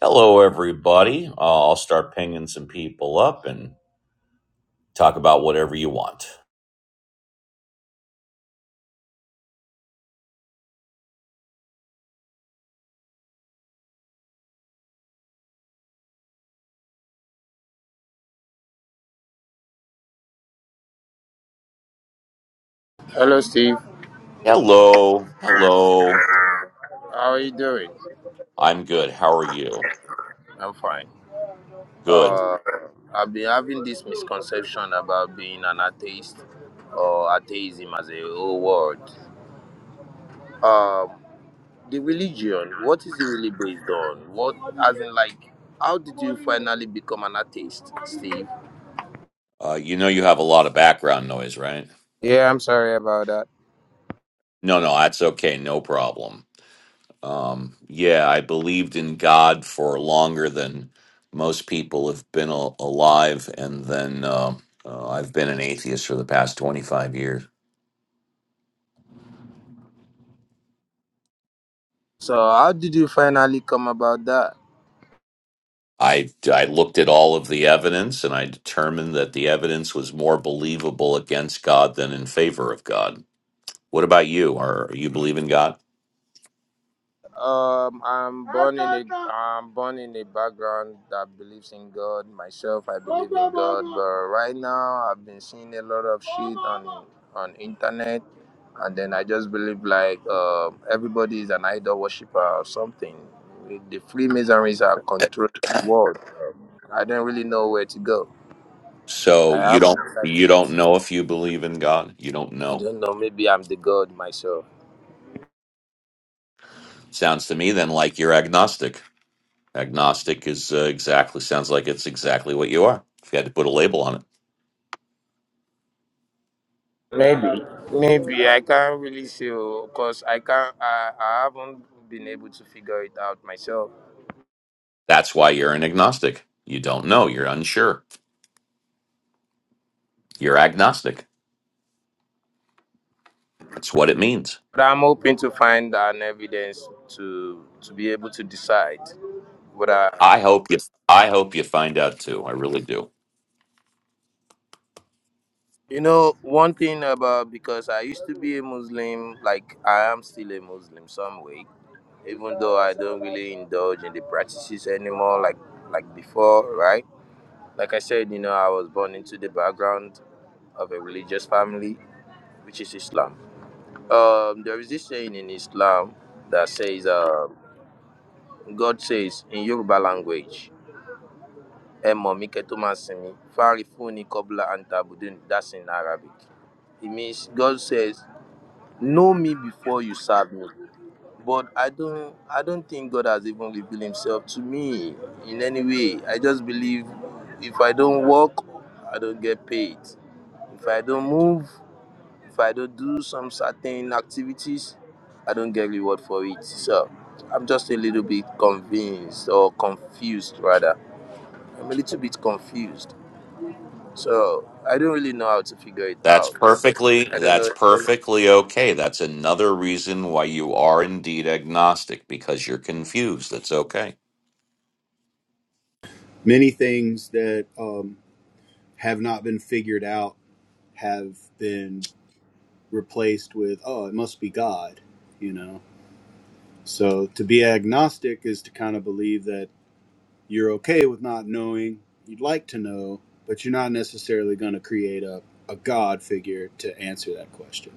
Hello, everybody. Uh, I'll start pinging some people up and talk about whatever you want. Hello, Steve. Hello. Hello. How are you doing? I'm good. How are you? I'm fine. Good. Uh, I've been having this misconception about being an atheist or atheism as a whole word. Um, the religion, what is it really based on? What, as in, like, how did you finally become an atheist, Steve? Uh, you know, you have a lot of background noise, right? Yeah, I'm sorry about that. No, no, that's okay. No problem. Um, yeah, I believed in God for longer than most people have been a- alive. And then uh, uh, I've been an atheist for the past 25 years. So, how did you finally come about that? I, I looked at all of the evidence and I determined that the evidence was more believable against God than in favor of God. What about you? Are you believe in God? Um, I'm born in a I'm born in a background that believes in God. Myself, I believe in God, but right now I've been seeing a lot of shit on on internet, and then I just believe like uh, everybody is an idol worshiper or something. The Freemasons are controlling the world. Um, I don't really know where to go. I So you haven't don't decided. you don't know if you believe in God. You don't I know. don't know. Maybe I'm the God myself. Sounds to me then like you're agnostic. Agnostic is uh, exactly sounds like it's exactly what you are. If you had to put a label on it, Maybe, maybe I can't really say because I can't. I, I haven't been able to figure it out myself. that's why you're an agnostic. You don't know. You're unsure. You're agnostic. That's what it means. But I'm hoping to find an evidence to to be able to decide whether I hope you. I hope you find out too. I really do. you know one thing about because I used to be a Muslim. Like I am still a Muslim some way, even though I don't really indulge in the practices anymore. Like like before, right? Like I said, you know, I was born into the background of a religious family, which is Islam Um, there is this saying in Islam that says, uh, God says in Yoruba language, "Ẹ mí kẹ́ tó máa sìn mí, fárifúnni kọ́bla antabudin." That's in Arabic. It means God says, "Know me before you serve me." But I don't, I don't think God has even revealed Himself to me in any way. I just believe if I don't work, I don't get paid. If I don't move, If I don't do some certain activities, I don't get reward for it. So I'm just a little bit convinced or confused rather. I'm a little bit confused. So I don't really know how to figure it That's out. perfectly I don't that's know. perfectly okay. That's another reason why you are indeed agnostic because you're confused. That's okay. many things that um, have not been figured out have been replaced with oh it must be god you know so to be agnostic is to kind of believe that you're okay with not knowing you'd like to know but you're not necessarily going to create a, a god figure to answer that question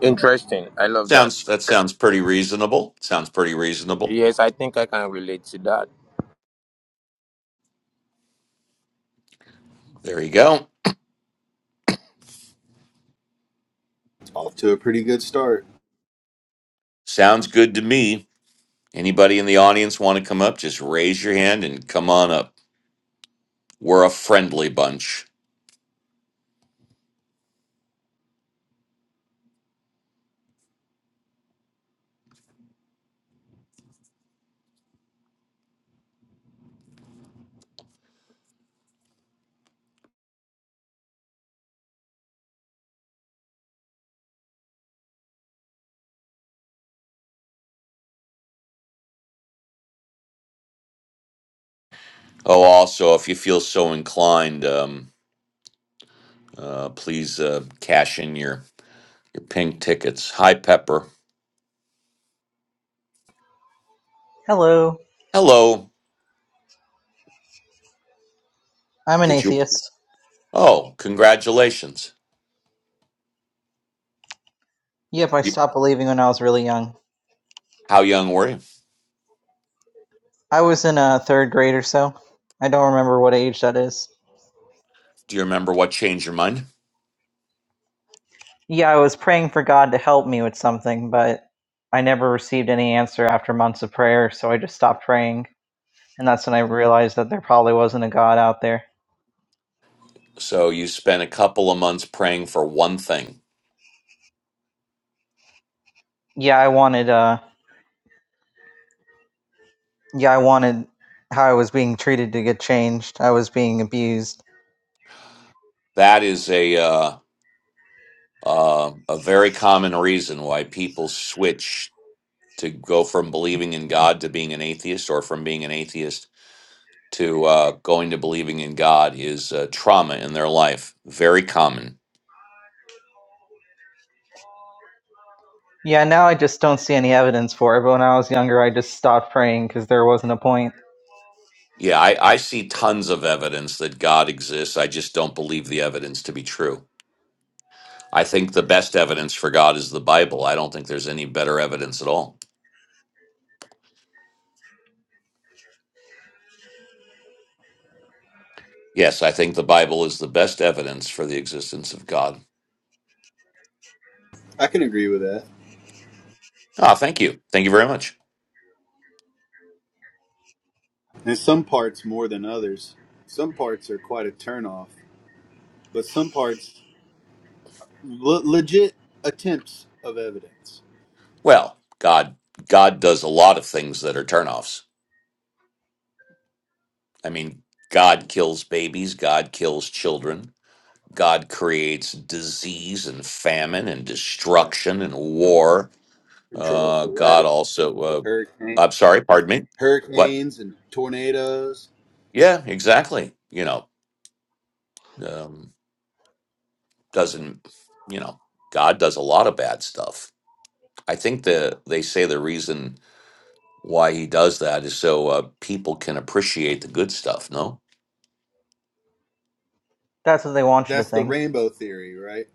Interesting. I love that. Sounds that sounds pretty reasonable. Sounds pretty reasonable. Yes, I think I can relate to that. There you go. off to a pretty good start Sounds good to me. Anybody in the audience want to come up? Just raise your hand and come on up. We're a friendly bunch. Oh, also, if you feel so inclined, um, uh, please uh, cash in your your pink tickets. Hi, Pepper. Hello. Hello. I'm an Did you? atheist. Oh, congratulations. Yep, I You, stopped believing when I was really young. how young were you? I was in a third grade or so. I don't remember what age that is. Do you remember what changed your mind? Yeah, I was praying for God to help me with something, but I never received any answer after months of prayer, so I just stopped praying. And that's when I realized that there probably wasn't a God out there. So you spent a couple of months praying for one thing. Yeah, I wanted uh yeah, I wanted how I was being treated to get changed. I was being abused. That is a uh, uh, a very common reason why people switch to go from believing in God to being an atheist, or from being an atheist to uh, going to believing in God is uh, trauma in their life. Very common. Yeah, now I just don't see any evidence for it, but when I was younger, I just stopped praying because there wasn't a point. Yeah, I, I see tons of evidence that God exists. I just don't believe the evidence to be true. I think the best evidence for God is the Bible. I don't think there's any better evidence at all. Yes, I think the Bible is the best evidence for the existence of God. i can agree with that Ah, thank you. Thank you very much. and some parts more than others some parts are quite a turnoff but some parts le- legit attempts of evidence Well, God God does a lot of things that are turnoffs. I mean, God kills babies, God kills children, God creates disease and famine and Right. destruction and war. Control Uh, for God weather, also, uh, hurricane, I'm sorry, pardon me. What? hurricanes and tornadoes. Yeah, exactly. You know, um, doesn't you know god does a lot of bad stuff i think the they say the reason why he does that is so uh, people can appreciate the good stuff no That's what they want you to That's the think. rainbow theory, right?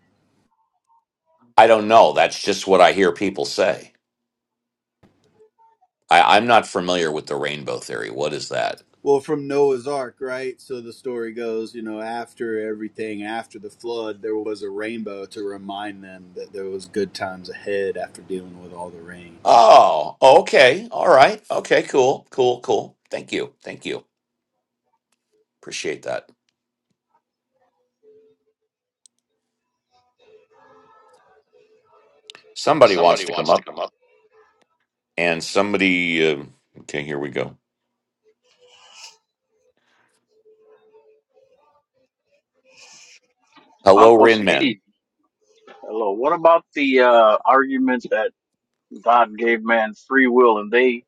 i don't know that's just what i hear people say I, i'm not familiar with the rainbow theory what is that Well, from Noah's Ark, right? So the story goes, you know, after everything, after the flood, there was a rainbow to remind them that there was good times ahead after dealing with all the rain. oh okay all right okay cool cool cool thank you thank you appreciate that somebody wants to come up and somebody um okay here we go hello Uncle rinmen Steve, hello. What about the uh, argument that God gave man free will and they,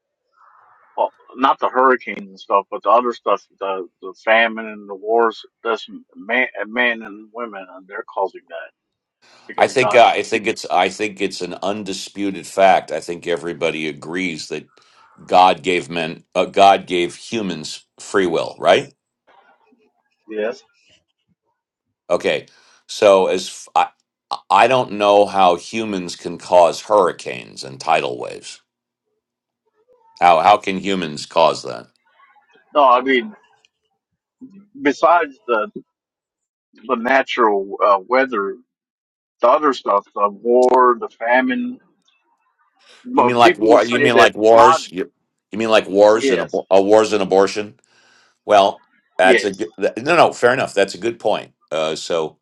well, not the hurricanes and stuff, but the other stuff, the, the famine and the wars, that's man, men and women, and they're causing that I because think God uh, I gave think it's people. I think it's an undisputed fact. I think everybody agrees that God gave men uh, God gave humans free will, right? Yes. Okay. So as f- I I don't know how humans can cause hurricanes and tidal waves. How how can humans cause that? No, I mean, besides the, the natural uh, weather, the other stuff, the war, the famine, You mean but like people would war you say mean that like God, wars? You, you mean like wars and yes, abor- uh, wars and abortion? Well, that's a yes, good, th- no no, fair enough. That's a good point. Uh, so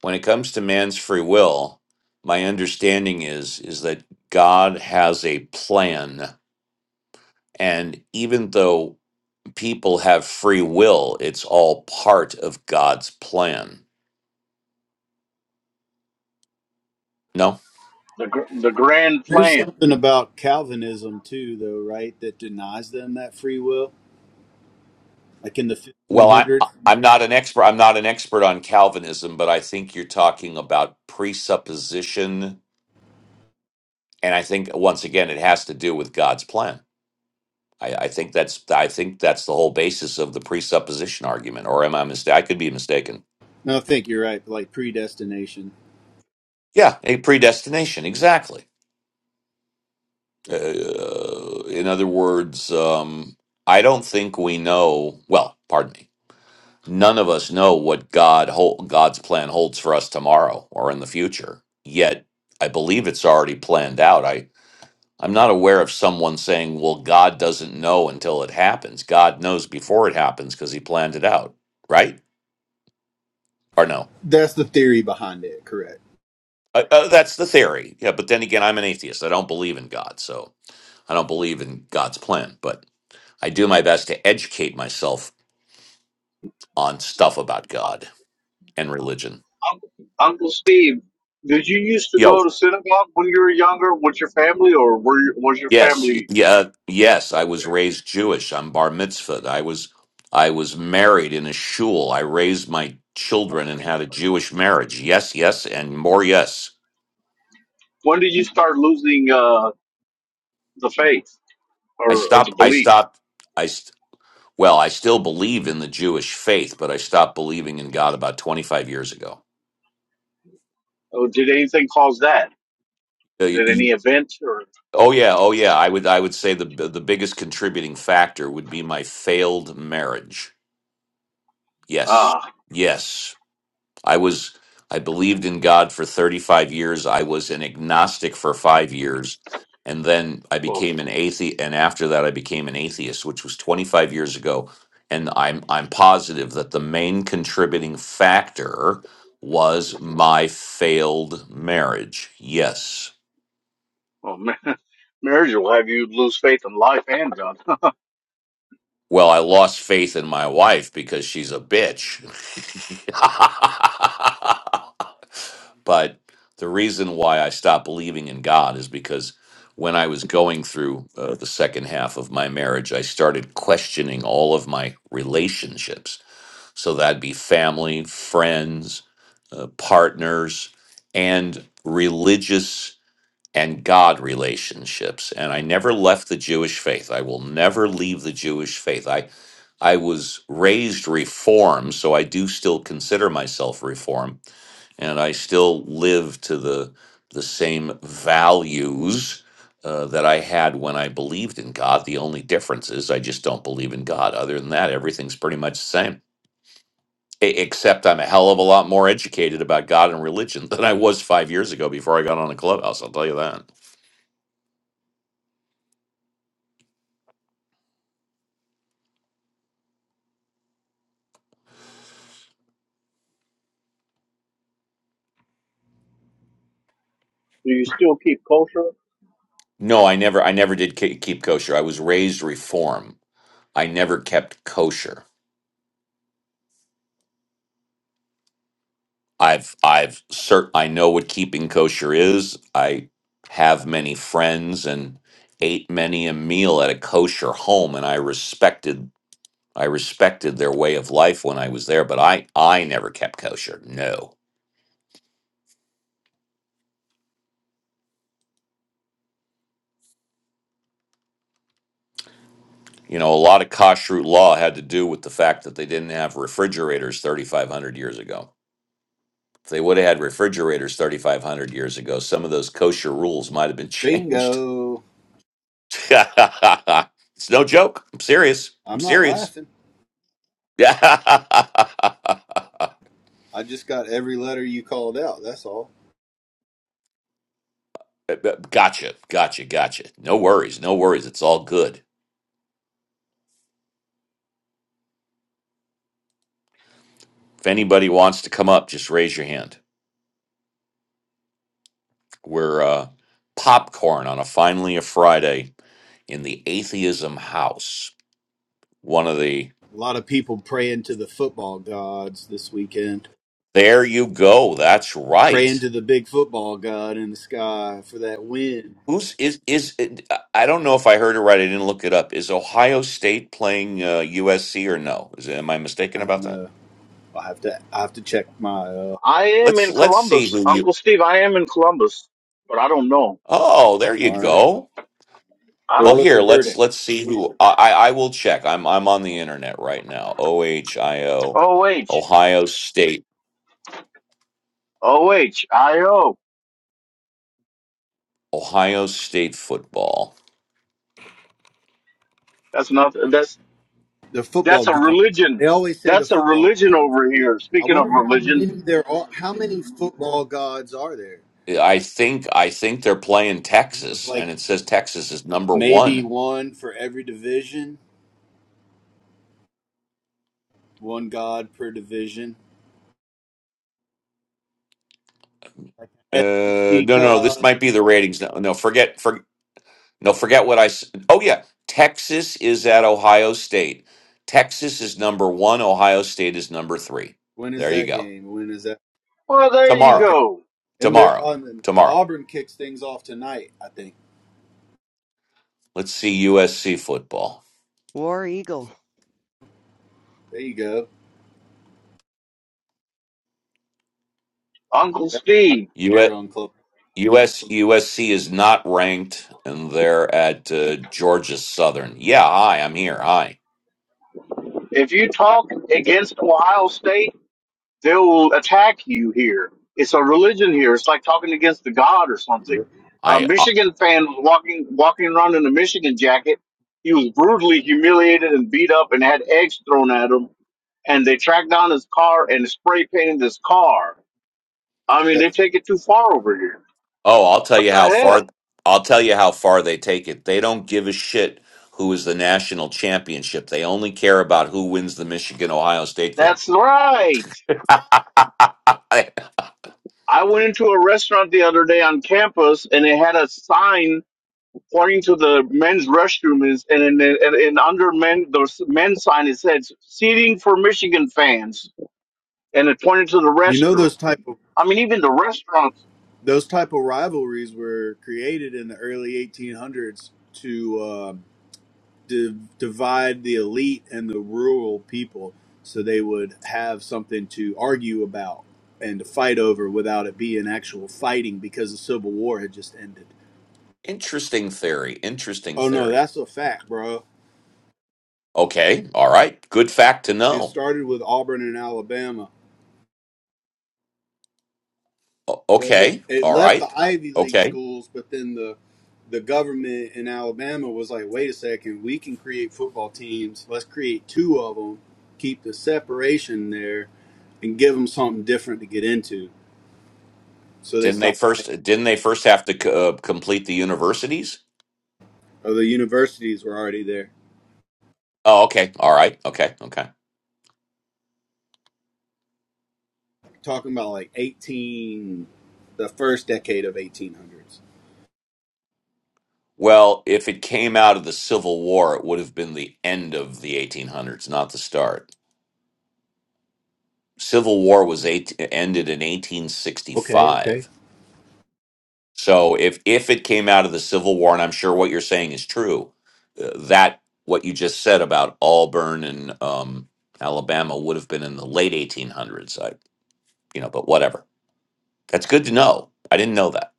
when it comes to man's free will, my understanding is is that God has a plan and even though people have free will, it's all part of God's plan. No? the, gr- the grand There's plan. something about Calvinism too, though, right? That denies them that free will. Like in the Well, I 1500s. I- I'm not an expert I'm not an expert on Calvinism, but I think you're talking about presupposition and I think once again it has to do with God's plan. I, I think that's I think that's the whole basis of the presupposition argument, or am I mistaken? I could be mistaken. No, I think you're right. Like predestination. Yeah, a predestination, exactly. Uh, in other words, um, I don't think we know. Well, pardon me. None of us know what God hold, God's plan holds for us tomorrow or in the future. Yet, I believe it's already planned out. I I'm not aware of someone saying, "Well, God doesn't know until it happens." God knows before it happens because He planned it out, right? Or no? That's the theory behind it. Correct. Uh, uh, that's the theory. Yeah, but then again, I'm an atheist. I don't believe in God, so I don't believe in God's plan. But I do my best to educate myself on stuff about God and religion. Uncle Uncle Steve, did you used to Yo, go to synagogue when you were younger with your family, or were you, was your yes, family? yeah, yes. I was raised Jewish. I'm bar mitzvahed. I was, I was married in a shul. I raised my children and had a Jewish marriage. Yes, yes, and more. Yes, When did you start losing uh, the faith I or, or the stopped. I belief? stopped. I st- well, I still believe in the Jewish faith, but I stopped believing in God about 25 years ago. Or did anything cause that? Did any event or Oh yeah, oh yeah. I would I would say the the biggest contributing factor would be my failed marriage. Yes. ah Yes. I was I believed in God for 35 years. I was an agnostic for 5 years and then I well, became an atheist and after that I became an atheist, which was 25 years ago. And I'm I'm positive that the main contributing factor was my failed marriage. Yes. well ma- marriage will have you lose faith in life and God. Well, I lost faith in my wife because she's a bitch. but the reason why I stopped believing in God is because when I was going through uh, the second half of my marriage, I started questioning all of my relationships. So that'd be family, friends, uh, partners, and religious and God relationships. And I never left the Jewish faith. I will never leave the Jewish faith. I I was raised reform, so I do still consider myself reform, and I still live to the the same values uh, that I had when I believed in God. The only difference is I just don't believe in God. Other than that, everything's pretty much the same. E- Except I'm a hell of a lot more educated about God and religion than I was five years ago before I got on a clubhouse. I'll tell you that. Do you still keep kosher? No, I never. I never did ke- keep kosher. I was raised reform. I never kept kosher. I've, I've, cert. I know what keeping kosher is. I have many friends and ate many a meal at a kosher home, and I respected, I respected their way of life when I was there. But I, I never kept kosher. No. You know, a lot of kashrut law had to do with the fact that they didn't have refrigerators 3,500 years ago. If they would have had refrigerators 3,500 years ago, some of those kosher rules might have been changed. Bingo. it's no joke. I'm serious. I'm I'm not serious. laughing. gotcha. I just got every letter you called out. That's all. Gotcha. Gotcha. No worries. No worries. It's all good. If anybody wants to come up, just raise your hand. We're uh, popcorn on a finally a Friday in the atheism house. One of the. A lot of people praying to the football gods this weekend, There you go. That's right. praying to the big football god in the sky for that win. Who's is is I don't know if I heard it right. I didn't look it up. Is Ohio State playing uh, USC or no? Is am I I mistaken don't about that? know. I have to. I have to check my. Uh, I am Let's in let's see Columbus, who you. Uncle Steve. I am in Columbus, but I don't know. Oh, there you all right. go. I So Well, don't. what's the here let's verdict? let's see who I I I will check. I'm I'm on the internet right now. O H I O, Oh H Ohio State, O H I O. Ohio State football. That's not. That's The football That's a gods. religion. They always say the That's a football religion gods. over here. I Speaking of wonder how many religion, there are. How many football gods are there? I think I think they're playing Texas, Like and it says Texas is number maybe one. one for every division. One god per division Like an Uh, SEC no, no, this might God. be the ratings. No, no, forget, forget. No, forget what I s- Oh, yeah. Texas is at Ohio State. Texas is number one. Ohio State is number three. When is There you that go. game? When is that? well, there you Tomorrow. Okay. go. And they're Tomorrow. on and Tomorrow. Auburn kicks things off tonight, I think. Let's see USC football. War Eagle. There you go. Uncle That's nice Steve, to hear US, on Club. US, USC is not ranked, and they're at uh, Georgia Southern. Yeah, hi, I'm here. Hi. if you talk against Ohio State, they will attack you here. It's a religion here. It's like talking against the God or something. Yep. A I. Michigan fan was walking walking around in a Michigan jacket. He was brutally humiliated and beat up and had eggs thrown at him. And they tracked down his car and spray painted his car. I mean, they That's- take it too far over here. Oh, I'll tell What you the how hell? far I'll tell you how far they take it. They don't give a shit who is the national championship. They only care about who wins the Michigan Ohio State game. That's right. I, I went into a restaurant the other day on campus, and it had a sign pointing to the men's restroom is, and and, and, and under men the s- men's sign it said seating for Michigan fans, and it pointed to the You know restroom. those type of I mean, even the restaurants. those type of rivalries were created in the early 1800s to uh, div divide the elite and the rural people, so they would have something to argue about and to fight over without it being actual fighting because the Civil War had just ended. interesting theory. Interesting Oh no, theory. that's a fact, bro. Okay. All right. Good fact to It know. started with Auburn and Alabama, O- but it, Okay. it All left the right. Ivy League Okay. schools. But then the the government in Alabama was like, "Wait a second, we can create football teams. Let's create two of them, keep the separation there, and give them something different to get into." So they Didn't they stopped fighting. first didn't they first have to c- uh, complete the universities? Oh, the universities were already there. Oh, okay. All right. Okay. Okay. Talking about like eighteen, the first decade of eighteen hundreds. Well, if it came out of the Civil War, it would have been the end of the 1800s, not the start. Civil War was eight, ended in Okay, okay. 1865. So if if it came out of the Civil War, and I'm sure what you're saying is true, uh, that what you just said about Auburn and um, Alabama would have been in the late 1800s. I, you know, but whatever. That's good to know. I didn't know that.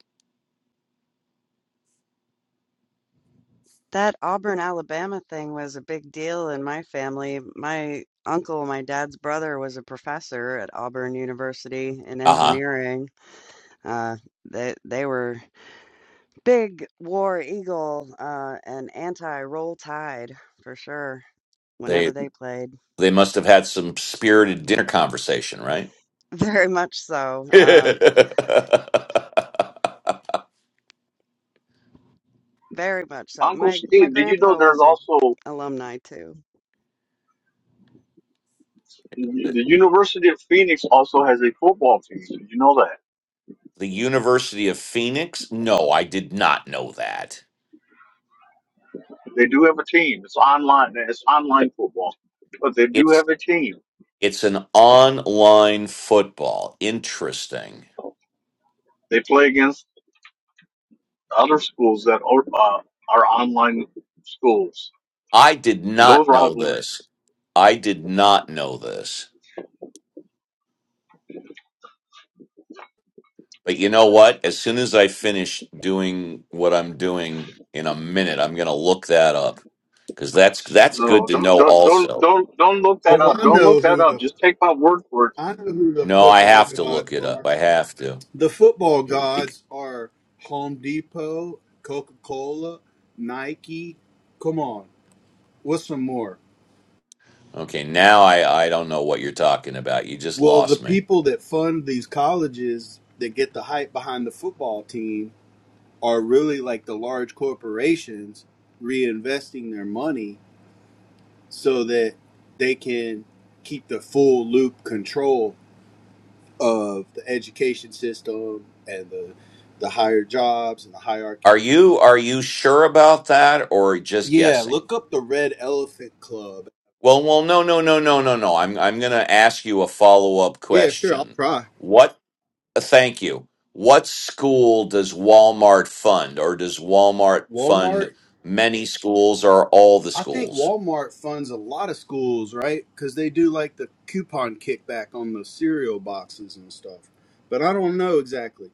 That Auburn, Alabama thing was a big deal in my family. My uncle, my dad's brother, was a professor at Auburn University in Uh huh. engineering. Uh, they they were big War Eagle uh, and anti Roll Tide for sure. Whenever They they played, they must have had some spirited dinner conversation, right? very much so, uh, the very much so. Uncle My my Steve, did you know grandpa there's was a also alumni too. the University of Phoenix also has a football team? Did you know that University of Phoenix? No, I did not know that. they do have a team? It's online. It's online football, but they do have a team. It's an online football. Interesting. They play against The other schools that are, uh, are online schools I did and those not know rivalries. this. I did not know this. But you know what? As soon as I finish doing what I'm doing in a minute, I'm going to look that up cuz that's that's good No, to don't know don't don't also. don't don't look that Oh, up. I Don't know look that who up. the Just take my word for it. I know who the No, I football have to gods look it up. are. I have to. The football Bec- gods are Home Depot, Coca Cola, Nike. Come on, what's some more? Okay, now I I don't know what you're talking about. You just Well, the lost me. people that fund these colleges that get the hype behind the football team are really like the large corporations reinvesting their money so that they can keep the full loop control of the education system and the the higher jobs and the hierarchy Are you are you sure about that or just Yeah, guessing? look up the Red Elephant Club. Well, well, no, no, no, no, no, no. I'm I'm going to ask you a follow-up Yeah, sure, I'll question. try. What? uh, Thank you. What school does Walmart fund, or does Walmart Walmart. fund many schools or all the I think schools? Walmart funds a lot of schools, right? Because they do like the coupon kickback on the cereal boxes and stuff. But I don't know exactly.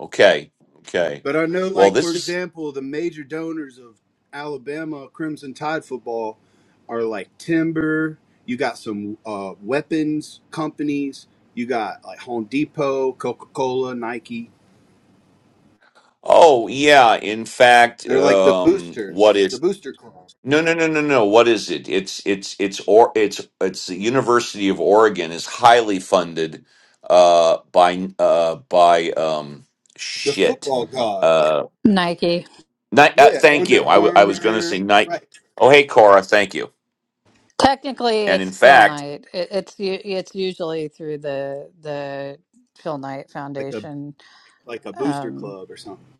Okay, okay. But I know, Well, like, for this is. example, the major donors of Alabama Crimson Tide football are like Timber. You got some uh, weapons companies. You got like Home Depot, Coca Cola, Nike. Oh yeah. In fact, They're like the um, what boosters, the is? booster club. No, no, no, no, no. What is it? It's it's it's or it's it's the University of Oregon is highly funded uh by uh by um the shit. football god. Uh, Nike. ni- uh Yeah, thank you. Under I w- I was going to say Armour, night. right? Oh, hey Cora, thank you. Technically, And in it's Phil fact, Knight. It, it's u- it's usually through the the Phil Knight Like the Foundation. like a booster Um, club or something.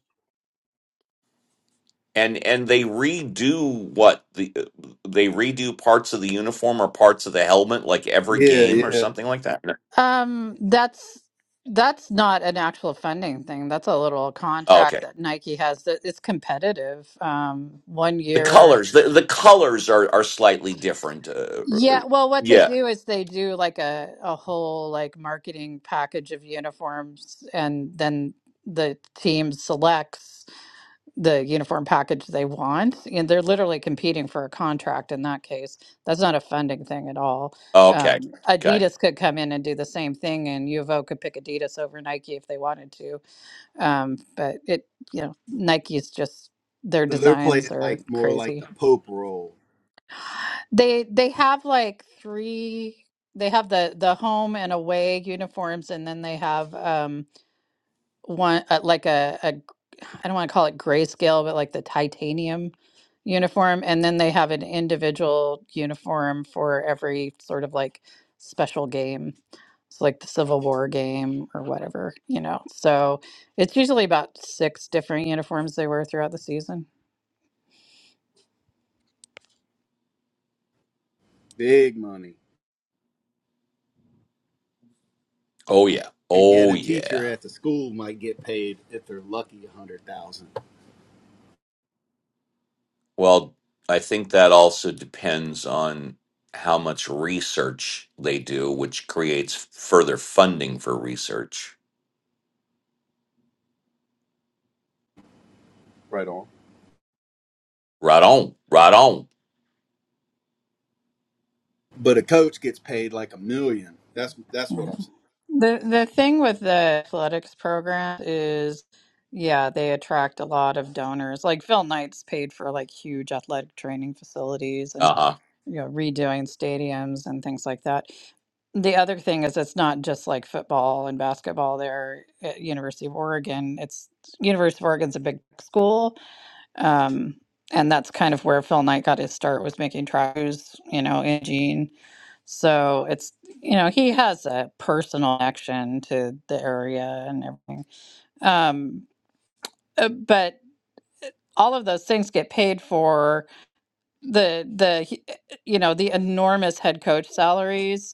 and and they redo what the uh, they redo parts of the uniform or parts of the helmet like every Yeah, game or yeah. something like that. No. um, that's that's not an actual funding thing. That's a little Oh, okay. contract that Nike has. That it's competitive. Um, one The year. colors, the, the colors are are slightly different. Uh, Yeah, well, what they yeah. do is they do like a, a whole like marketing package of uniforms, and then the team selects. the uniform package they want. And they're literally competing for a contract in that case. That's not a funding thing at all. Okay. Um, Okay. Adidas could come in and do the same thing, and U of O could pick Adidas over Nike if they wanted to. Um, but it, you know, Nike's just their So they're designs playing are like more like crazy. the Pope role, They they have like three. They have the the home and away uniforms, and then they have. um one uh, like a a g- I don't want to call it grayscale, but like the titanium uniform, and then they have an individual uniform for every sort of like special game. It's like the Civil War game or whatever, you know. So it's usually about six different uniforms they wear throughout the season. big money, Oh yeah. and yet Oh a teacher yeah. at the school might get paid if they're lucky a hundred thousand, Well, I think that also depends on how much research they do, which creates further funding for research. Right on. Right on. Right on. but a coach gets paid like a million. That's that's what I'm saying. The the thing with the athletics program is, yeah, they attract a lot of donors. Like Phil Knight's paid for like huge athletic training facilities and Uh-huh. you know redoing stadiums and things like that. The other thing is it's not just like football and basketball there at University of Oregon. It's University of Oregon's a big school, um, and that's kind of where Phil Knight got his start was making tracks, you know, in Gene. So it's you know he has a personal connection to the area and everything. Um, uh, but all of those things get paid for the the he- you know the enormous head coach salaries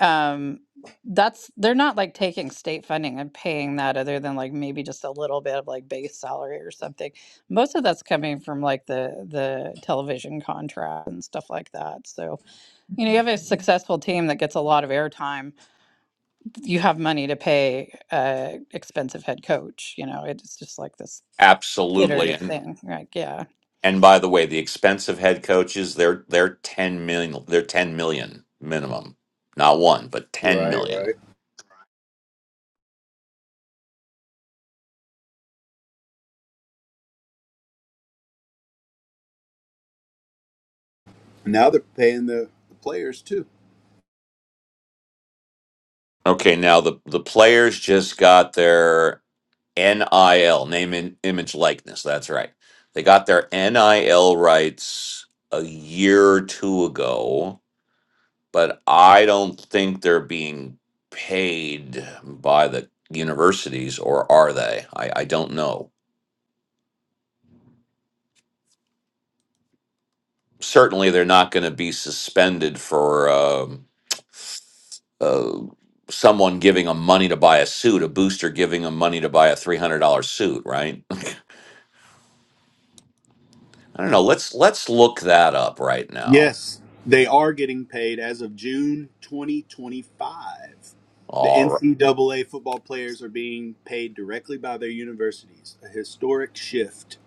um that's they're not like taking state funding and paying that other than like maybe just a little bit of like base salary or something most of that's coming from like the the television contract and stuff like that so you know you have a successful team that gets a lot of airtime you have money to pay a expensive head coach you know it's just like this Absolutely. iterative And thing like yeah and by the way, the expensive head coaches, they're they're 10 million, they're 10 million minimum. Not one, but 10 Right, million. right. Now they're paying the, the players too. Okay, now the the players just got their. NIL, name and image likeness. That's right. They got their NIL rights a year or two ago, but I don't think they're being paid by the universities, or are they? I, I don't know. Certainly, they're not going to be suspended for um, uh, someone giving them money to buy a suit, a booster giving them money to buy a three hundred dollars suit, right? I don't know. Let's let's look that up right now. Yes, they are getting paid as of June 2025. The All NCAA football players are being paid directly by their universities, a historic shift.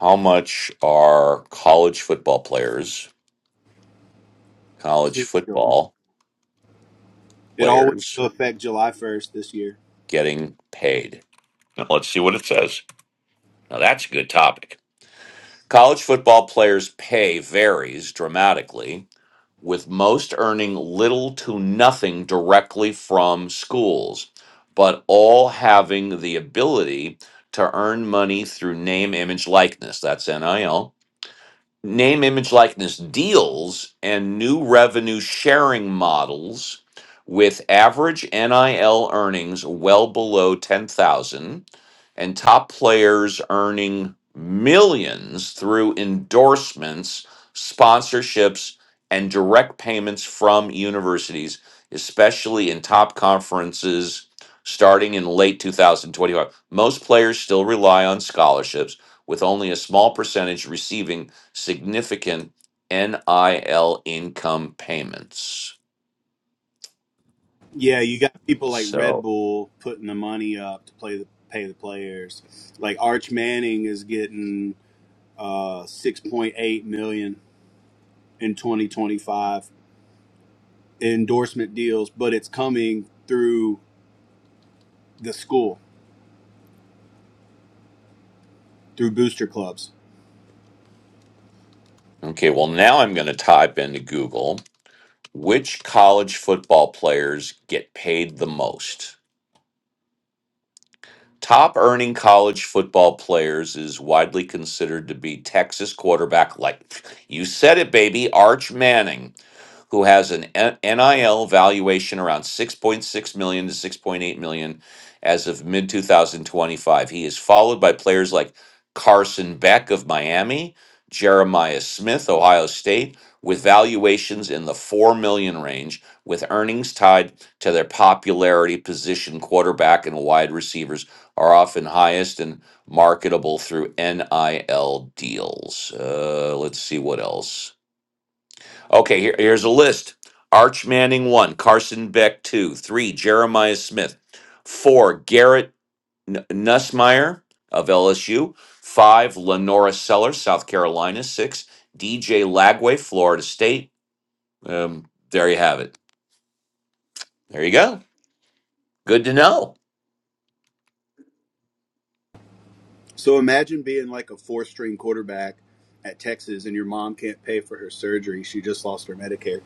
How much are college football players, college football It all went into players effect July 1st this year. getting paid? Now, let's see what it says. Now that's a good topic. College football players' pay varies dramatically, with most earning little to nothing directly from schools, but all having the ability to earn money through name, image, likeness. That's NIL name image likeness deals and new revenue sharing models with average NIL earnings well below 10,000 and top players earning millions through endorsements, sponsorships, and direct payments from universities, especially in top conferences starting in late 2025. Most players still rely on scholarships, with only a small percentage receiving significant NIL income payments. Yeah, you got people like Red So, Bull putting the money up to play the pay the players. Like Arch Manning is getting uh 6.8 million in 2025 endorsement deals, but it's coming through the school through booster clubs. okay, well, now I'm going to type into Google Which college football players get paid the most? Top earning college football players is widely considered to be Texas quarterback like you said it baby Arch Manning who has an NIL valuation around 6.6 million to 6.8 million as of mid 2025. He is followed by players like Carson Beck of Miami, Jeremiah Smith, Ohio State, with valuations in the 4 million range, with earnings tied to their popularity position quarterback and wide receivers are often highest and marketable through NIL deals. Uh, let's see what else. Okay, here, here's a list. Arch Manning one, Carson Beck two, three, Jeremiah Smith, four, Garrett N- Nussmeyer of LSU, five, Lenora Sellers, South Carolina, six, DJ Lagway, Florida State. Um, there you have it. There you go. Good to know. So imagine being like a four string quarterback at Texas and your mom can't pay for her surgery. She just lost her Medicare.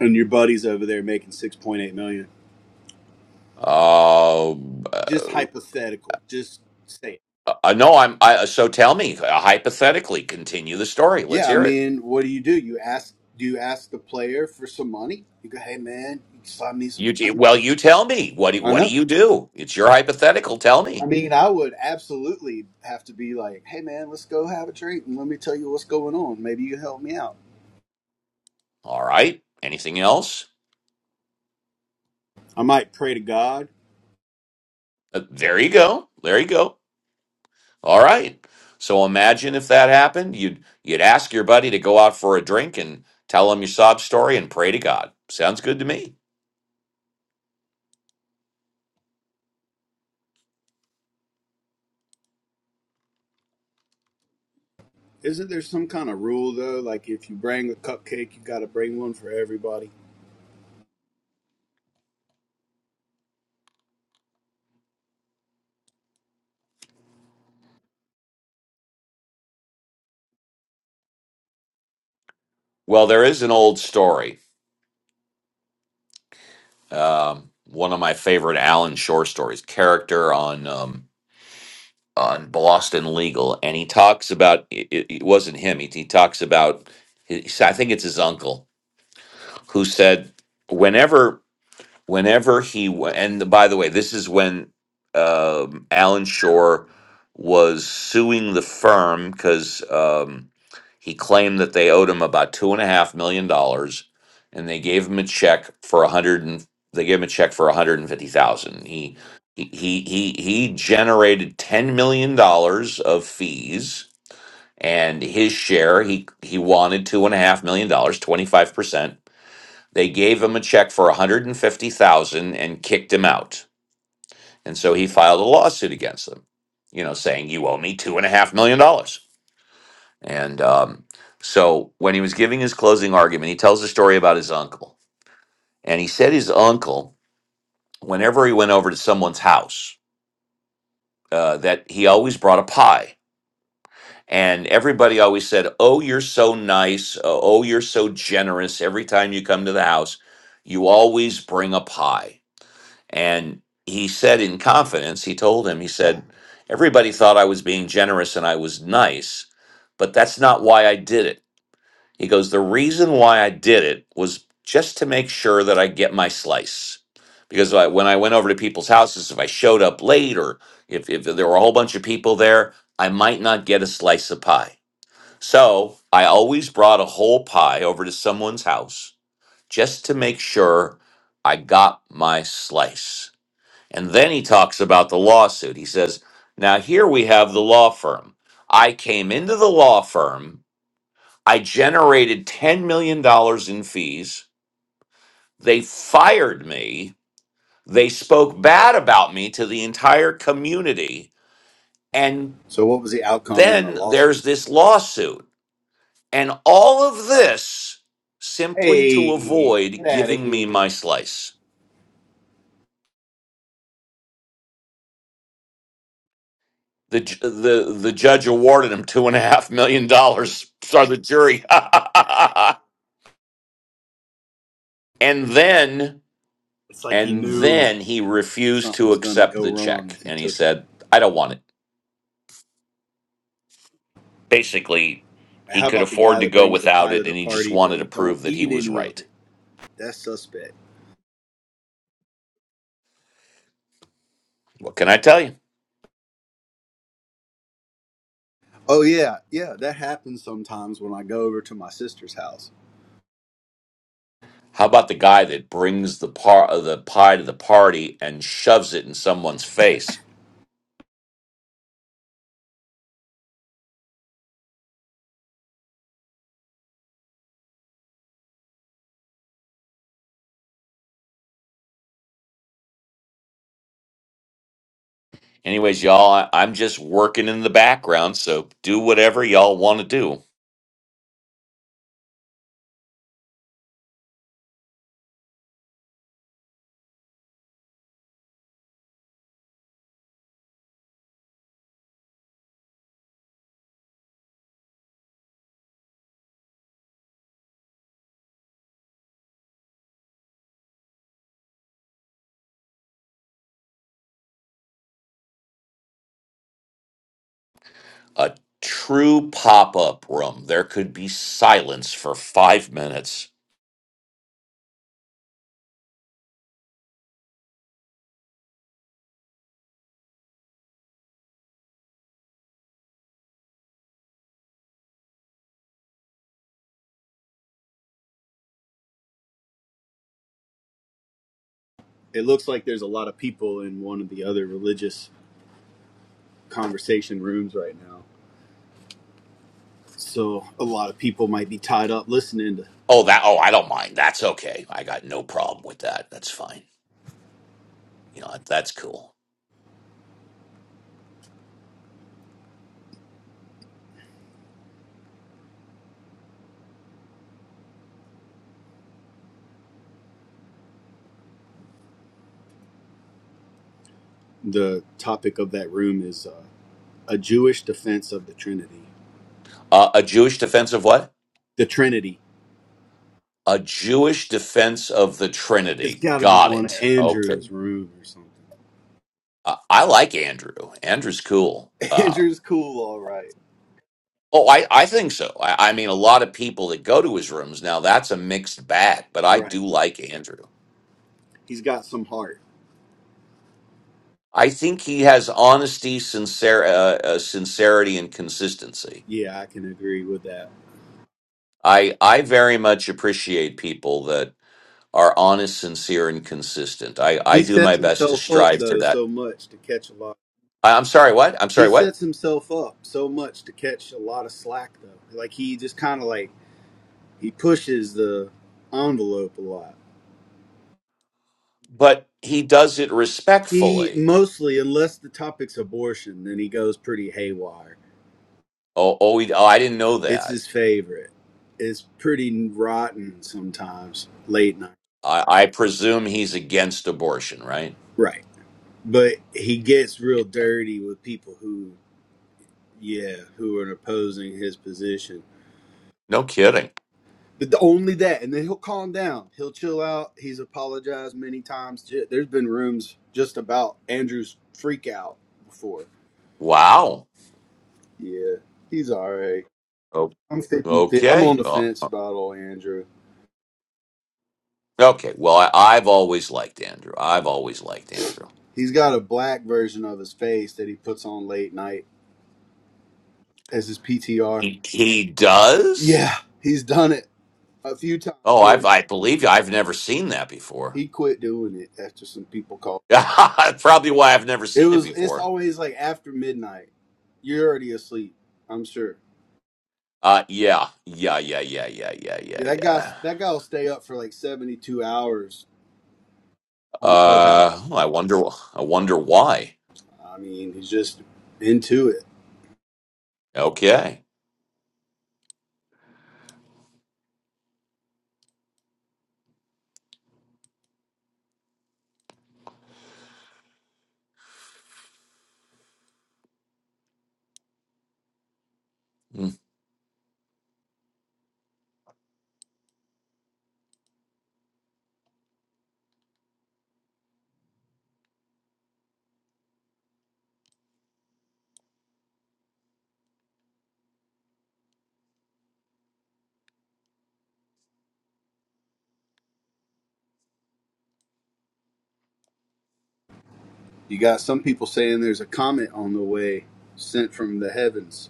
And your buddy's over there making six point eight million. dollars. Uh, Just uh, hypothetical. Just say it. uh, no, I'm. I, uh, so tell me, uh, hypothetically, continue the story. Let's Yeah, I hear it. mean, what do you do? You ask do you ask the player for some money? You go, Hey man, you slide me some You t- money. well, you tell me. What do, I what do know. you do? It's your hypothetical. Tell me. I mean, I would absolutely have to be like, Hey man, let's go have a drink and let me tell you what's going on. Maybe you can help me out. All right. Anything else? I might pray to God Uh, there you go. There you go. All right. So imagine if that happened, you'd you'd ask your buddy to go out for a drink and tell him your sob story and pray to God. Sounds good to me. Isn't there some kind of rule though? Like if you bring a cupcake, you got to bring one for everybody. Well, there is an old story. Um, one of my favorite Alan Shore stories. Character on um, on Boston Legal, and he talks about it, it it wasn't him. He, he talks about his, I think it's his uncle who said whenever whenever he went, and by the way, this is when um, Alan Shore was suing the firm because um, he claimed that they owed him about two and a half million dollars, and they gave him a check for a hundred and they gave him a check for a hundred and fifty thousand. He he he he he generated ten million dollars of fees, and his share he he wanted two and a half million dollars, twenty five percent they gave him a check for 150,000 and kicked him out. And so he filed a lawsuit against them, you know, saying you owe me two and a half million dollars. And um, so when he was giving his closing argument, he tells a story about his uncle. And he said his uncle, whenever he went over to someone's house, uh, that he always brought a pie. And everybody always said, Oh, you're so nice. Oh, oh, you're so generous. Every time you come to the house, you always bring a pie. And he said in confidence, he told him, he said, Everybody thought I was being generous and I was nice, but that's not why I did it. He goes, The reason why I did it was just to make sure that I get my slice. Because I, when I went over to people's houses, if I showed up late or if, if there were a whole bunch of people there, I might not get a slice of pie. So I always brought a whole pie over to someone's house just to make sure I got my slice and then he talks about the lawsuit. He says, Now here we have the law firm. I came into the law firm. I generated $10 million dollars in fees. They fired me. They spoke bad about me to the entire community. And So what was the outcome in the then lawsuit? there's this lawsuit. And all of this simply to Hey, get avoid out of giving me here! my slice. The ju- the the judge awarded him two and a half million dollars. Sorry, the jury. and then It's like he and knew then he refused something to was gonna accept go the wrong check, if he and he took it. said, "I don't want it." Basically, he How could about the afford guy to that go brings the without pie to it, the and he just party but wanted to he don't prove that he eat was any of right. it? That's suspect. What can I tell you? Oh yeah, yeah, that happens sometimes when I go over to my sister's house. How about the guy that brings the par uh, the pie to the party and shoves it in someone's face? Anyways, y'all, I- I'm just working in the background, so do whatever y'all want to do. a true pop-up room there could be silence for five minutes It looks like there's a lot of people in one of the other religious conversation rooms right now. So a lot of people might be tied up listening to oh that oh i don't mind that's okay i got no problem with that that's fine you know that's cool the topic of that room is uh, a Jewish defense of the Trinity. uh, a jewish defense of what The Trinity. a jewish defense of the It's trinity got to be got one of it okay Andrew's room or something. uh, i like andrew andrew's cool uh, Andrew's cool, all right. oh I, I think so I, I mean a lot of people that go to his rooms now that's a mixed bag but i Right. do like andrew He's got some heart. I think he has honesty, sincere, uh, uh, sincerity, and consistency. Yeah, I can agree with that. I I very much appreciate people that are honest, sincere, and consistent. I I He do my sets best to himself up strive to though that. so much to catch a lot. I, I'm sorry, what? I'm He sorry, what? sets himself up so much to catch a lot of slack though. Like he just kind of like he pushes the envelope a lot. But he does it He respectfully. mostly, unless the topic's abortion, then he goes pretty haywire. Oh, oh, he, oh I didn't know It's that. his favorite. It's pretty rotten sometimes, late night. I, I presume he's against abortion, right? Right. But he gets real Yeah. dirty with people who, yeah, who are opposing his position. No kidding. But the, only that, and then he'll calm down. He'll chill out. He's apologized many times. J- There's been rooms just about Andrew's freak out before. Wow. Yeah, he's all right. Oh, I'm 50, I'm on okay. the Oh, fence about old Andrew. okay. Well, I, I've always liked Andrew. I've always liked Andrew. He's got a black version of his face that he puts on late night as his PTR. He, he does? Yeah, he's done it a few times Oh, I've, here. I believe you. I've never seen that before. He quit doing it after some people called. That's probably why I've never It seen it was it's before. always like after midnight. You're already asleep, I'm sure. Uh, yeah, yeah, yeah, yeah, yeah, yeah, yeah, Yeah, that guy yeah. that guy'll stay up for like 72 hours on Uh, Clubhouse. well, I wonder. I wonder why. I mean, he's just into it. Okay. Hmm. You got some people saying there's a comet on the way sent from the heavens.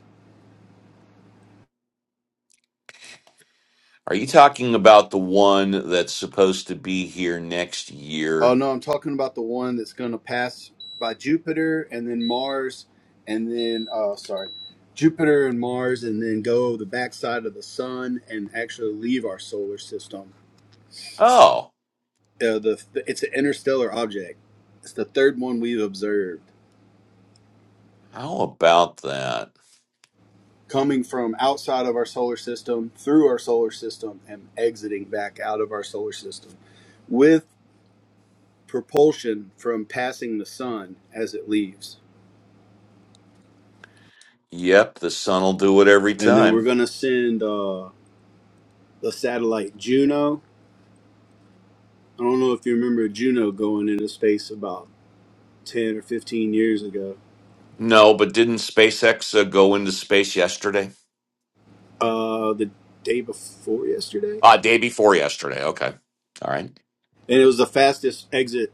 Are you talking about the one that's supposed to be here next Oh year? no, I'm talking about the one that's going to pass by Jupiter and then Mars, and then uh, sorry, Jupiter and Mars, and then go the backside of the Sun and actually leave our solar system. Oh, Uh, the it's an interstellar object. It's the third one we've observed how about that? coming from outside of our solar system, through our solar system, and exiting back out of our solar system with propulsion from passing the sun as it leaves. Yep, the sun will do it every And then we're time. going to send. uh. the satellite Juno. I don't know if you remember Juno going into space about 10 or 15 years ago, No, but didn't SpaceX uh, go into space yesterday? uh, the day before yesterday. Ah, day before yesterday. Okay. All right. And it was the fastest exit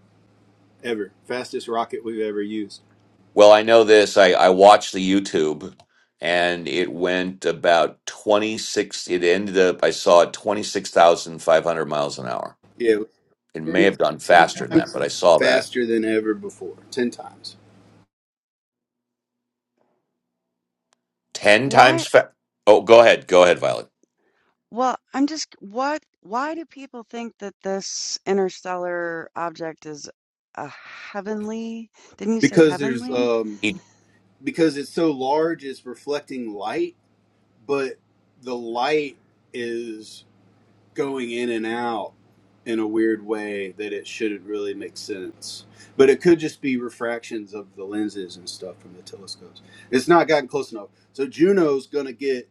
ever, fastest rocket we've ever used. Well, I know this. I, I watched the YouTube and it went about 26. It ended up, I saw it 26,500 miles an hour. Yeah, it was It may have gone faster than that, but I saw that faster than ever before, 10 times. 10 Why? times fa- Oh, go ahead. Go ahead, Violet. Well, I'm just what why do people think that this interstellar object is a heavenly? Didn't you say Because there's, heavenly? um, He- because it's so large, it's reflecting light, but the light is. going in and out in a weird way that it shouldn't really make sense. But it could just be refractions of the lenses and stuff from the telescopes. It's not gotten close enough. So Juno's going to get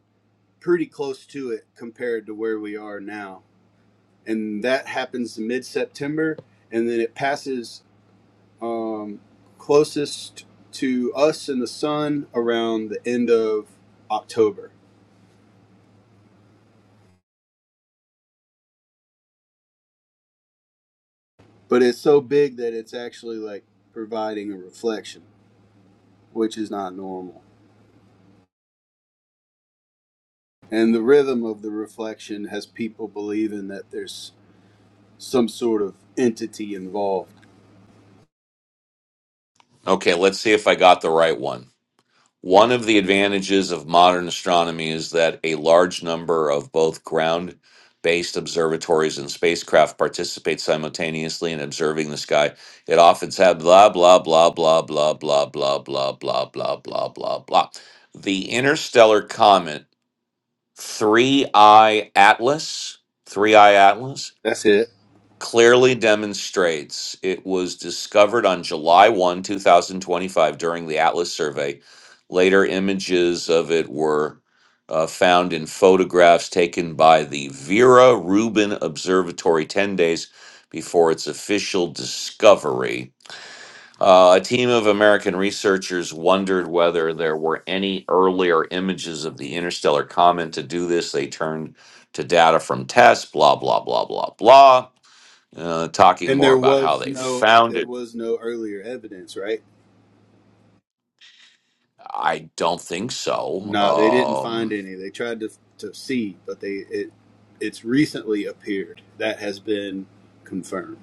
pretty close to it compared to where we are now. And that happens mid September. And then it passes um, closest to us and the sun around the end of October. But it's so big that it's actually like providing a reflection. which is not normal. And the rhythm of the reflection has people believing that there's some sort of entity involved. Okay. Let's see if I got the right one. One of the advantages of modern astronomy is that a large number of both ground based observatories and spacecraft participate simultaneously in observing the sky. It often said blah, blah, blah, blah, blah, blah, blah, blah, blah, blah, blah, blah, blah. The interstellar comet 3I Atlas, 3I Atlas That's it. clearly demonstrates it was discovered on July 1, 2025, during the Atlas survey. Later images of it were uh, found in photographs taken by the Vera Rubin Observatory 10 days before its official discovery. Uh, a team of American researchers wondered whether there were any earlier images of the interstellar comet. To do this, they turned to data from tests, blah, blah, blah, blah, blah. Uh, talking And more there about how was they no found there it, was no earlier evidence, right? I don't think so. No, they didn't find Um, any. They tried to to see, but they it it's recently appeared. That has been confirmed.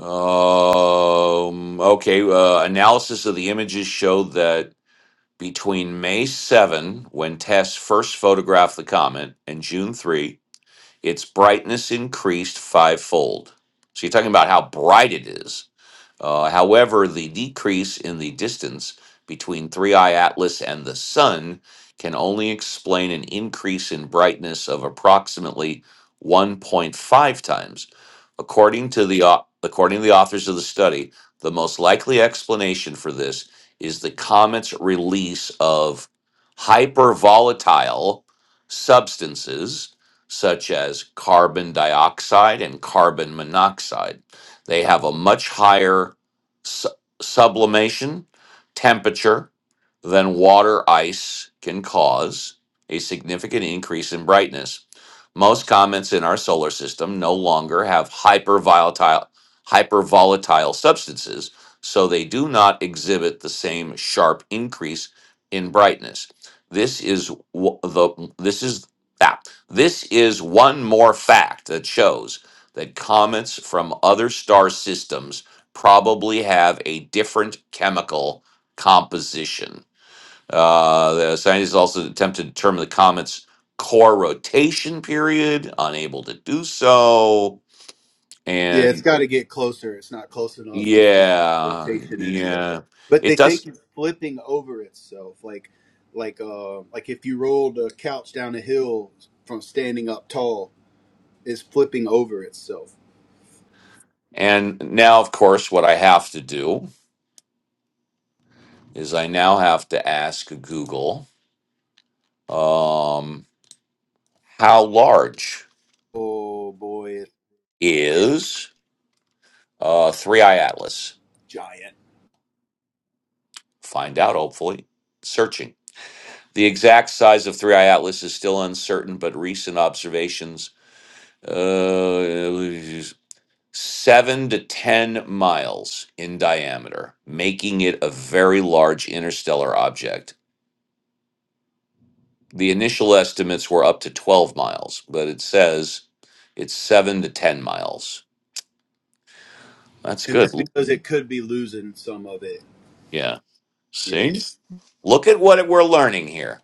um, okay, uh, analysis of the images showed that between May 7, when Tess first photographed the comet, and June 3, its brightness increased fivefold. So you're talking about how bright it is. Uh, however, the decrease in the distance between 3i Atlas and the Sun can only explain an increase in brightness of approximately 1.5 times. According to the au- according to the authors of the study, the most likely explanation for this is the comet's release of hypervolatile substances such as carbon dioxide and carbon monoxide. They have a much higher su- sublimation temperature than water ice can cause, a significant increase in brightness. Most comets in our solar system no longer have hypervolatile, hypervolatile substances, so they do not exhibit the same sharp increase in brightness. This is w- the this is that. This is one more fact that shows that comets from other star systems probably have a different chemical composition. Uh, the scientists also attempted to determine the comet's core rotation period, unable to do so. Yeah, it's And got to get closer. It's not close enough to yeah, rotation is yet. yeah, But they it think does. it's flipping over itself, like like uh like if you rolled a couch down a hill from standing up tall, it's flipping over itself. And now, of course, what I have to do is I now have to ask Google um, how large Oh boy, is uh, 3i it's Atlas? giant, Find out, hopefully. Searching. The exact size of Three Eye Atlas is still uncertain, but recent observations uh, seven to 10 miles in diameter, making it a very large interstellar object. The initial estimates were up to 12 miles, but it says it's seven to 10 miles. That's and good. that's because it could be losing some of it. Yeah. Yeah. See? Look at what we're learning here.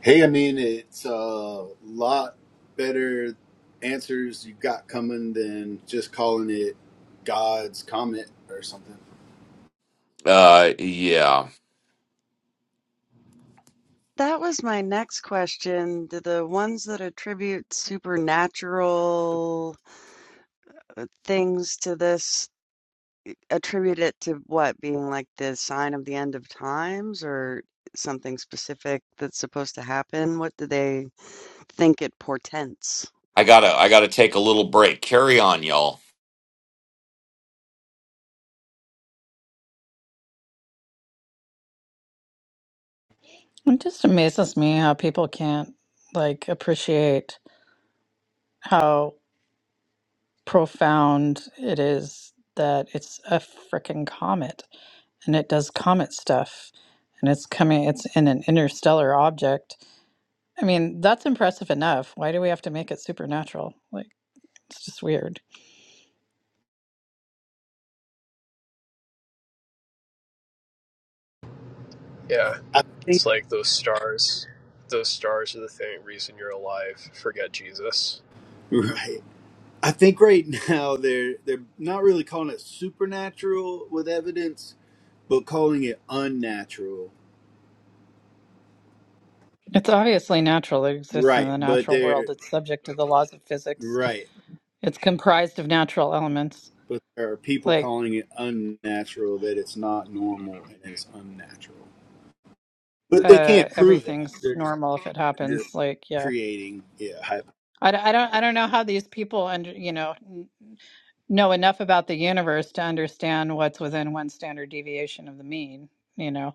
Hey, I mean it's a lot better answers you got coming than just calling it God's comment or something. Uh, yeah. That was my next question. Do the ones that attribute supernatural things to this attribute it to what being like the sign of the end of times or something specific that's supposed to happen? What do they think it portends? I gotta I gotta take a little break. Carry on, y'all. it just amazes me how people can't like appreciate how. profound it is that it's a freaking comet and it does comet stuff and it's coming it's in an interstellar object i mean that's impressive enough why do we have to make it supernatural like it's just weird Yeah, I think. it's like those stars. Those stars are the thing reason you're alive. Forget Jesus. Right. I think right now they're they're not really calling it supernatural with evidence, but calling it unnatural. It's obviously natural. It exists in Right. the But natural they're world. It's subject to the laws of physics. right. It's comprised of natural elements. But there are people Like calling it unnatural that it's not normal and it's unnatural. But they uh, can't prove everything's that. They're just normal if it they're just happens. Like yeah, creating yeah. hy- I, d- I don't I don't know how these people under you know n- know enough about the universe to understand what's within one standard deviation of the mean. You know,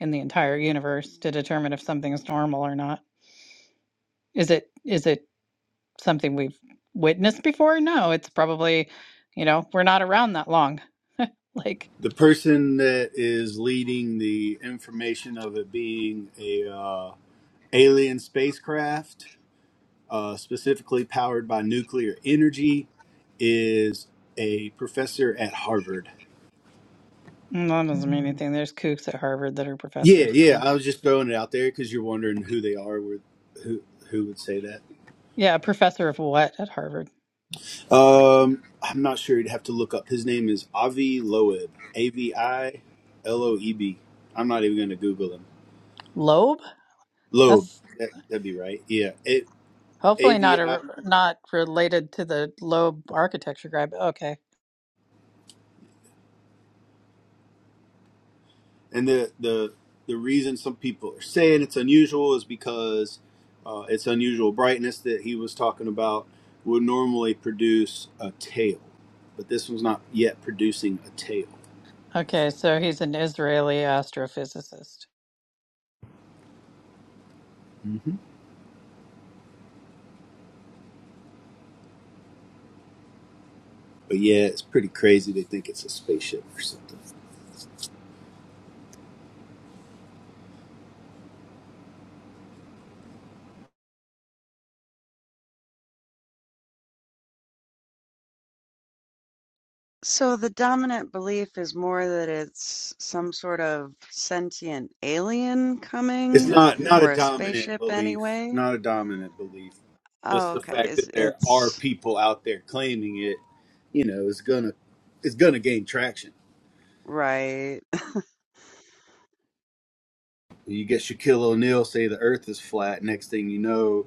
in the entire universe to determine if something's normal or not. Is it is it something we've witnessed before? No, it's probably you know we're not around that long. Like The person that is leading the information of it being a uh, alien spacecraft uh, specifically powered by nuclear energy, is a professor at Harvard. Mm, That doesn't mean anything. There's kooks at Harvard that are Yeah, professors. yeah. Yeah. I was just throwing it out there because you're wondering who they are, where, who who would say that. Yeah, a professor of what at Harvard? Um, I'm not sure. You'd have to look up. His name is Avi Loeb. A V I L O E B. I'm not even going to Google him. Loeb? Loeb. That's That that'd be right. Yeah. A hopefully V not I L O E B. a not related to the Loeb architecture guy, but okay. And the the the reason some people are saying it's unusual is because uh, its unusual brightness that he was talking about would normally produce a tail, but this one's not yet producing a tail. Okay, so he's an Israeli astrophysicist. hmm But yeah, it's pretty crazy. They think it's a spaceship or something. So the dominant belief is more that it's some sort of sentient alien It's coming not not a or a dominant spaceship belief. anyway. Not a dominant belief. Oh, Just the okay. fact Is that there are it's people out there claiming it, you know, is gonna it's gonna gain traction. right. You get Shaquille O'Neal say the Earth is flat. Next thing you know,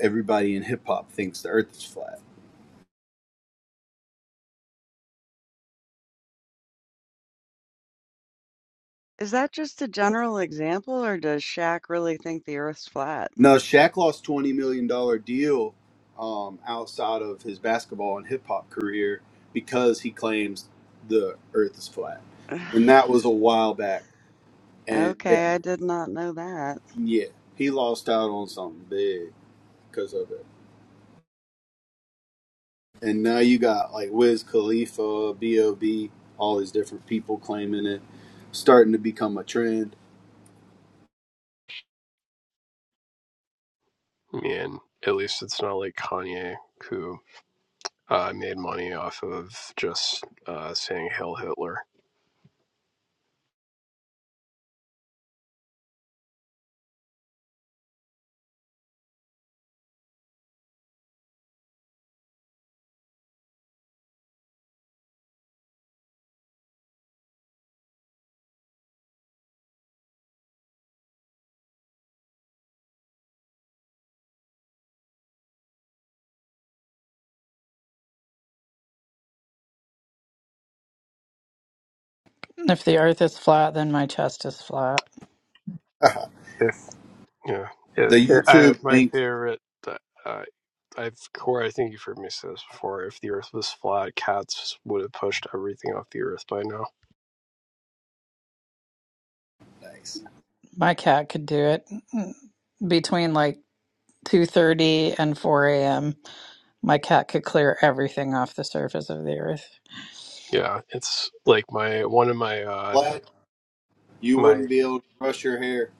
everybody in hip hop thinks the Earth is flat. Is that just a general example or does Shaq really think the Earth's flat? No, Shaq lost twenty million dollar deal um, outside of his basketball and hip hop career because he claims the Earth is flat, and that was a while back. And yeah, Okay, I did not know that. yeah, he lost out on something big because of it. And now you got like Wiz Khalifa, B.O.B., all these different people claiming it, starting to become a trend I mean, at least it's not like Kanye who uh, made money off of just uh, saying "Hail Hitler." If the earth is flat, then my chest is flat. If yeah, the it, it, I YouTube my link favorite. Uh, I've Corey, I think you've heard me say this before. If the Earth was flat, cats would have pushed everything off the Earth by now. My cat could do it between like 2:30 and 4 a.m. My cat could clear everything off the surface of the earth. Yeah, it's like my one of my uh, Vlad, you my wouldn't be able to brush your hair.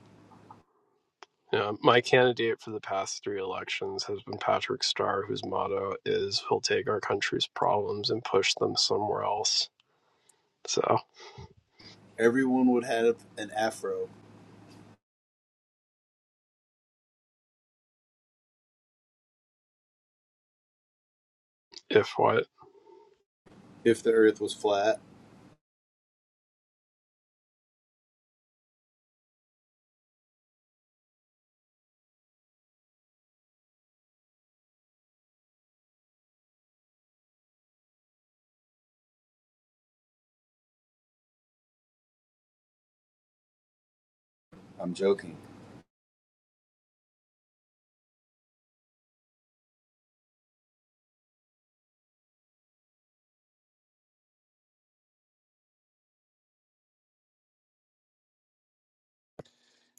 Yeah, my candidate for the past three elections has been Patrick Starr, whose motto is he'll take our country's problems and push them somewhere else. So, Everyone would have an afro if what, if the earth was flat. I'm joking.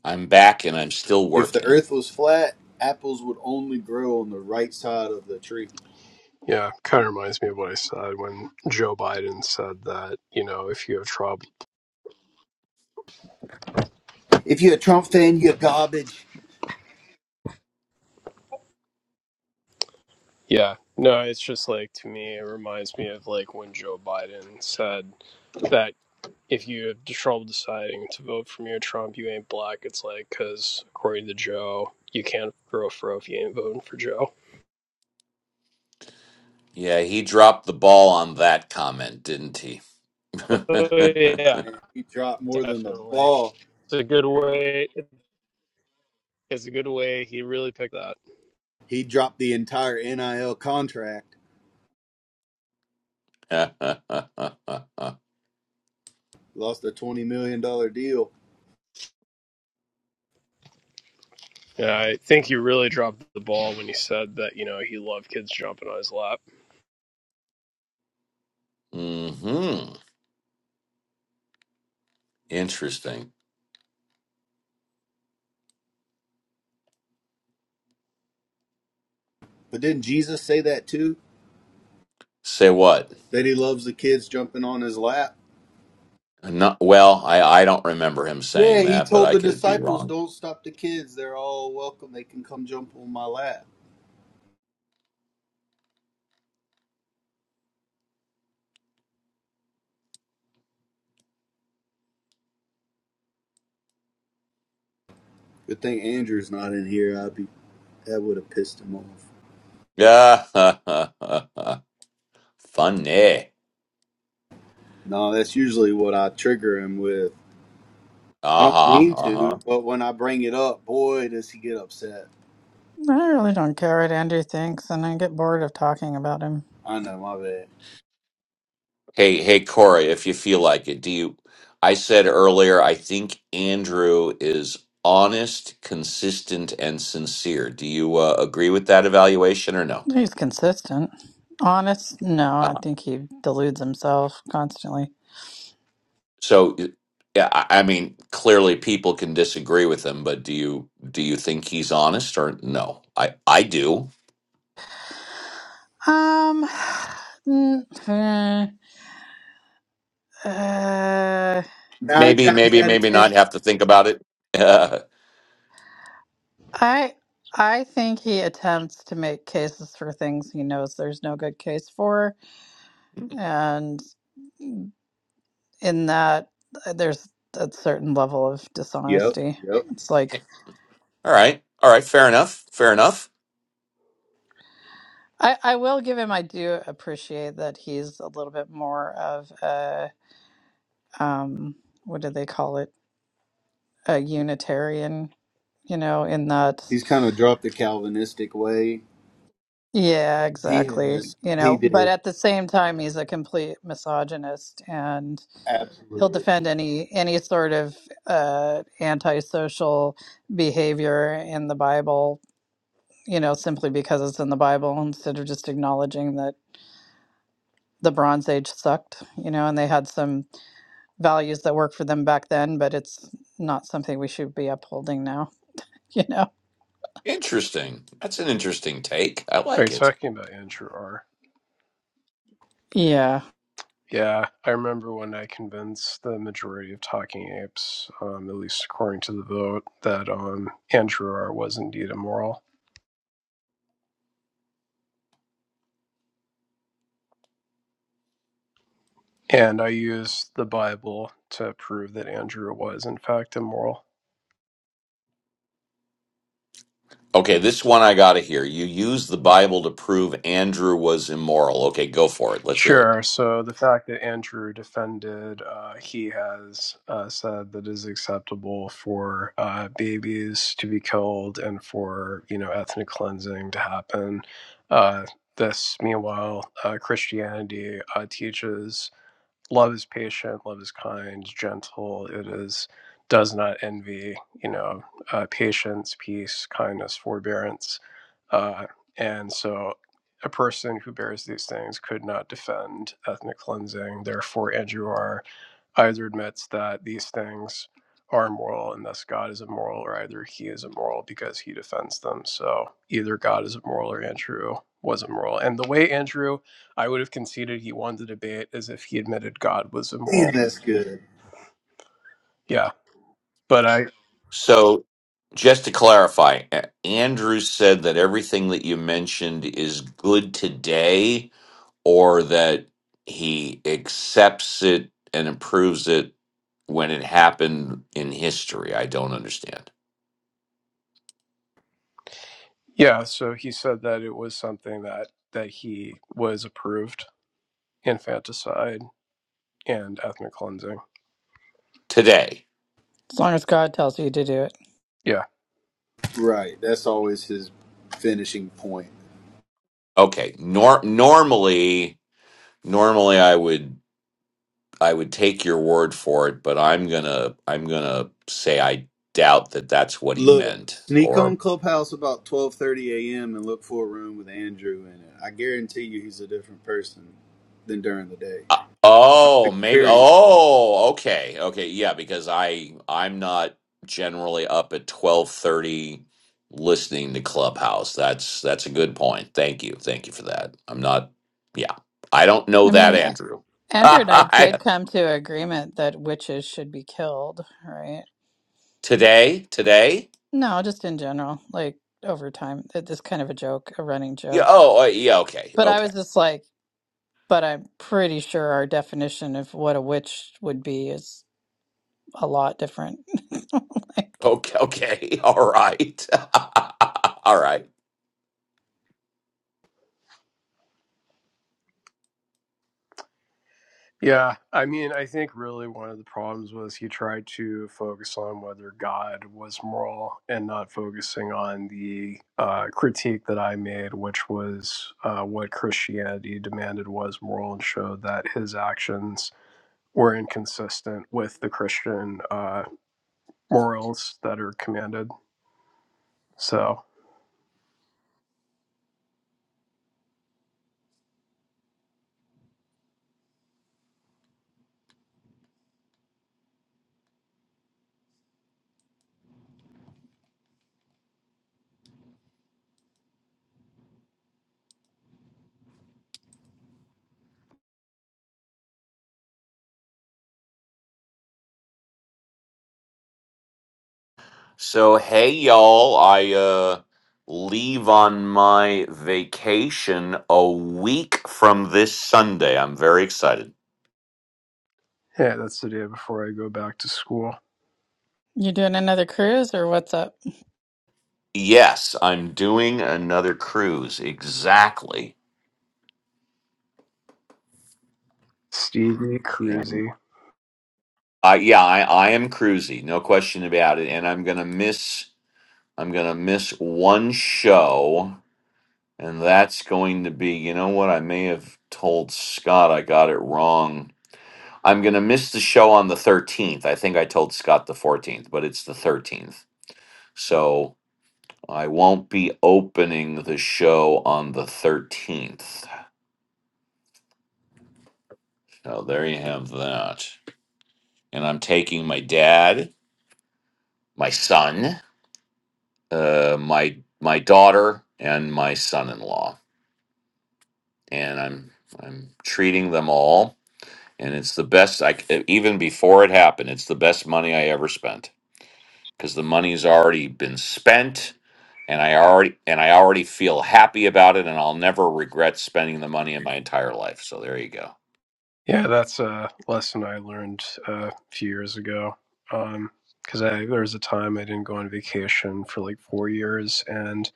I'm back and I'm still If the working. earth was flat, apples would only grow on the right side of the tree. yeah, kind of reminds me of what I said when Joe Biden said that, you know, if you have trouble. If you're a Trump fan, you're garbage. Yeah, no, it's just like to me, it reminds me of like when Joe Biden said that if you have trouble deciding to vote for me or Trump, you ain't black. It's like, because according to Joe, you can't grow a fro if you ain't voting for Joe. Yeah, he dropped the ball on that comment, didn't he? Oh yeah, And he dropped more than the definitely. ball. It's a good way. It's a good way. He really picked that. He dropped the entire NIL contract, lost a $20 million dollars deal. Yeah, I think he really dropped the ball when he said that. You know, he loved kids jumping on his lap. hmm Interesting. But didn't Jesus say that too? Say what? That he loves the kids jumping on his lap? No, well, I, I don't remember him Yeah, saying he that, but told I the could be disciples, wrong. "Don't stop the kids. They're all welcome. They can come jump on my lap." Good thing Andrew's not in here. I'd be that would have pissed him off. Yeah. Funny. No, that's usually what I trigger him with. I don't mean Uh-huh. Uh-huh. to, but when I bring it up, boy, does he get upset. I really don't care what Andrew thinks, and I get bored of talking about him. I know, my bad. Hey, hey, Corey, if you feel like it, do you? I said earlier, I think Andrew is honest, consistent, and sincere. Do you uh, agree with that evaluation or no? He's consistent. Honest? No, I Uh-huh. think he deludes himself constantly. So, yeah, I I mean, clearly people can disagree with him, but do you do you think he's honest or no? I I do. Um, n- eh, uh, Nine Maybe, times maybe, out of maybe ten. not. Have to think about it. all I I think he attempts to make cases for things he knows there's no good case for, and in that uh, there's a certain level of Yep, dishonesty. yep. It's like right, all right. Fair enough. Fair enough. I, I will give him I do appreciate that he's a little bit more of a um what do they call it? A Unitarian, you know, in that He's kind of dropped the Calvinistic way. yeah, He has. exactly. You He know, but did at the same time he's a complete misogynist and he'll absolutely. defend any any sort of uh, antisocial behavior in the Bible, you know, simply because it's in the Bible instead of just acknowledging that the Bronze Age sucked, you know, and they had some values that worked for them back then, but it's not something we should be upholding now, you know. Interesting. That's an interesting take. I Are you like it. talking about Andrew R? Yeah, Yeah, I remember when I convinced the majority of talking apes, um, at least according to the vote, that um, Andrew R was indeed immoral. And I used the Bible to prove that Andrew was, in fact, immoral. Okay, this one I got to hear. You use the Bible to prove Andrew was immoral. Okay, go for it. Let's hear it. Sure. So the fact that Andrew defended, uh, he has uh, said that it is acceptable for uh, babies to be killed and for you know ethnic cleansing to happen. Uh, this, meanwhile, uh, Christianity uh, teaches love is patient love is kind gentle it is does not envy you know uh, patience peace kindness forbearance uh, and so a person who bears these things could not defend ethnic cleansing therefore andrew either admits that these things are immoral, and thus God is immoral, or either he is immoral because he defends them. So either God is immoral or Andrew was immoral. And the way Andrew, I would have conceded he won the debate is if he admitted God was immoral. Damn, that's good. Yeah. But I, So, just to clarify, A- Andrew said that everything that you mentioned is good today, or that he accepts it and approves it when it happened in history. I don't understand. yeah, so he said that it was something that, that he was approved infanticide and ethnic cleansing. Today. as long as God tells you to do it. Yeah. Yeah. Right. That's always his finishing point. Okay. Nor- normally, normally I would. I would take your word for it, but I'm gonna I'm gonna say I doubt that that's what he Look, meant. sneak Or on Clubhouse about twelve thirty a.m. and look for a room with Andrew in it. I guarantee you, he's a different person than during the day. uh, 'Cause I've oh, maybe experienced it. oh, okay, okay, yeah, because I I'm not generally up at twelve thirty listening to Clubhouse. That's that's a good point. Thank you, thank you for that. I'm not, yeah, I don't know I that mean, A- Andrew. Andrew and I did come to agreement that witches should be killed, right? today, today, No, just in general, like over time, it- it's kind of a joke, a running yeah, joke. oh, uh, yeah, okay, But I okay. was just like, but I'm pretty sure our definition of what a witch would be is a lot different. Like, Okay, okay, all right, all right. Yeah, I mean, I think really one of the problems was he tried to focus on whether God was moral and not focusing on the uh, critique that I made, which was uh, what Christianity demanded was moral and showed that his actions were inconsistent with the Christian uh, morals that are commanded. So, So, hey, y'all, I uh, leave on my vacation a week from this Sunday. I'm very excited. yeah, that's the day before I go back to school. you doing another cruise or what's up? Yes, I'm doing another cruise. Exactly. Stevie And Cruzy. I yeah, I, I am cruisy, no question about it. And I'm gonna miss I'm gonna miss one show, and that's going to be, you know what, I may have told Scott I got it wrong I'm going to miss the show on the 13th. I think I told Scott the 14th, but it's the 13th. So I won't be opening the show on the 13th. So there you have that. And I'm taking my dad, my son, uh, my my daughter, and my son-in-law, and I'm I'm treating them all. And it's the best I c- even before it happened. It's the best money I ever spent because the money's already been spent and I already and I already feel happy about it and I'll never regret spending the money in my entire life. So there you go. Yeah, that's a lesson I learned uh, a few years ago. Um, 'cause because I there was a time I didn't go on vacation for like four years, and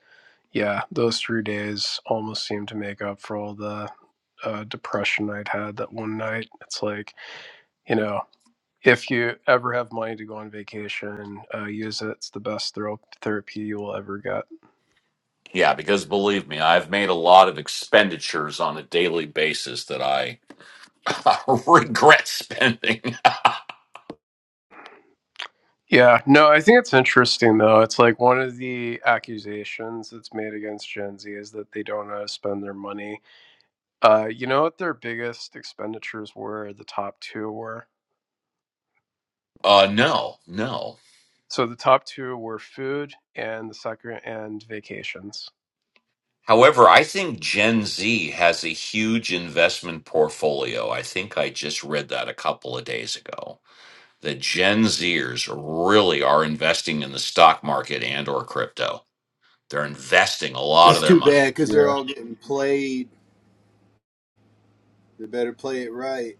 yeah, those three days almost seemed to make up for all the uh, depression I'd had that one night. It's like you know, if you ever have money to go on vacation, uh, use it. It's the best thero- therapy you will ever get. Yeah, because believe me, I've made a lot of expenditures on a daily basis that I regret spending. Yeah, no, I think it's interesting though. It's like one of the accusations that's made against Gen Z is that they don't know how to spend their money Uh, you know what their biggest expenditures were? The top two were. Uh, no, no. So the top two were food and the second and vacations. However, I think Gen Z has a huge investment portfolio. I think I just read that a couple of days ago. the Gen Zers really are investing in the stock market and or crypto. They're investing a lot It's of their too money. bad because they're Yeah. all getting played. They better play it right.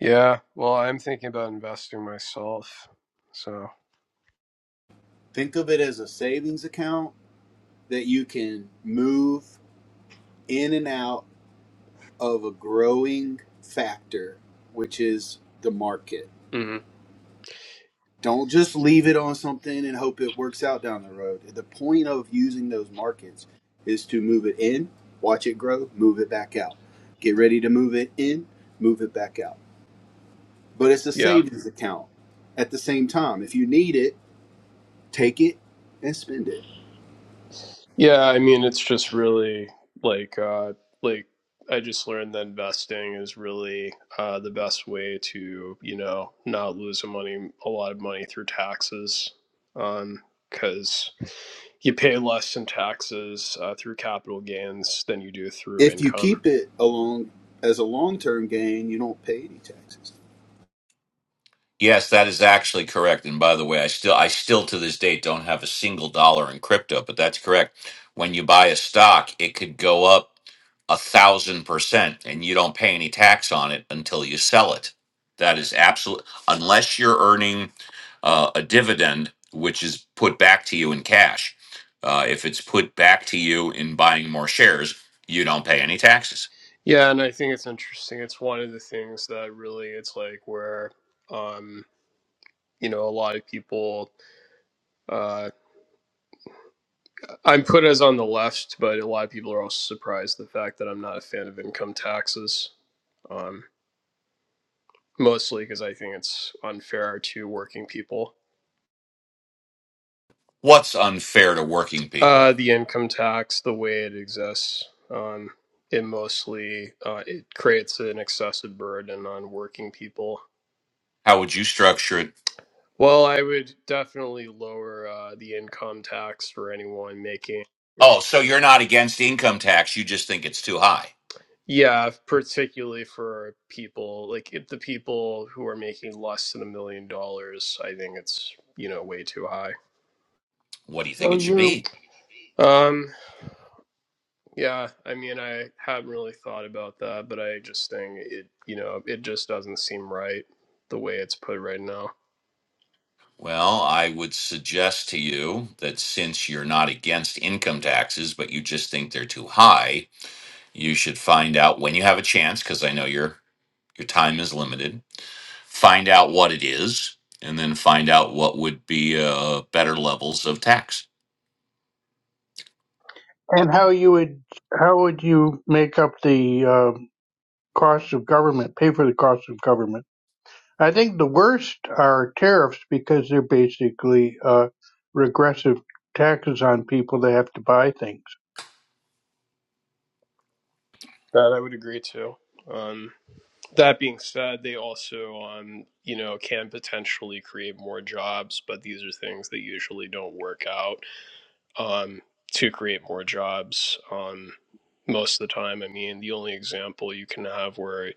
Yeah. Well, I'm thinking about investing myself. So. Think of it as a savings account that you can move in and out of a growing factor, which is the market. Mhm. Don't just leave it on something and hope it works out down the road. The point of using those markets is to move it in, watch it grow, move it back out. Get ready to move it in, move it back out. But it's a Yeah. savings account at the same time. If you need it, take it and spend it. Yeah, I mean, it's just really like uh like I just learned that investing is really uh the best way to, you know, not lose a money a lot of money through taxes. Um 'cause you pay less in taxes uh, through capital gains than you do through If you income. keep it along as a long term gain, you don't pay any taxes. Yes, that is actually correct. And by the way, I still I still to this date don't have a single dollar in crypto, but that's correct. When you buy a stock, it could go up a thousand percent and you don't pay any tax on it until you sell it. That is absolute unless you're earning uh, a dividend, which is put back to you in cash. Uh, if it's put back to you in buying more shares, you don't pay any taxes. Yeah, and I think it's interesting. It's one of the things that really it's like where um you know a lot of people uh. I'm put as on the left, but a lot of people are also surprised the fact that I'm not a fan of income taxes, um, mostly because I think it's unfair to working people. What's unfair to working Uh, people? the income tax, the way it exists, um, it mostly uh, it creates an excessive burden on working people. How would you structure it? Well, I would definitely lower uh, the income tax for anyone making Oh, so you're not against income tax, you just think it's too high. Yeah, particularly for people like if the people who are making less than a million dollars, I think it's, you know, way too high. What do you think So it should you're be? Um, yeah, I mean, I haven't really thought about that, but I just think it, you know, it just doesn't seem right the way it's put right now. Well, I would suggest to you that since you're not against income taxes, but you just think they're too high, you should find out when you have a chance because I know your your time is limited. Find out what it is and then find out what would be uh, better levels of tax. and how you would how would you make up the uh, cost of government, pay for the cost of government? I think the worst are tariffs because they're basically uh, regressive taxes on people that have to buy things. That I would agree to. Um, that being said, they also, um, you know, can potentially create more jobs, but these are things that usually don't work out um, to create more jobs. Um, most of the time, I mean, the only example you can have where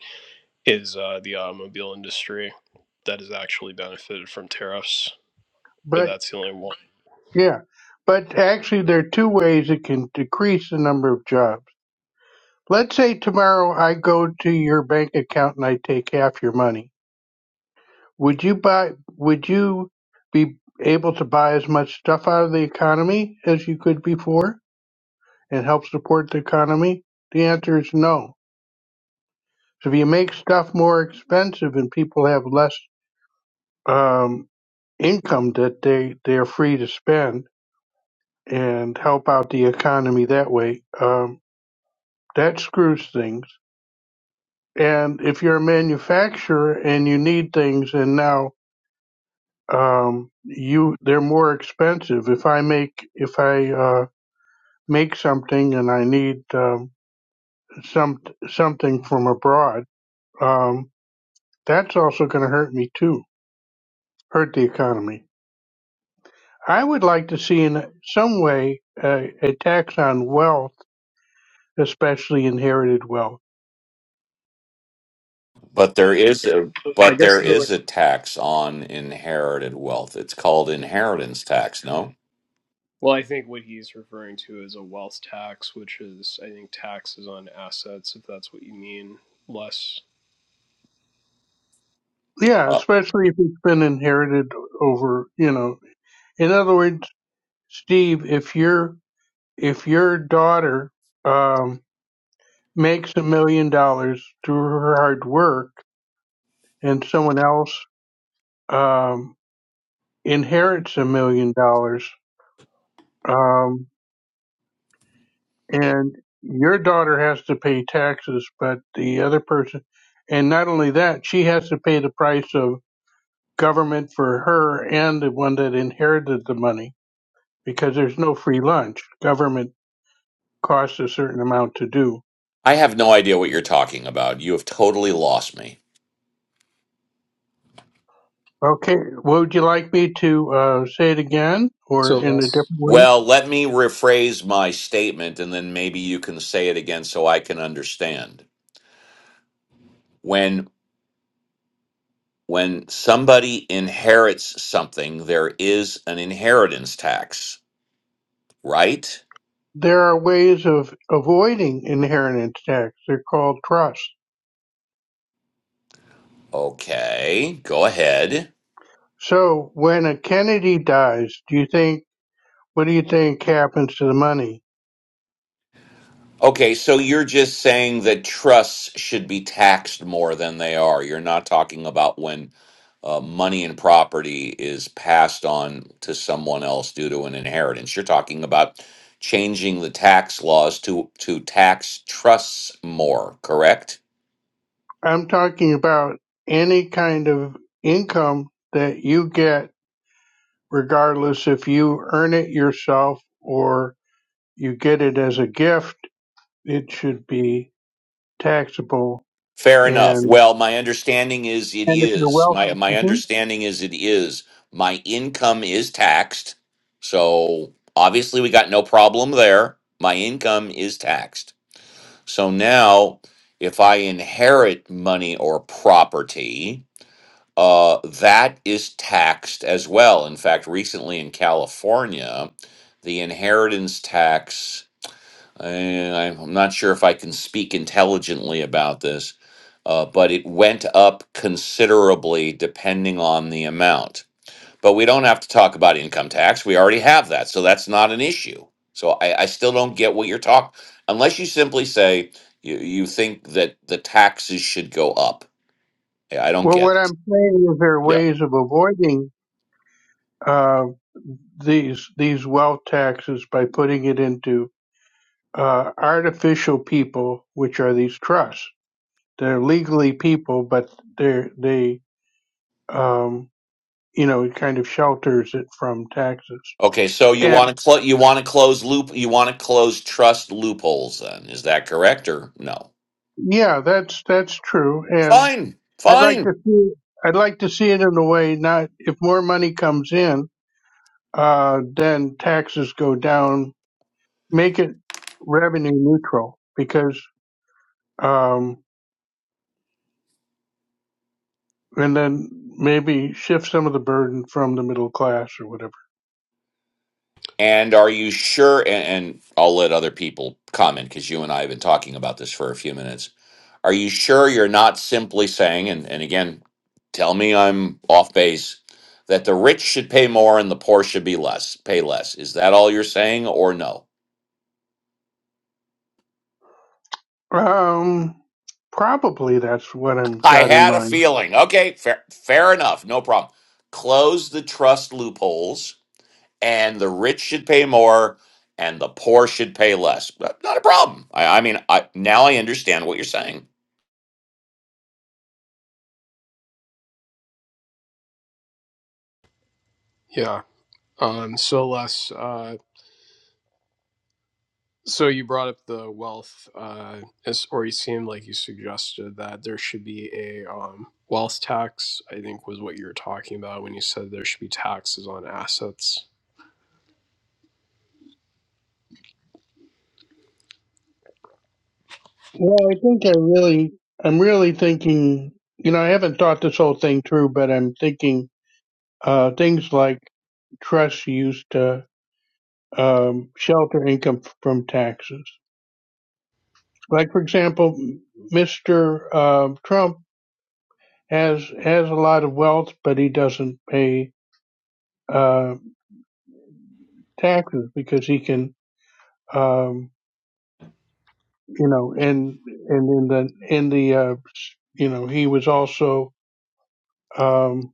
is uh, the automobile industry that has actually benefited from tariffs, but But that's the only one. yeah, but actually there are two ways it can decrease the number of jobs. Let's say tomorrow I go to your bank account and I take half your money. Would you buy? Would you be able to buy as much stuff out of the economy as you could before and help support the economy? The answer is no. So if you make stuff more expensive and people have less um, income that they they're free to spend and help out the economy that way, um, that screws things. And if you're a manufacturer and you need things, and now um, you they're more expensive. If I make if I uh, make something and I need um, some something from abroad, um, that's also going to hurt me too, hurt the economy. I would like to see in some way a, a tax on wealth, especially inherited wealth. But there is a I but guess there really is a tax on inherited wealth. It's called inheritance tax, no? Well, I think what he's referring to is a wealth tax, which is, I think, taxes on assets, if that's what you mean, less. Yeah, especially if it's been inherited over, you know. In other words, Steve, if your if your daughter um, makes a million dollars through her hard work, and someone else um, inherits a million dollars, um, and your daughter has to pay taxes, but the other person, and not only that, she has to pay the price of government for her and the one that inherited the money because there's no free lunch. Government costs a certain amount to do. I have no idea what you're talking about. You have totally lost me. Okay, would you like me to uh, say it again or So in a different less. way? Well, let me rephrase my statement and then maybe you can say it again so I can understand. When when somebody inherits something, there is an inheritance tax, right? There are ways of avoiding inheritance tax. They're called trusts. Okay, go ahead. So when a Kennedy dies, do you think what do you think happens to the money? Okay, so you're just saying that trusts should be taxed more than they are. You're not talking about when uh, money and property is passed on to someone else due to an inheritance. You're talking about changing the tax laws to to tax trusts more, correct? I'm talking about any kind of income that you get, regardless if you earn it yourself or you get it as a gift, it should be taxable Fair enough. and Well, my understanding is it and if you're is. My wealthy. my Mhm. understanding is it is. My income is taxed. So, obviously we got no problem there. My income is taxed. So now, if I inherit money or property, uh, that is taxed as well. In fact, recently in California, the inheritance tax, eh, I'm not sure if I can speak intelligently about this, uh, but it went up considerably depending on the amount. But we don't have to talk about income tax. We already have that. So that's not an issue. So I, I still don't get what you're talking, unless you simply say you, you think that the taxes should go up. Yeah, I don't Well, get what it. I'm saying is there are Yeah. ways of avoiding uh, these these wealth taxes by putting it into uh, artificial people, which are these trusts. They're legally people, but they're they um, you know it kind of shelters it from taxes. Okay. So you And want to close, you want to close loop, you want to close trust loopholes then. Is that correct or no? yeah, that's that's true. And Fine. I'd like Fine. to see I'd like to see it in a way not if more money comes in, uh, then taxes go down. Make it revenue neutral because um, and then maybe shift some of the burden from the middle class or whatever. And are you sure? And, and I'll let other people comment because you and I have been talking about this for a few minutes. Are you sure you're not simply saying, and, and again, tell me I'm off base, that the rich should pay more and the poor should be less, pay less? Is that all you're saying or no? Um, probably that's what I'm I got in had a mind. feeling. Okay, fair, fair enough. No problem. Close the trust loopholes and the rich should pay more and the poor should pay less. But Not a problem. I, I mean, I, now I understand what you're saying. Yeah. Um, so less. Uh. So you brought up the wealth, uh, as, or you seemed like you suggested that there should be a um, wealth tax. I think was what you were talking about when you said there should be taxes on assets. Well, I think I really, I'm really thinking. You know, I haven't thought this whole thing through, but I'm thinking uh, things like trusts used to um, shelter income f- from taxes. Like, for example, Mr. Uh, Trump has has a lot of wealth, but he doesn't pay uh, taxes because he can. Um, you know, and and in the in the uh, you know he was also um,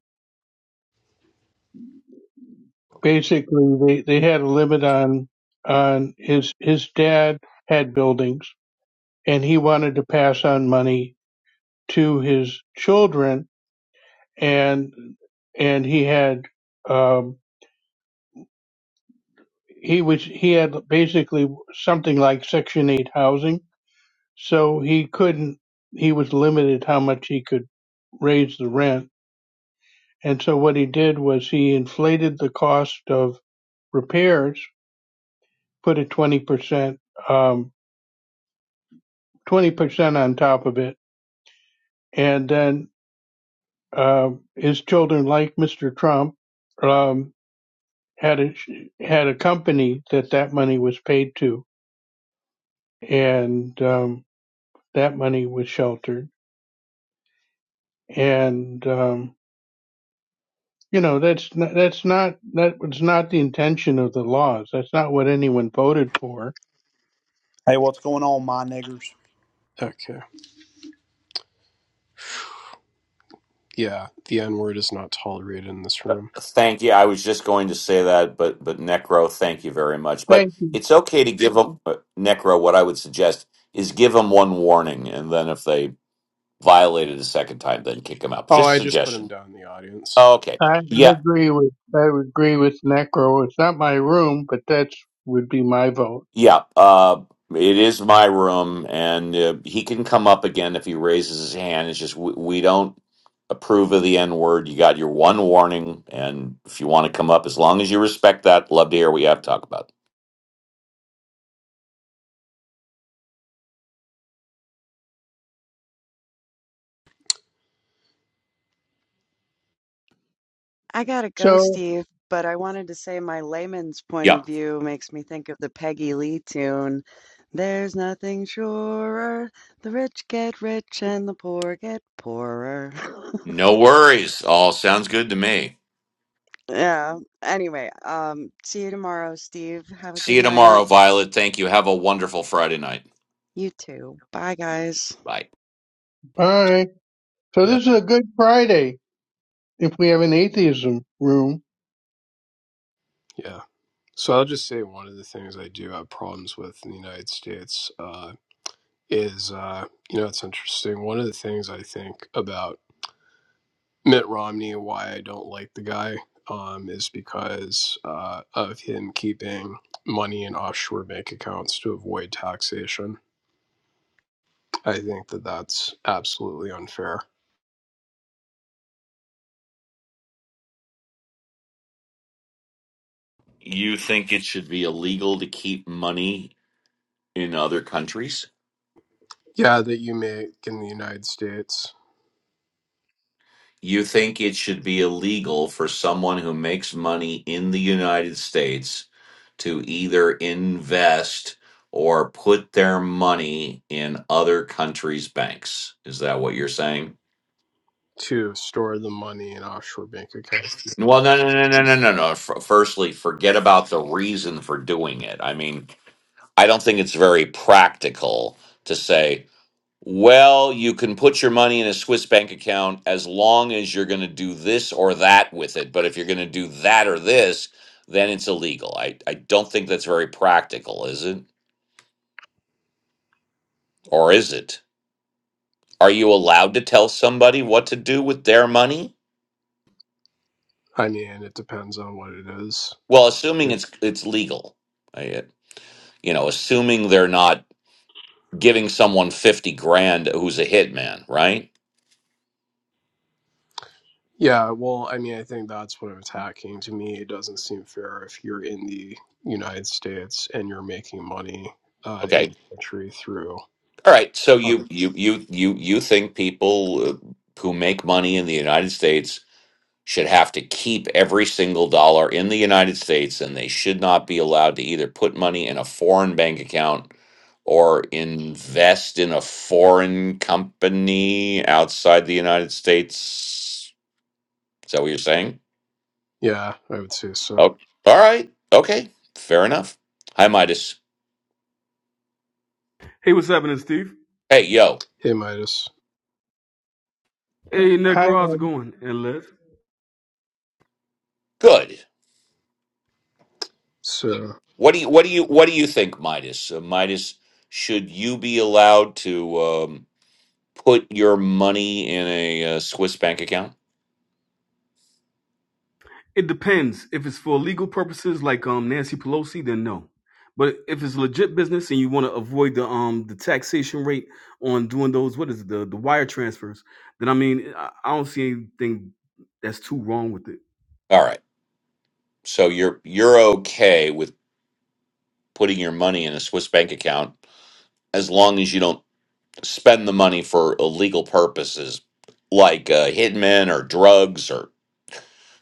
basically they they had a limit on on his his dad had buildings and he wanted to pass on money to his children and and he had um, he was he had basically something like Section Eight housing, so he couldn't he was limited how much he could raise the rent And so what he did was he inflated the cost of repairs, put a 20%, um, 20% on top of it. And then, um his children, like Mr. Trump, um, had a, had a company that that money was paid to and, um, that money was sheltered. And, um, you know, that's, n- that's not, that was not the intention of the laws. That's not what anyone voted for. Hey, what's going on, my niggers? Okay, yeah, the N word is not tolerated in this Uh, room. Thank you. I was just going to say that, but but Necro, thank you very much. They But it's okay to give them uh, Necro. What I would suggest is give them one warning, and then if they violate it a second time, then kick them out. Oh, Just I just put him suggestion. down in the audience. Okay. I, I Yeah. agree with I agree with Necro. It's not my room, but that's would be my vote. Yeah. Uh, it is my room, and uh, he can come up again if he raises his hand. It's just we, we don't approve of the N word. You got your one warning, and if you want to come up, as long as you respect that, love to hear what you have to talk about. I gotta go, So Steve, but I wanted to say my layman's point Yeah. of view makes me think of the Peggy Lee tune. There's nothing surer. The rich get rich and the poor get poorer. No worries. All sounds good to me. Yeah. Anyway, um, see you tomorrow, Steve. Have a See good you night. tomorrow, Violet. Thank you. Have a wonderful Friday night. You too. Bye, guys. Bye. all right. So Yeah, this is a good Friday if we have an atheism room. yeah. So I'll just say one of the things I do have problems with in the United States uh, is, uh, you know, it's interesting. One of the things I think about. Mitt Romney, why I don't like the guy, um, is because uh, of him keeping money in offshore bank accounts to avoid taxation. I think that that's absolutely unfair. You think it should be illegal to keep money in other countries? Yeah, that you make in the United States You think it should be illegal for someone who makes money in the United States to either invest or put their money in other countries' banks? Is that what you're saying? to store the money in offshore bank accounts. Well, no, no, no, no, no, no, no. F- Firstly, forget about the reason for doing it. I mean, I don't think it's very practical to say, well, you can put your money in a Swiss bank account as long as you're going to do this or that with it. But if you're going to do that or this, then it's illegal. I, I don't think that's very practical, is it? Or is it? Are you allowed to tell somebody what to do with their money? I mean, it depends on what it is. Well, assuming it's it's legal, I, you know, assuming they're not giving someone fifty grand who's a hitman, right? Yeah, well, I mean, I think that's what I'm attacking. To me, it doesn't seem fair if you're in the United States and you're making money uh, in Okay. the country through All right, so you you you you you think people uh, who make money in the United States should have to keep every single dollar in the United States and they should not be allowed to either put money in a foreign bank account or invest in a foreign company outside the United States. Is that what you're saying? Yeah, I would say so. Oh, all right. Okay. Fair enough. Hi, Midas. Hey, what's happening, Steve? Hey, yo. Hey, Midas. Hey, I, I- Necro, how's it going? And Les? Good. So, What do you what do you what do you think, Midas? Uh, Midas, should you be allowed to um, put your money in a uh, Swiss bank account? It depends. If it's for legal purposes, like um Nancy Pelosi, then no. But if it's legit business and you want to avoid the um the taxation rate on doing those what is it the the wire transfers, then I mean I, I don't see anything that's too wrong with it. All right, so you're you're okay with putting your money in a Swiss bank account as long as you don't spend the money for illegal purposes, like uh, hitmen or drugs or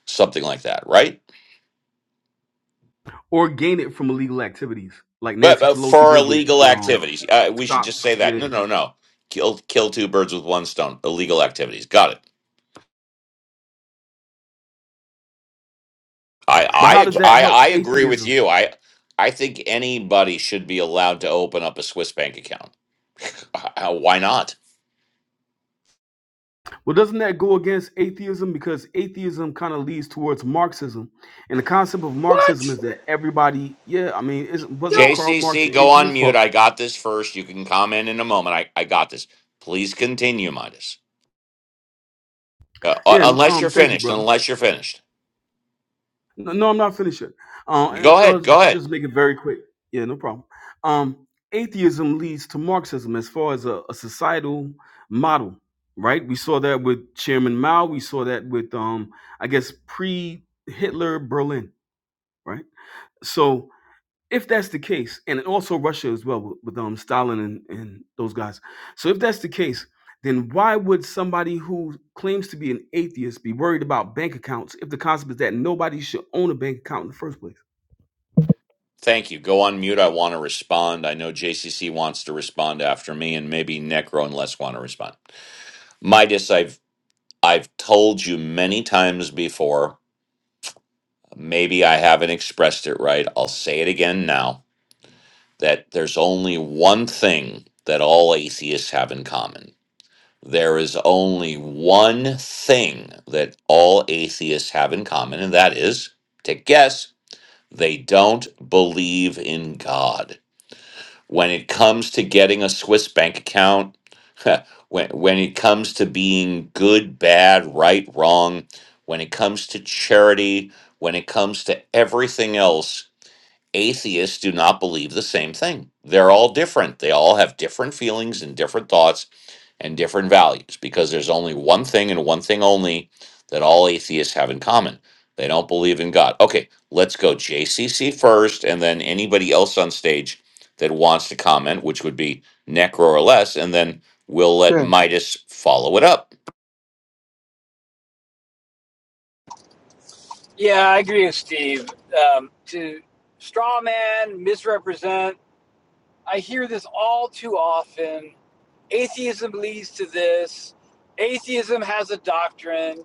something like that, right? Or gain it from illegal activities, like But, Nancy but Pelosi for did with illegal with um activities, uh, we should stock. just say that. Yeah. No, no, no. Kill kill two birds with one stone. Illegal activities. Got it. I But I how does ag- that I, help I agree with atheism? you. I I think anybody should be allowed to open up a Swiss bank account. Uh, Why not? Well, doesn't that go against atheism? Because atheism kind of leads towards Marxism, and the concept of Marxism What? is that everybody, yeah, I mean, is, wasn't Don't. Karl Marx JCC, an go on atheist? mute. well, I got this first. You can comment in a moment. I, I got this. Please continue, Midas. Uh, u- Yeah. n- unless you're Um. Thank you, finished. brother. Unless you're finished. No, no I'm not finished yet. Uh, and Go ahead. I'll Go ahead. just make it very quick. Yeah, no problem. Um, atheism leads to Marxism as far as a, a societal model, right? We saw that with Chairman Mao. We saw that with, um, I guess, pre-Hitler Berlin, right? So if that's the case, and also Russia as well with, with um Stalin and, and those guys. So if that's the case, then why would somebody who claims to be an atheist be worried about bank accounts if the concept is that nobody should own a bank account in the first place? Thank you. Go on mute. I want to respond. I know JCC wants to respond after me, and maybe Necro and Les want to respond. Midas, I've I've told you many times before. Maybe I haven't expressed it right. I'll say it again now. That there's only one thing that all atheists have in common. There is only one thing that all atheists have in common, and that is, take a guess, they don't believe in God. When it comes to getting a Swiss bank account, when, when it comes to being good, bad, right, wrong, when it comes to charity, when it comes to everything else, atheists do not believe the same thing. They're all different. They all have different feelings and different thoughts and different values because there's only one thing and one thing only that all atheists have in common. They don't believe in God. Okay, let's go JCC first and then anybody else on stage that wants to comment, which would be Necro or less, and then we'll let Midas follow it up. Yeah, I agree with Steve. Um, to straw man, misrepresent. I hear this all too often. Atheism leads to this. Atheism has a doctrine.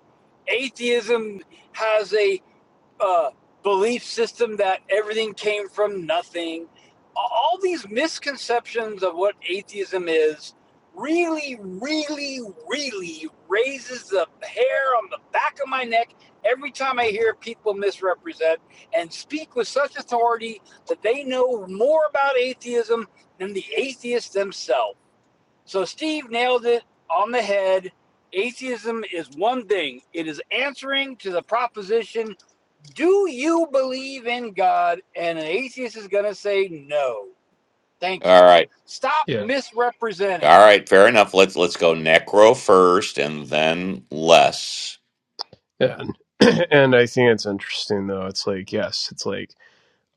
Atheism has a uh, belief system that everything came from nothing. All these misconceptions of what atheism is really, really, really raises the hair on the back of my neck every time I hear people misrepresent and speak with such authority that they know more about atheism than the atheists themselves. So Steve nailed it on the head. Atheism is one thing. It is answering to the proposition do you believe in God? And an atheist is going to say no. Thank All you. right. Stop Yeah. misrepresenting. All right, fair enough. Let's let's go Necro first and then Less. yeah, and, and I think it's interesting though. It's like, yes, it's like,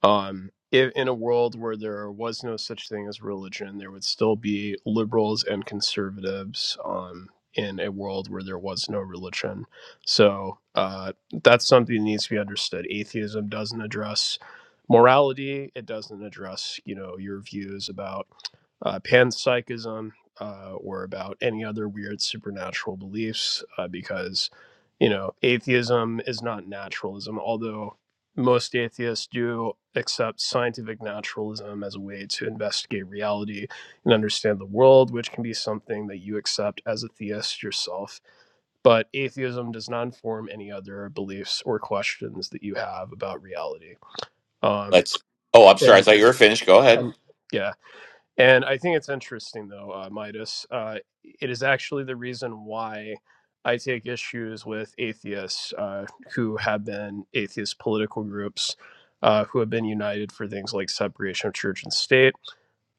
um, if, in a world where there was no such thing as religion, there would still be liberals and conservatives. Um, in a world where there was no religion, so uh, that's something that needs to be understood. Atheism doesn't address morality. It doesn't address, you know, your views about uh, panpsychism uh, or about any other weird supernatural beliefs uh, because you know atheism is not naturalism although most atheists do accept scientific naturalism as a way to investigate reality and understand the world which can be something that you accept as a theist yourself but atheism does not inform any other beliefs or questions that you have about reality um, Let's. Oh, I'm sorry. I and, thought you were finished. Go ahead. um, yeah and I think it's interesting, though, uh, Midas. Uh, it is actually the reason why I take issues with atheists uh, who have been atheist political groups uh, who have been united for things like separation of church and state,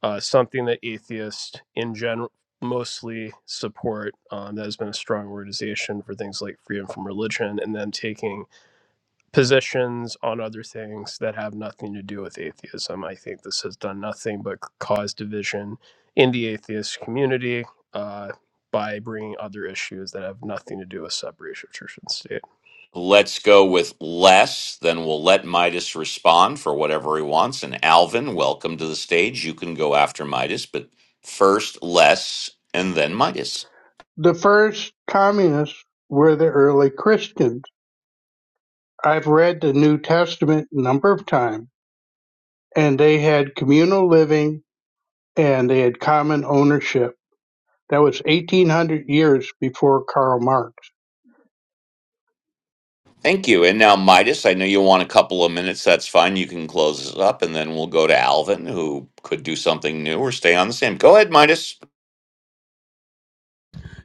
uh, something that atheists in general mostly support um, that has been a strong organization for things like freedom from religion and then taking positions on other things that have nothing to do with atheism. I think this has done nothing but cause division in the atheist community uh, by bringing other issues that have nothing to do with separation of church and state. Let's go with Les. Then we'll let Midas respond for whatever he wants. And Alvin, welcome to the stage. You can go after Midas, but first Les and then Midas. the first communists were the early Christians. I've read the New Testament a number of times, and they had communal living and they had common ownership. That was 1800 years before Karl Marx. Thank you. And now, Midas, I know you want a couple of minutes. That's fine. You can close this up, and then we'll go to Alvin, who could do something new or stay on the same. Go ahead, Midas.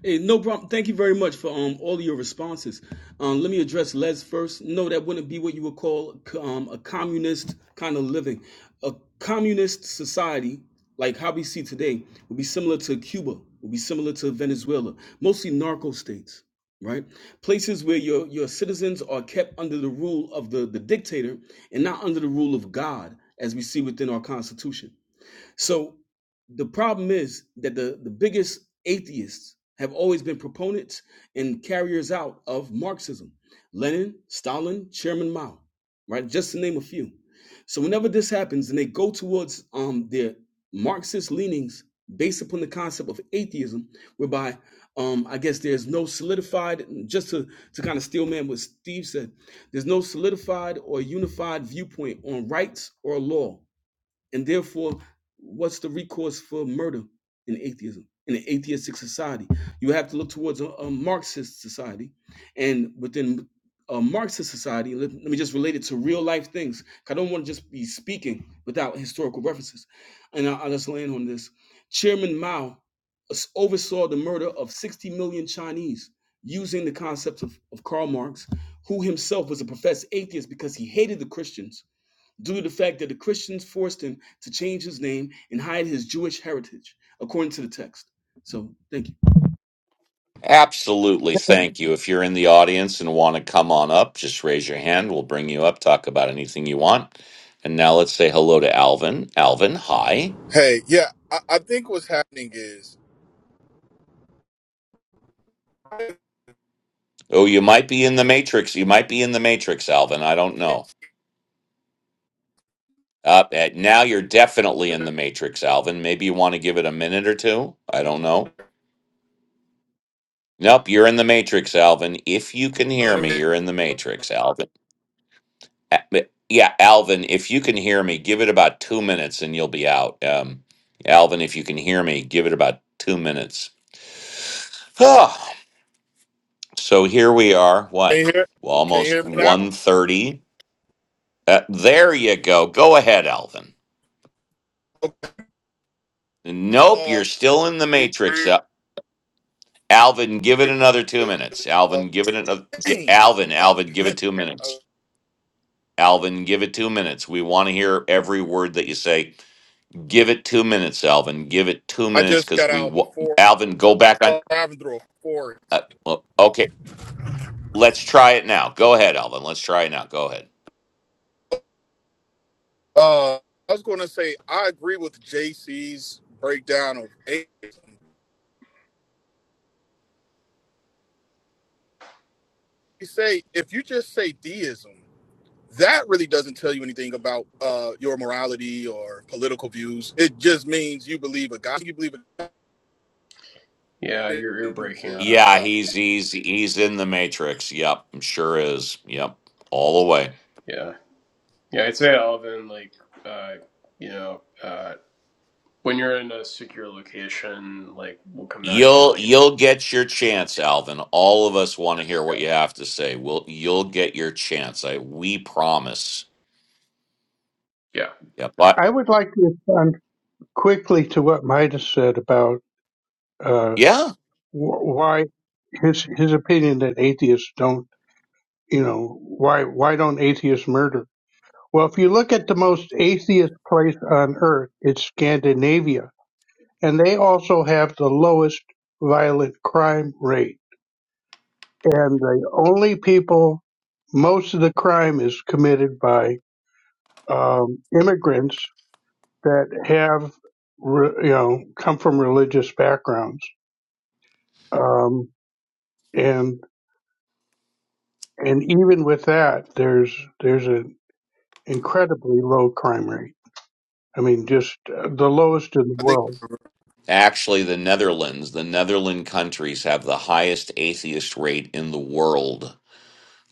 Hey, no problem. Thank you very much for um all of your responses. Um, let me address Les first. No, that wouldn't be what you would call um, a communist kind of living. A communist society, like how we see today, would be similar to Cuba, would be similar to Venezuela, mostly narco states, right? Places where your your citizens are kept under the rule of the the dictator and not under the rule of God, as we see within our Constitution. So the problem is that the, the biggest atheists have always been proponents and carriers out of Marxism. Lenin, Stalin, Chairman Mao, right? Just to name a few. So whenever this happens and they go towards um, their Marxist leanings based upon the concept of atheism, whereby um, I guess there's no solidified, just to, to kind of steel man what Steve said, there's no solidified or unified viewpoint on rights or law and therefore, what's the recourse for murder in atheism, in an atheistic society? You have to look towards a, a Marxist society. And within a Marxist society, let, let me just relate it to real life things. I don't want to just be speaking without historical references. And I, I'll just land on this. Chairman Mao oversaw the murder of 60 million Chinese using the concepts of, of Karl Marx, who himself was a professed atheist because he hated the Christians due to the fact that the Christians forced him to change his name and hide his Jewish heritage, according to the text. So, thank you. Absolutely. Thank you. If you're in the audience and want to come on up, just raise your hand. We'll bring you up, talk about anything you want. And now let's say hello to Alvin. Alvin, hi. Hey, yeah, I, I think what's happening is Oh, you might be in the Matrix. You might be in the Matrix, Alvin. I don't know. Uh, eh, now you're definitely in the Matrix, Alvin. Maybe you want to give it a minute or two. I don't know. Nope, you're in the Matrix, Alvin. If you can hear can me, you're in the Matrix, Alvin. A- but- Yeah, Alvin, if you can hear me, give it about two minutes and you'll be out. Um, Alvin, if you can hear me, give it about two minutes. Ah, so here we are. you What? hear? Well, Can you hear almost me now? one thirty. Uh, there you go. Go ahead, Alvin. Okay. Nope, Uh, you're still in the matrix. Uh, Alvin, give it another two minutes. uh, Alvin, give it another. y- dang, Alvin, Alvin, give it two uh, minutes. Alvin, give it two minutes. We want to hear every word that you say. Give it two minutes, Alvin. Give it two I minutes just because got we, out of the wa- forest, Alvin, go back on. driving through a forest. Uh, well, okay, let's try it now. Go ahead, Alvin. Let's try it now. Go ahead. Uh, I was going to say I agree with JC's breakdown of atheism. You say if you just say deism, that really doesn't tell you anything about uh, your morality or political views. It just means you believe a God. You believe a Yeah, God you're you're breaking exists. up. Yeah, he's he's he's in the matrix. Yep, I'm sure is. Yep, all the way. Yeah, yeah. I'd say Alvin, like, uh, you know, uh, when you're in a secure location, like, we'll come back to you in You'll like, a- you'll get your chance, Alvin. All of us want to hear what you have to say. We'll you'll get your chance. I we promise. yeah. Yep. But I would like to respond quickly to what Midas said about uh, yeah, wh- why his his opinion that atheists don't, you know, why why don't atheists murder? Well, if you look at the most atheist place on earth, it's Scandinavia, and they also have the lowest violent crime rate. And the only people, most of the crime is committed by um, immigrants that have, re, you know, come from religious backgrounds. Um, And even with that, there's there's an incredibly low crime rate. I mean, just uh, the lowest in the I think. world. actually, the Netherlands, the Netherlands countries have the highest atheist rate in the world.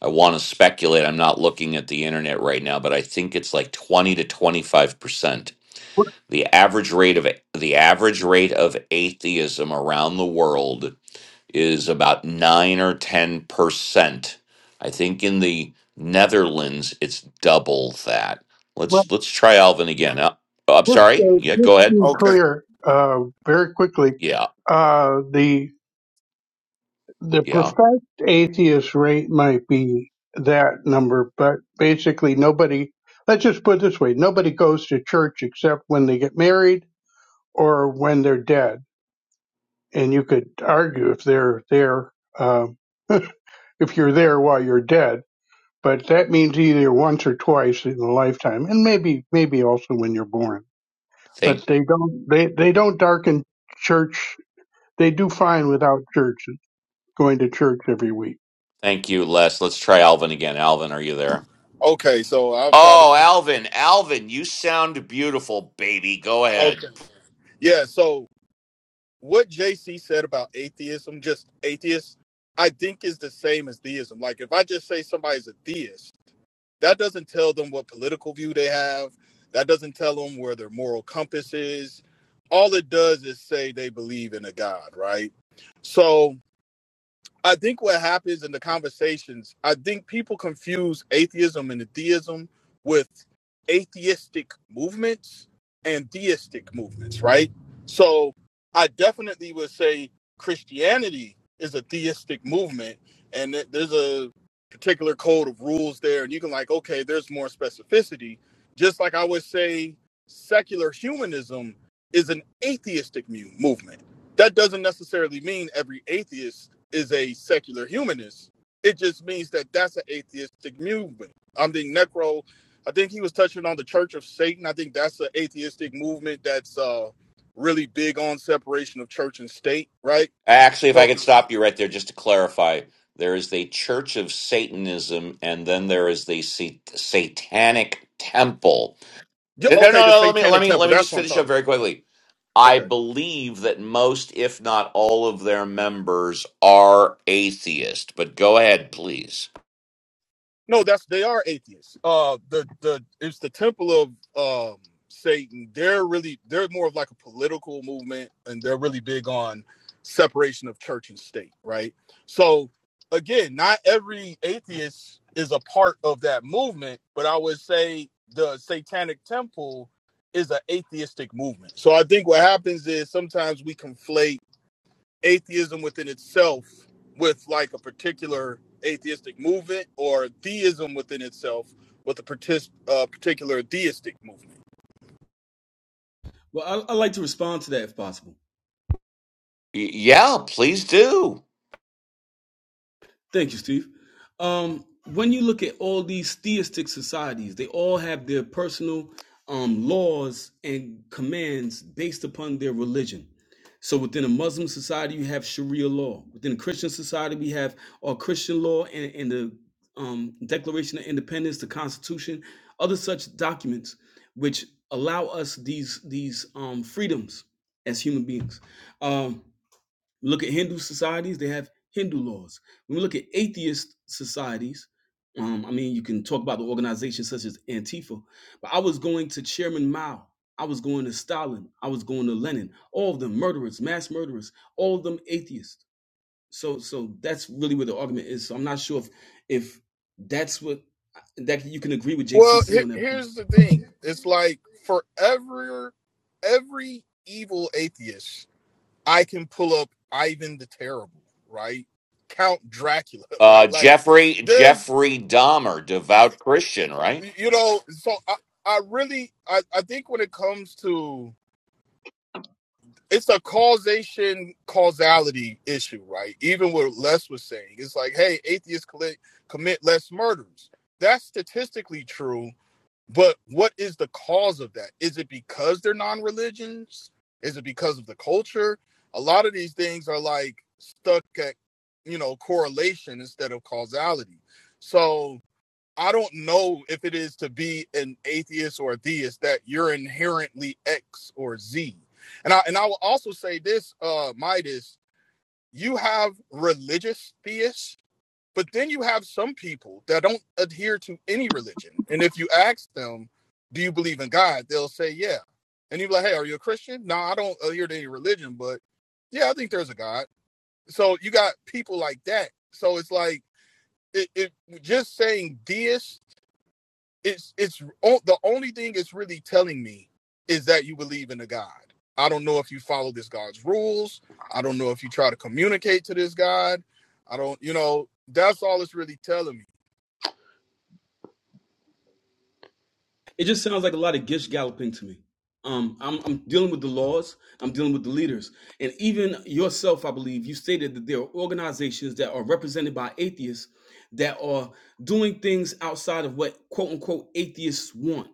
I want to speculate. I'm not looking at the internet right now, but I think it's like 20 to 25 percent. But, The average rate of the average rate of atheism around the world is about nine or 10 percent. I think in the Netherlands it's double that. but Let's let's try Alvin again. Uh, oh, I'm just sorry. uh, Yeah, just go ahead. to be Okay. clear, uh, very quickly, Yeah, uh, the the yeah. professed atheist rate might be that number, but basically nobody. Let's just put it this way: nobody goes to church except when they get married or when they're dead. And you could argue if they're there, uh, if you're there while you're dead but that means either once or twice in a lifetime, and maybe maybe also when you're born. Thank But they don't they, they don't darken church. They do fine without church going to church every week. thank you, Les. Let's try Alvin again. Alvin, are you there? Okay. So I'll try to Oh, see. Alvin, Alvin, you sound beautiful, baby. Go ahead. Okay. Yeah. So what JC said about atheism, just atheists, I think is the same as theism. Like if I just say somebody's a theist, that doesn't tell them what political view they have. That doesn't tell them where their moral compass is. All it does is say they believe in a God, right? So I think what happens in the conversations, I think people confuse atheism and deism with atheistic movements and deistic movements, right? So I definitely would say Christianity is a theistic movement, and that there's a particular code of rules there, and you can like, okay, there's more specificity. Just like I would say secular humanism is an atheistic mu- movement. That doesn't necessarily mean every atheist is a secular humanist. It just means that that's an atheistic movement. I think Necro, I think he was touching on the Church of Satan. I think that's an atheistic movement that's uh, really big on separation of church and state, right? Actually, if I So, could stop you right there just to clarify, there is the Church of Satanism and then there is the sa- Satanic Temple. yeah, No, no, okay, the no, let me let Satanic me Temple. let me That's just what I'm finish up talking very about. quickly. Yeah, I okay. believe that most if not all of their members are atheist, but go ahead, please. No, that's they are atheists. Uh, the the it's the temple of um Satan. They're really they're more of like a political movement, and they're really big on separation of church and state, right? So again, not every atheist is a part of that movement, but I would say the Satanic Temple is an atheistic movement. So I think what happens is sometimes we conflate atheism within itself with like a particular atheistic movement or theism within itself with a partic- uh, particular theistic movement Well, I, I'd like to respond to that if possible. Y- yeah, please do. Thank you, Steve. Um, when you look at all these theistic societies, they all have their personal um, laws and commands based upon their religion. So within a Muslim society, you have Sharia law. Within a Christian society, we have our Christian law and, and the um, Declaration of Independence, the Constitution, other such documents which allow us these these um, freedoms as human beings. Um, we look at Hindu societies, they have Hindu laws. When we look at atheist societies, um, I mean, you can talk about the organizations such as Antifa, but I was going to Chairman Mao. I was going to Stalin. I was going to Lenin. All of them murderers, mass murderers, all of them atheists. So, so that's really where the argument is. So I'm not sure if, if that's what that you can agree with well JCC on he- that point. here's the thing it's like for every every evil atheist i can pull up ivan the terrible right count dracula Uh right like Jeffrey there's Jeffrey Dahmer, devout Christian, right? you know so i, I really I, I think when it comes to it's a causation causality issue, right? Even what Les was saying, it's like, hey, atheists commit commit less murders. That's statistically true, but what is the cause of that? Is it because they're non-religions? Is it because of the culture? A lot of these things are like stuck at, you know, correlation instead of causality. So I don't know if it is to be an atheist or a theist that you're inherently X or Z. And I and I will also say this, uh, Midas, you have religious theists, but then you have some people that don't adhere to any religion. And if you ask them, do you believe in God? They'll say, yeah. And you're like, hey, are you a Christian? No, I don't adhere to any religion, but yeah, I think there's a God. So you got people like that. So it's like it, it just saying deist it's it's the only thing it's really telling me is that you believe in a God. I don't know if you follow this God's rules. I don't know if you try to communicate to this God. I don't, you know, that's all it's really telling me. It just sounds like a lot of gish galloping to me. Um, I'm, I'm dealing with the laws. I'm dealing with the leaders, and even yourself, I believe you stated that there are organizations that are represented by atheists that are doing things outside of what quote unquote atheists want.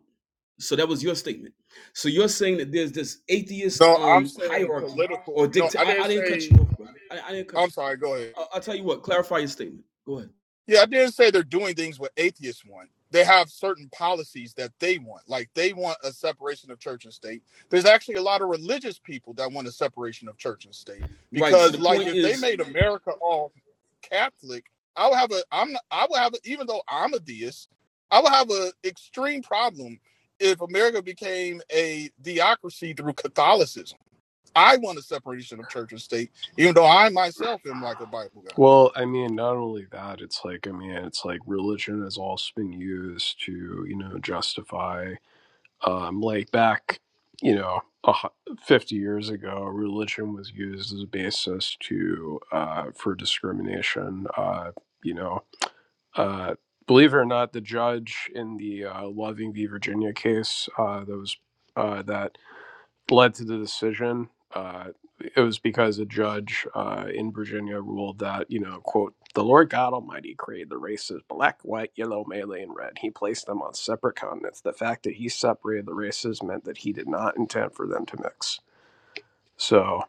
So that was your statement. So you're saying that there's this atheist No, I'm um saying hierarchy political. or No, dictate. I I, didn't I didn't cut you say. off, brother. I, I didn't cut I'm you. sorry. Go ahead. I, I'll tell you what. Clarify your statement. Go ahead. Yeah, I didn't say they're doing things what atheists want. They have certain policies that they want. Like they want a separation of church and state. There's actually a lot of religious people that want a separation of church and state Right. So because, the like, point if they is. made America all Catholic, I would have a. I'm. I would have a, even though I'm a deist, I would have an extreme problem if America became a theocracy through Catholicism. I want a separation of church and state, even though I myself am like a Bible guy. Well, I mean, not only that, it's like, I mean, it's like religion has also been used to, you know, justify, um, like back, you know, a hu- 50 years ago, religion was used as a basis to, uh, for discrimination. Uh, you know, uh, believe it or not, the judge in the uh, Loving v. Virginia case, uh, that was, uh, that led to the decision. Uh, it was because a judge uh, in Virginia ruled that, you know, quote, the Lord God Almighty created the races black, white, yellow, Malay, and red. He placed them on separate continents. The fact that he separated the races meant that he did not intend for them to mix. So,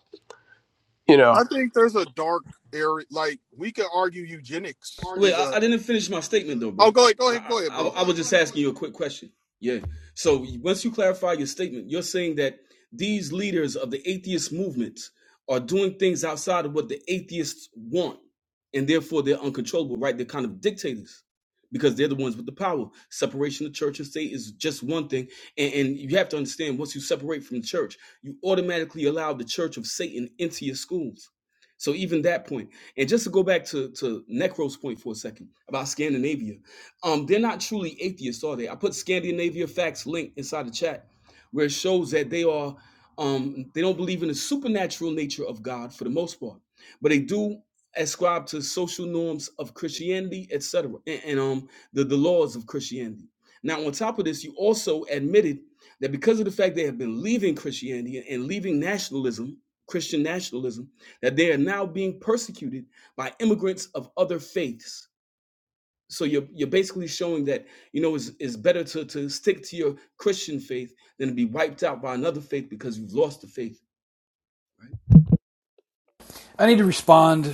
you know, I think there's a dark area. Like we could argue eugenics Wait, is I, a. I didn't finish my statement though, bro. Oh, go ahead, go ahead, I, go ahead, I bro. I was just asking you a quick question. Yeah. So once you clarify your statement, you're saying that these leaders of the atheist movement are doing things outside of what the atheists want, and therefore they're uncontrollable, right? They're kind of dictators because they're the ones with the power. Separation of church and state is just one thing, and, and you have to understand once you separate from the church, you automatically allow the church of Satan into your schools. So even that point. And just to go back to, to Necro's point for a second about Scandinavia, um, they're not truly atheists, are they? I put Scandinavia Facts link inside the chat where it shows that they are um, they don't believe in the supernatural nature of God for the most part, but they do ascribe to social norms of Christianity, etc., and, and um the, the laws of Christianity. Now, on top of this, you also admitted that because of the fact they have been leaving Christianity and leaving nationalism, Christian nationalism, that they are now being persecuted by immigrants of other faiths. So you're you're basically showing that you know it's, it's better to to stick to your Christian faith than to be wiped out by another faith because you've lost the faith I need to respond.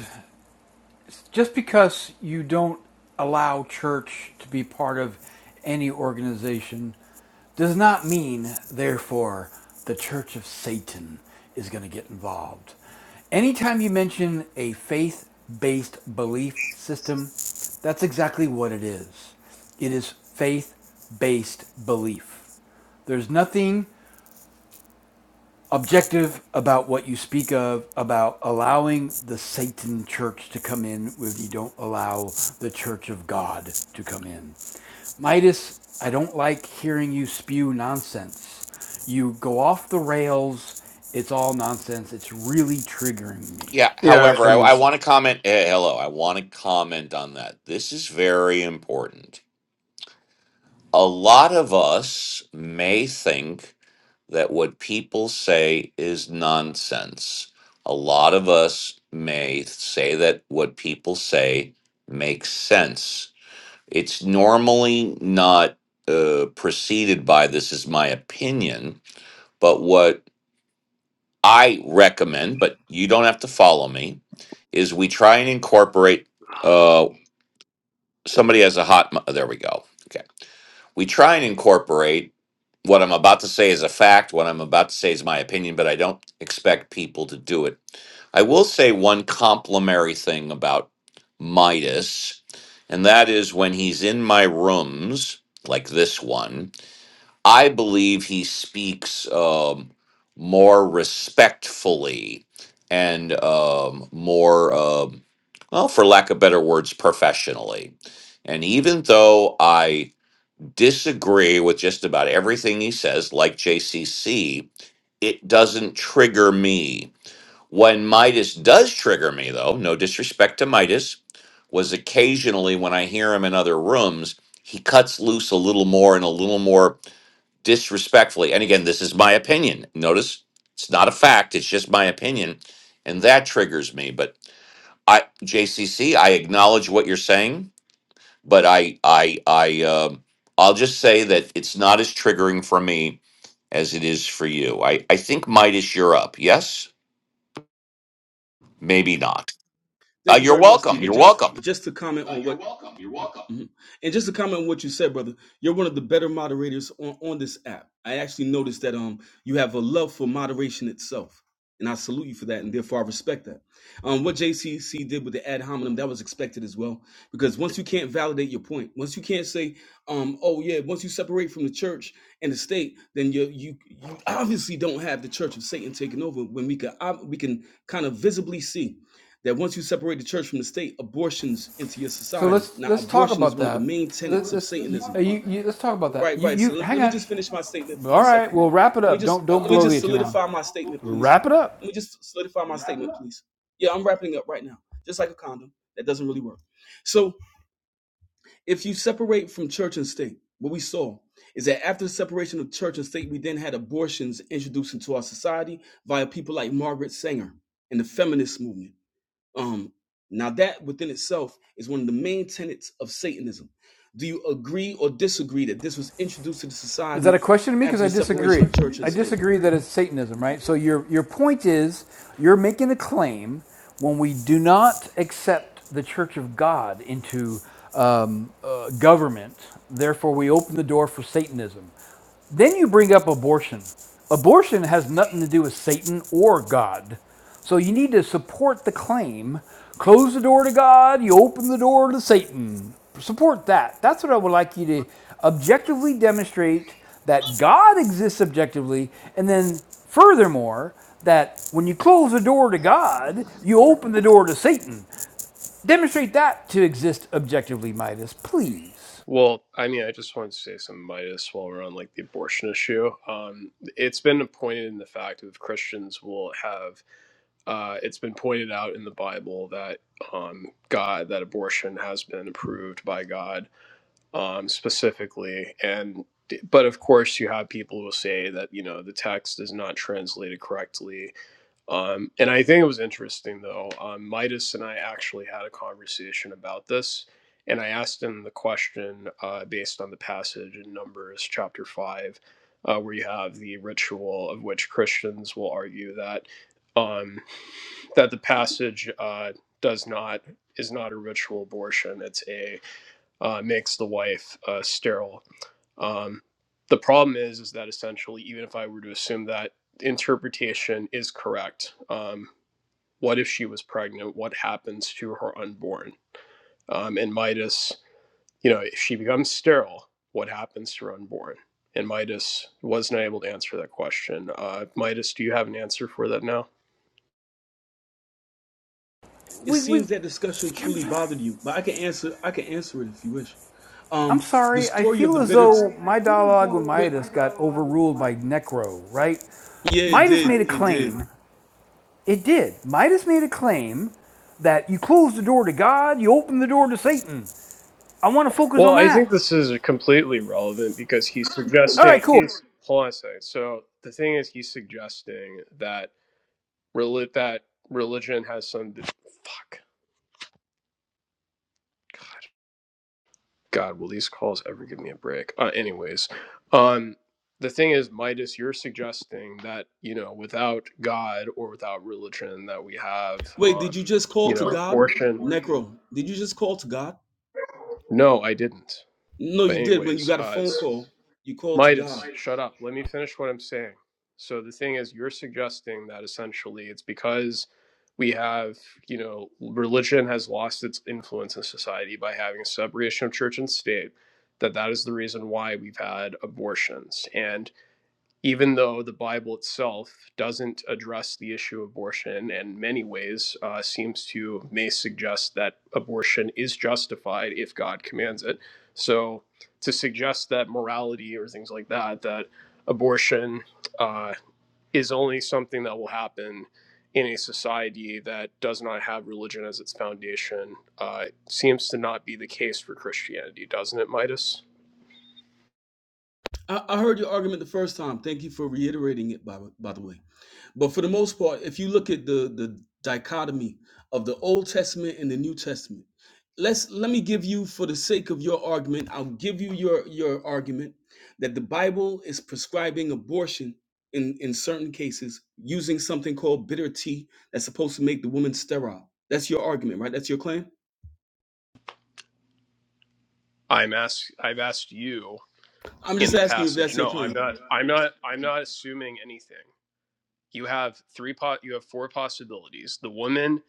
just because you don't allow church to be part of any organization does not mean, therefore, the church of Satan is going to get involved. Anytime you mention a faith based belief system, that's exactly what it is. It is faith based belief. There's nothing objective about what you speak of about allowing the Satan church to come in where you don't allow the church of God to come in. Midas, I don't like hearing you spew nonsense. You go off the rails. It's all nonsense. It's really triggering me. Yeah. yeah. However, I, And I want to comment. eh, hello. I want to comment on that. This is very important. A lot of us may think that what people say is nonsense. A lot of us may say that what people say makes sense. It's normally not uh, preceded by this is my opinion, but what I recommend, but you don't have to follow me, is we try and incorporate. Uh, somebody has a hot. mi- There we go. Okay, we try and incorporate what I'm about to say is a fact. What I'm about to say is my opinion, but I don't expect people to do it. I will say one complimentary thing about Midas, and that is when he's in my rooms like this one. I believe he speaks um, more respectfully and um, more, um, well, for lack of better words, professionally. And even though I disagree with just about everything he says, like JCC, it doesn't trigger me. When Midas does trigger me, though, no disrespect to Midas, was occasionally when I hear him in other rooms, he cuts loose a little more and a little more disrespectfully, and again, this is my opinion. Notice it's not a fact, it's just my opinion. And that triggers me. But I JCC, I acknowledge what you're saying, but I I I um I'll just say that it's not as triggering for me as it is for you. I I think Midas, you're up. Yes, maybe not. Uh, Thank you you're very much, welcome. Stephen. You're Just welcome. just to comment on what Mhm. and just to comment on what you said, brother, you're one of the better moderators on, on this app. I actually noticed that um you have a love for moderation itself. And I salute you for that, and therefore I respect that. Um, what JCC did with the ad hominem, that was expected as well. Because once you can't validate your point, once you can't say, um, oh yeah, once you separate from the church and the state, then you you, you obviously don't have the church of Satan taking over. When we can ob- we can kind of visibly see that once you separate the church from the state, abortions into your So society. let's Now, let's talk abortion is about one of the that. main Let- tenets no, of us Satanism. Let's talk you, about uh, you- that. let's talk about that. Right, You, right. you So let, hang let me on. just finish my statement for one All right, second. we'll wrap it Let me up. just Don't uh, don't let me just bloviate too long. solidify my statement, please. Wrap it up. Let me just solidify my statement, please. Yeah, I'm wrapping up right now, just like a condom that doesn't really work. So if you separate from church and state, what we saw is that after the separation of church and state, we then had abortions introduced into our society via people like Margaret Sanger and the feminist movement. Um, now that within itself is one of the main tenets of Satanism. Do you agree or disagree that this was introduced to the Is that society a question to me? Because after I the separation of disagree. church and I state? disagree that it's Satanism, right? So your your point is you're making a claim when we do not accept the Church of God into um, uh, government. Therefore, we open the door for Satanism. Then you bring up abortion. Abortion has nothing to do with Satan or God. So you need to support the claim. Close the door to God, you open the door to Satan. Support that. That's what I would like you to objectively demonstrate that God exists objectively, and then furthermore, that when you close the door to God, you open the door to Satan. Demonstrate that to exist objectively, Midas, please. well, I mean, I just wanted to say some Midas while we're on like the abortion issue. Um, it's been pointed in the fact of Christians will have uh, it's been pointed out in the Bible that um, God that abortion has been approved by God um, specifically, and but of course you have people who say that you know the text is not translated correctly. Um, and I think it was interesting though. Um, Midas and I actually had a conversation about this, and I asked him the question uh, based on the passage in Numbers chapter five. Uh, where you have the ritual of which Christians will argue that um, that the passage uh, does not is not a ritual abortion. It's a uh, makes the wife uh, sterile. Um, the problem is is that essentially, even if I were to assume that interpretation is correct, um, what if she was pregnant? What happens to her unborn? Um, and Midas, you know, if she becomes sterile, what happens to her unborn? And Midas wasn't able to answer that question. Uh, Midas, do you have an answer for that now? It We, we, seems that discussion truly bothered you, but I can answer. I can answer it if you wish. I'm Um, the sorry, I story of feel the I'm as bitter. though Sorry, I my feel as dialogue with though Wait- my Midas got dialogue. overruled My... by Necro, right? Yeah, it Midas did. made a It did. claim. It did. Midas made a claim that you close the door to God, you open the door to Satan. I want to focus Well, on I think that. this is completely relevant because he's All right, suggesting cool. he's hold on a second. So the thing is, he's suggesting that reli- that religion has some d- fuck. God, will these calls ever give me a break? Uh, anyways, um, the thing is, Midas, you're suggesting that you know without God or without religion that we have Wait, did you um just call you to know God, abortion. Necro? Did you just call to God? No, I didn't. No, But you did. When you anyways, got a uh, phone call, you called to God. Midas, shut up. Let me finish what I'm saying. So the thing is, you're suggesting that essentially it's because we have, you know, religion has lost its influence in society by having a separation of church and state, that that is the reason why we've had abortions. And even though the Bible itself doesn't address the issue of abortion and in many ways uh, seems to may suggest that abortion is justified if God commands it. So to suggest that morality or things like that, that abortion uh, is only something that will happen in a society that does not have religion as its foundation uh, seems to not be the case for Christianity, doesn't it, Midas? I, I heard your argument the first time. Thank you for reiterating it, by, by the way. But for the most part, if you look at the, the dichotomy of the Old Testament and the New Testament, let's let me give you for the sake of your argument i'll give you your your argument that the bible is prescribing abortion in in certain cases using something called bitter tea that's supposed to make the woman sterile that's your argument right that's your claim I'm asked. I've asked you i'm in just the asking you if passage. that's your No, I'm claim not. I'm not. I'm not assuming anything. You have three pot. You have four possibilities. The woman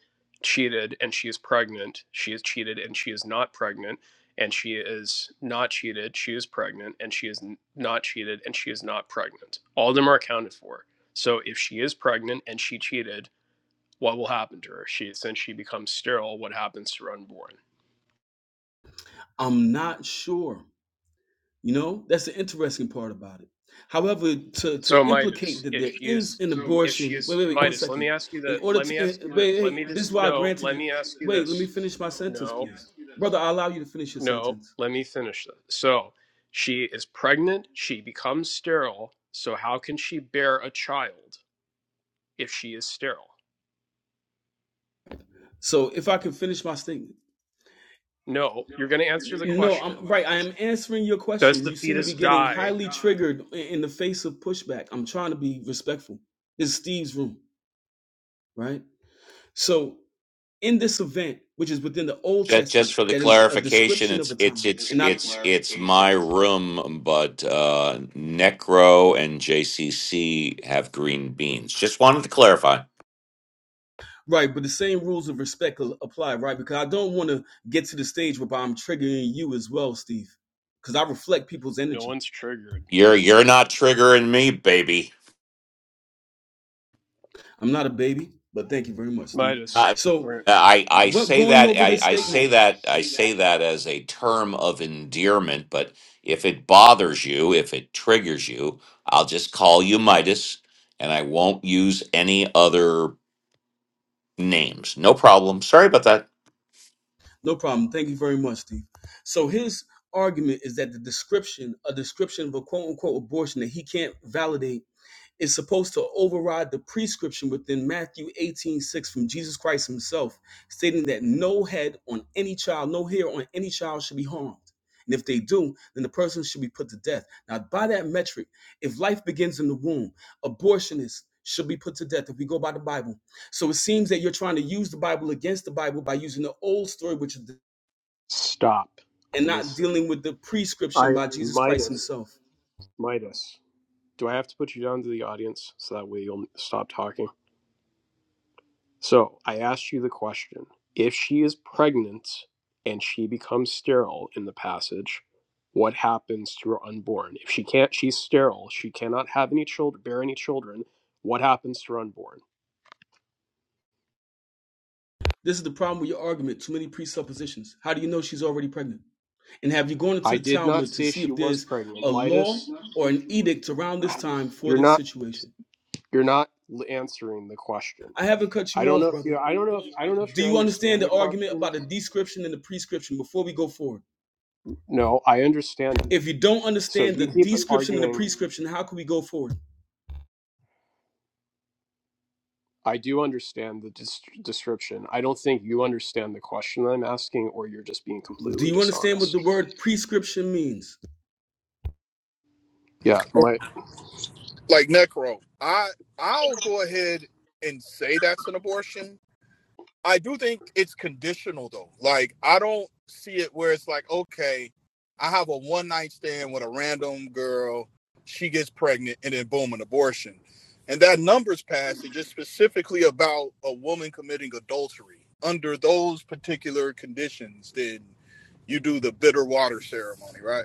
cheated and she is pregnant. She is cheated and she is not pregnant. And she is not cheated. She is pregnant and she is n- not cheated and she is not pregnant. All of them are accounted for. So if she is pregnant and she cheated, what will happen to her? She since she becomes sterile, what happens to her unborn? i'm not sure You know, that's the interesting part about it. However, to, to So implicate Midas, that there if she is is, an So- if she abortion, wait, is wait, wait, one Midas, let me second. ask you In that. order Let me to, ask eh, you that. Let wait, hey, me this is just why I no. granted Let you, me ask you wait, let me this. finish my sentence, No, please. Brother, I allow you to finish your no. sentence. Let me finish this. So she is pregnant. She becomes sterile. So how can she bear a child if she is sterile? So if I can finish my statement. No, you're going to answer the No, I'm question. right. I am answering your Does question. the You seem to fetus be getting die? highly triggered i- in the face of pushback. I'm trying to be respectful. It's Steve's room, right? So in this event, which is within the Old Just, just Testament, for the that is a clarification, description of a it's it's time, Just it's and not it's it's my clarification. room, but uh, Necro and JCC have green beans. Just wanted to clarify. right. But the same rules of respect apply, right? Because I don't want to get to the stage where I'm triggering you as well, Steve, because I reflect people's No energy. one's triggered. You're you're not triggering me, baby. I'm not a baby, but thank you very much, Steve. Midas, I So, we're- I, I what say going that over I, this I statement? say I I that I say say that that as a term of endearment, but if it bothers you, if it triggers you, I'll just call you Midas, and I won't use any other names. No problem. Sorry about that. Uh, No problem. Thank you very much, Steve. So his argument is that the description, a description of a quote unquote abortion that he can't validate is supposed to override the prescription within Matthew 18 6 from Jesus Christ himself, stating that no head on any child, no hair on any child should be harmed. And if they do, then the person should be put to death. Now, by that metric, if life begins in the womb, abortionists should be put to death if we go by the Bible. So it seems that you're trying to use the Bible against the Bible by using the old story, which is stop. and not Listen, dealing with the prescription I by Jesus Christ Midas, himself. Midas. Do I have to put you down to the audience so that way you'll stop talking? So I asked you the question if she is pregnant and she becomes sterile in the passage, what happens to her unborn? If she can't, she's sterile, she cannot have any children, bear any children, what happens to her unborn? This is the problem with your argument. Too many presuppositions. How do you know she's already pregnant? And have you gone into I the did not Talmud to say see she if was there's pregnant. a law Midas, or an edict around this time for you're this not situation? you're not answering the question. I haven't cut I you don't off, know if brother. you I don't know if I don't know if Do you you understand understand the the argument question. about the description and the prescription before we go forward? No, I understand it. If you don't So understand the you keep description and the arguing prescription, how can we go forward? I do understand the dis- description. I don't think you understand the question I'm asking, or you're just being Do completely you understand what dishonest. the word prescription means? Yeah, my Like necro, I I'll go ahead and say that's an abortion, I do think it's conditional though. Like I don't see it where it's like, okay, I have a one night stand with a random girl, she gets pregnant, and then boom, an abortion. And that numbers passage is specifically about a woman committing adultery. Under those particular conditions, then you do the bitter water ceremony, right?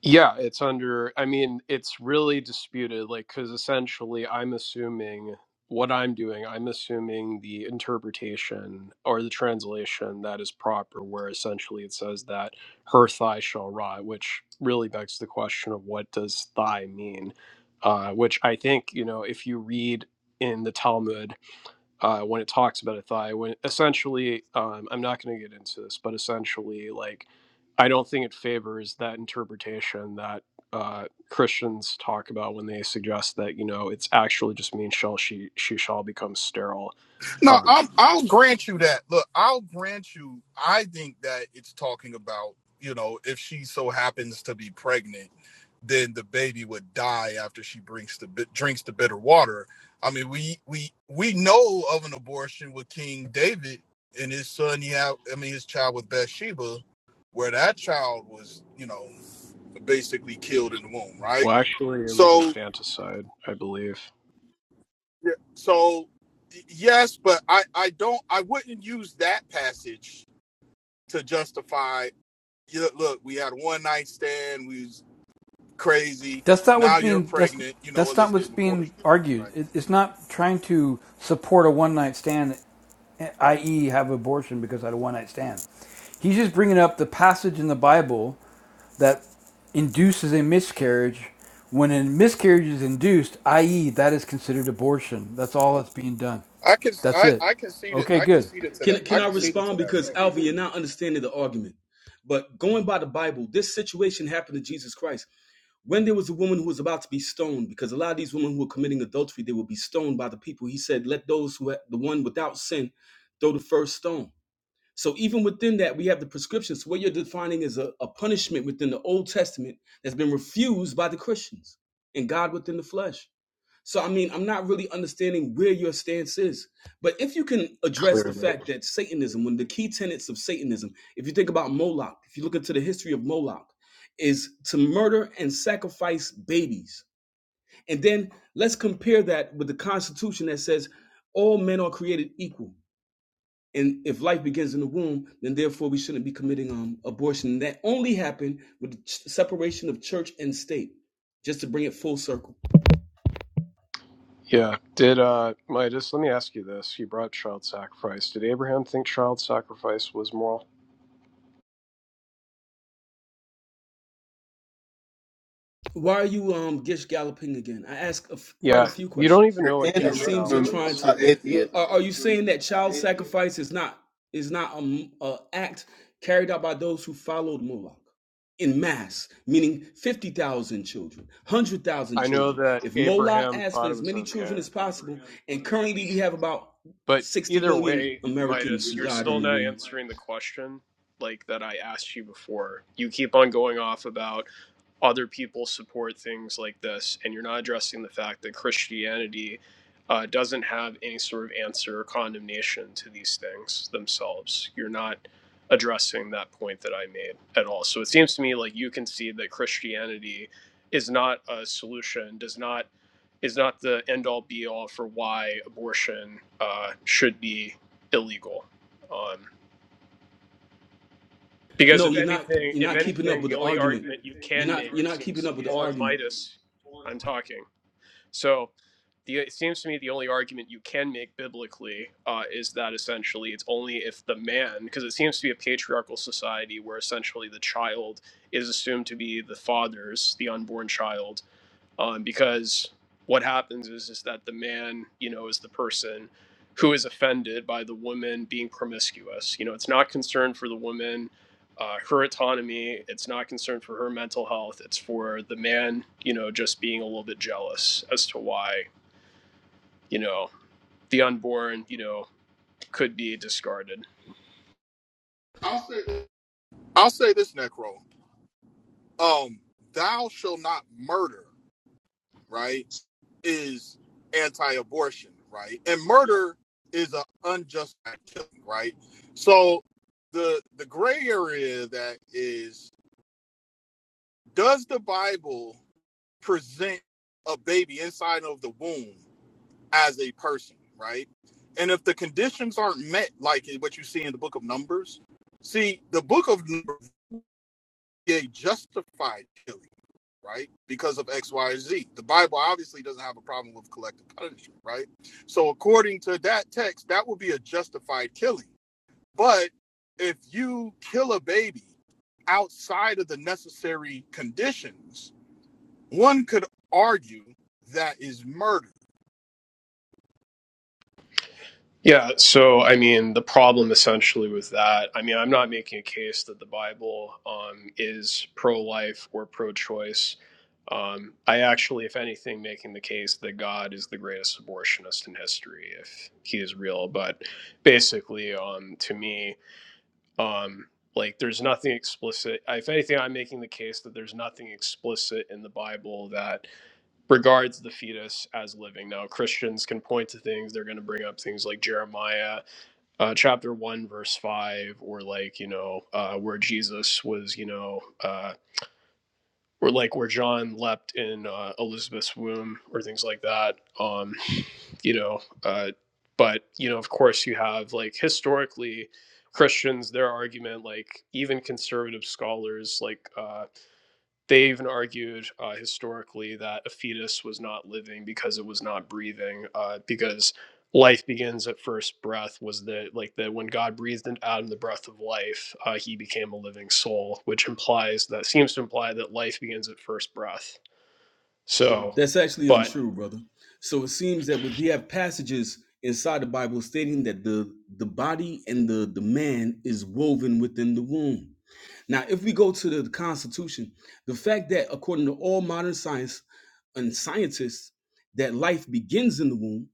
yeah, it's under. I mean, it's really disputed, like because essentially, I'm assuming what I'm doing. I'm assuming the interpretation or the translation that is proper, where essentially it says that her thigh shall rot, which really begs the question of what does thigh mean, uh, which I think you know if you read in the Talmud uh, when it talks about a thigh. When essentially, um, I'm not going to get into this, but essentially, like, I don't think it favors that interpretation that uh, Christians talk about when they suggest that you know it's actually just means shall she she shall become sterile. No, Um, I'll, I'll grant you that. Look, I'll grant you. I think that it's talking about, you know, if she so happens to be pregnant, then the baby would die after she brings the drinks the bitter water. I mean, we we we know of an abortion with King David and his son. Yeah, I mean, his child with Bathsheba, where that child was, you know, basically killed in the womb, right? well, actually, it was So, infanticide, I believe. yeah, so yes, but I I don't I wouldn't use that passage to justify "Yeah, look we had a one night stand we was crazy That's not what's now you're being that's pregnant you know that's what not let's what's get an being abortion argued. right It, it's not trying to support a one night stand, i.e., have abortion because I had a one night stand. He's just bringing up the passage in the Bible that induces a miscarriage. When a miscarriage is induced, i.e., that is considered abortion. That's all that's being done. I can That's I it. I conceded Okay, I good. conceded to that Can, I can I conceded to respond? that Because, fact. Alvin, you're not understanding the argument. But going by the Bible, this situation happened to Jesus Christ. when there was a woman who was about to be stoned, because a lot of these women who were committing adultery, they would be stoned by the people. He said, "Let those who ha- the one without sin throw the first stone." So even within that, we have the prescriptions. So what you're defining is a, a punishment within the Old Testament that's been refused by the Christians and God within the flesh. So I mean, I'm not really understanding where your stance is. But if you can address the Clearly. fact that Satanism, one of the key tenets of Satanism, if you think about Moloch, if you look into the history of Moloch, is to murder and sacrifice babies. And then let's compare that with the Constitution that says all men are created equal. And if life begins in the womb, then therefore we shouldn't be committing um, abortion. And that only happened with the ch- separation of church and state, just to bring it full circle. Yeah. Did uh Midas, let me ask you this. You brought child sacrifice. Did Abraham think child sacrifice was moral? Why are you um gish galloping again? I ask a f- quite a Yeah. few You don't questions, even You're know what in and a it seems Gestalt you're room trying is. to. about You're, atheists. are, are you saying that child sacrifice is not is not an act carried out by those who followed Moloch in mass, meaning fifty thousand children, hundred thousand I know children? that If Moloch Abraham asked for thought it as was many children okay. as possible, and currently we have about But sixty either million way, Americans Midas, who you're died in still the not womb. answering the question like that I asked you before. You keep on going off about other people support things like this, and you're not addressing the fact that Christianity uh, doesn't have any sort of answer or condemnation to these things themselves. You're not addressing that point that I made at all. So it seems to me like you concede that Christianity is not a solution, does not is not the end all be all for why abortion uh, should be illegal. Um, because No, if you're not. anything, You're if not keeping up anything, with the the only argument. argument you You're can not. make You're not keeping seems up with the on argument. Midas. I'm talking. So, the it seems to me the only argument you can make biblically uh, is that essentially it's only if the man, because it seems to be a patriarchal society where essentially the child is assumed to be the father's, the unborn child, um, because what happens is is that the man you know is the person who is offended by the woman being promiscuous you know it's not concerned for the woman uh, her autonomy it's not concerned for her mental health it's for the man you know just being a little bit jealous as to why you know the unborn you know could be discarded i'll say this necro um thou shall not murder right is anti-abortion right and murder is an unjust killing right so the the gray area that is does the bible present a baby inside of the womb as a person, right? And if the conditions aren't met, like what you see in the book of Numbers, see, the book of Numbers they justified killing, right? Because of X, Y, Z. The Bible obviously doesn't have a problem with collective punishment, right? So according to that text, that would be a justified killing. But if you kill a baby outside of the necessary conditions, one could argue that is murder. Yeah, so I mean, the problem essentially with that, I mean, I'm not making a case that the Bible um, is pro-life or pro-choice. Um, I actually, if anything, making the case that God is the greatest abortionist in history, if he is real. But basically, um, to me, um, like, there's nothing explicit. If anything, I'm making the case that there's nothing explicit in the Bible that regards the fetus as living. Now, Christians can point to things, they're going to bring up things like Jeremiah uh, chapter 1 verse 5 or like you know uh, where jesus was you know uh, or like where john leapt in uh, elizabeth's womb or things like that um, you know uh, but you know of course you have like historically christians their argument like even conservative scholars like uh, they even argued uh, historically that a fetus was not living because it was not breathing, uh, because life begins at first breath. Was the like that when God breathed out in the breath of life, uh, he became a living soul, which implies that seems to imply that life begins at first breath. So, That's actually but untrue, brother. So it seems that we have passages inside the Bible stating that the the body and the the man is woven within the womb. Now, if we go to the Constitution, the fact that according to all modern science and scientists that life begins in the womb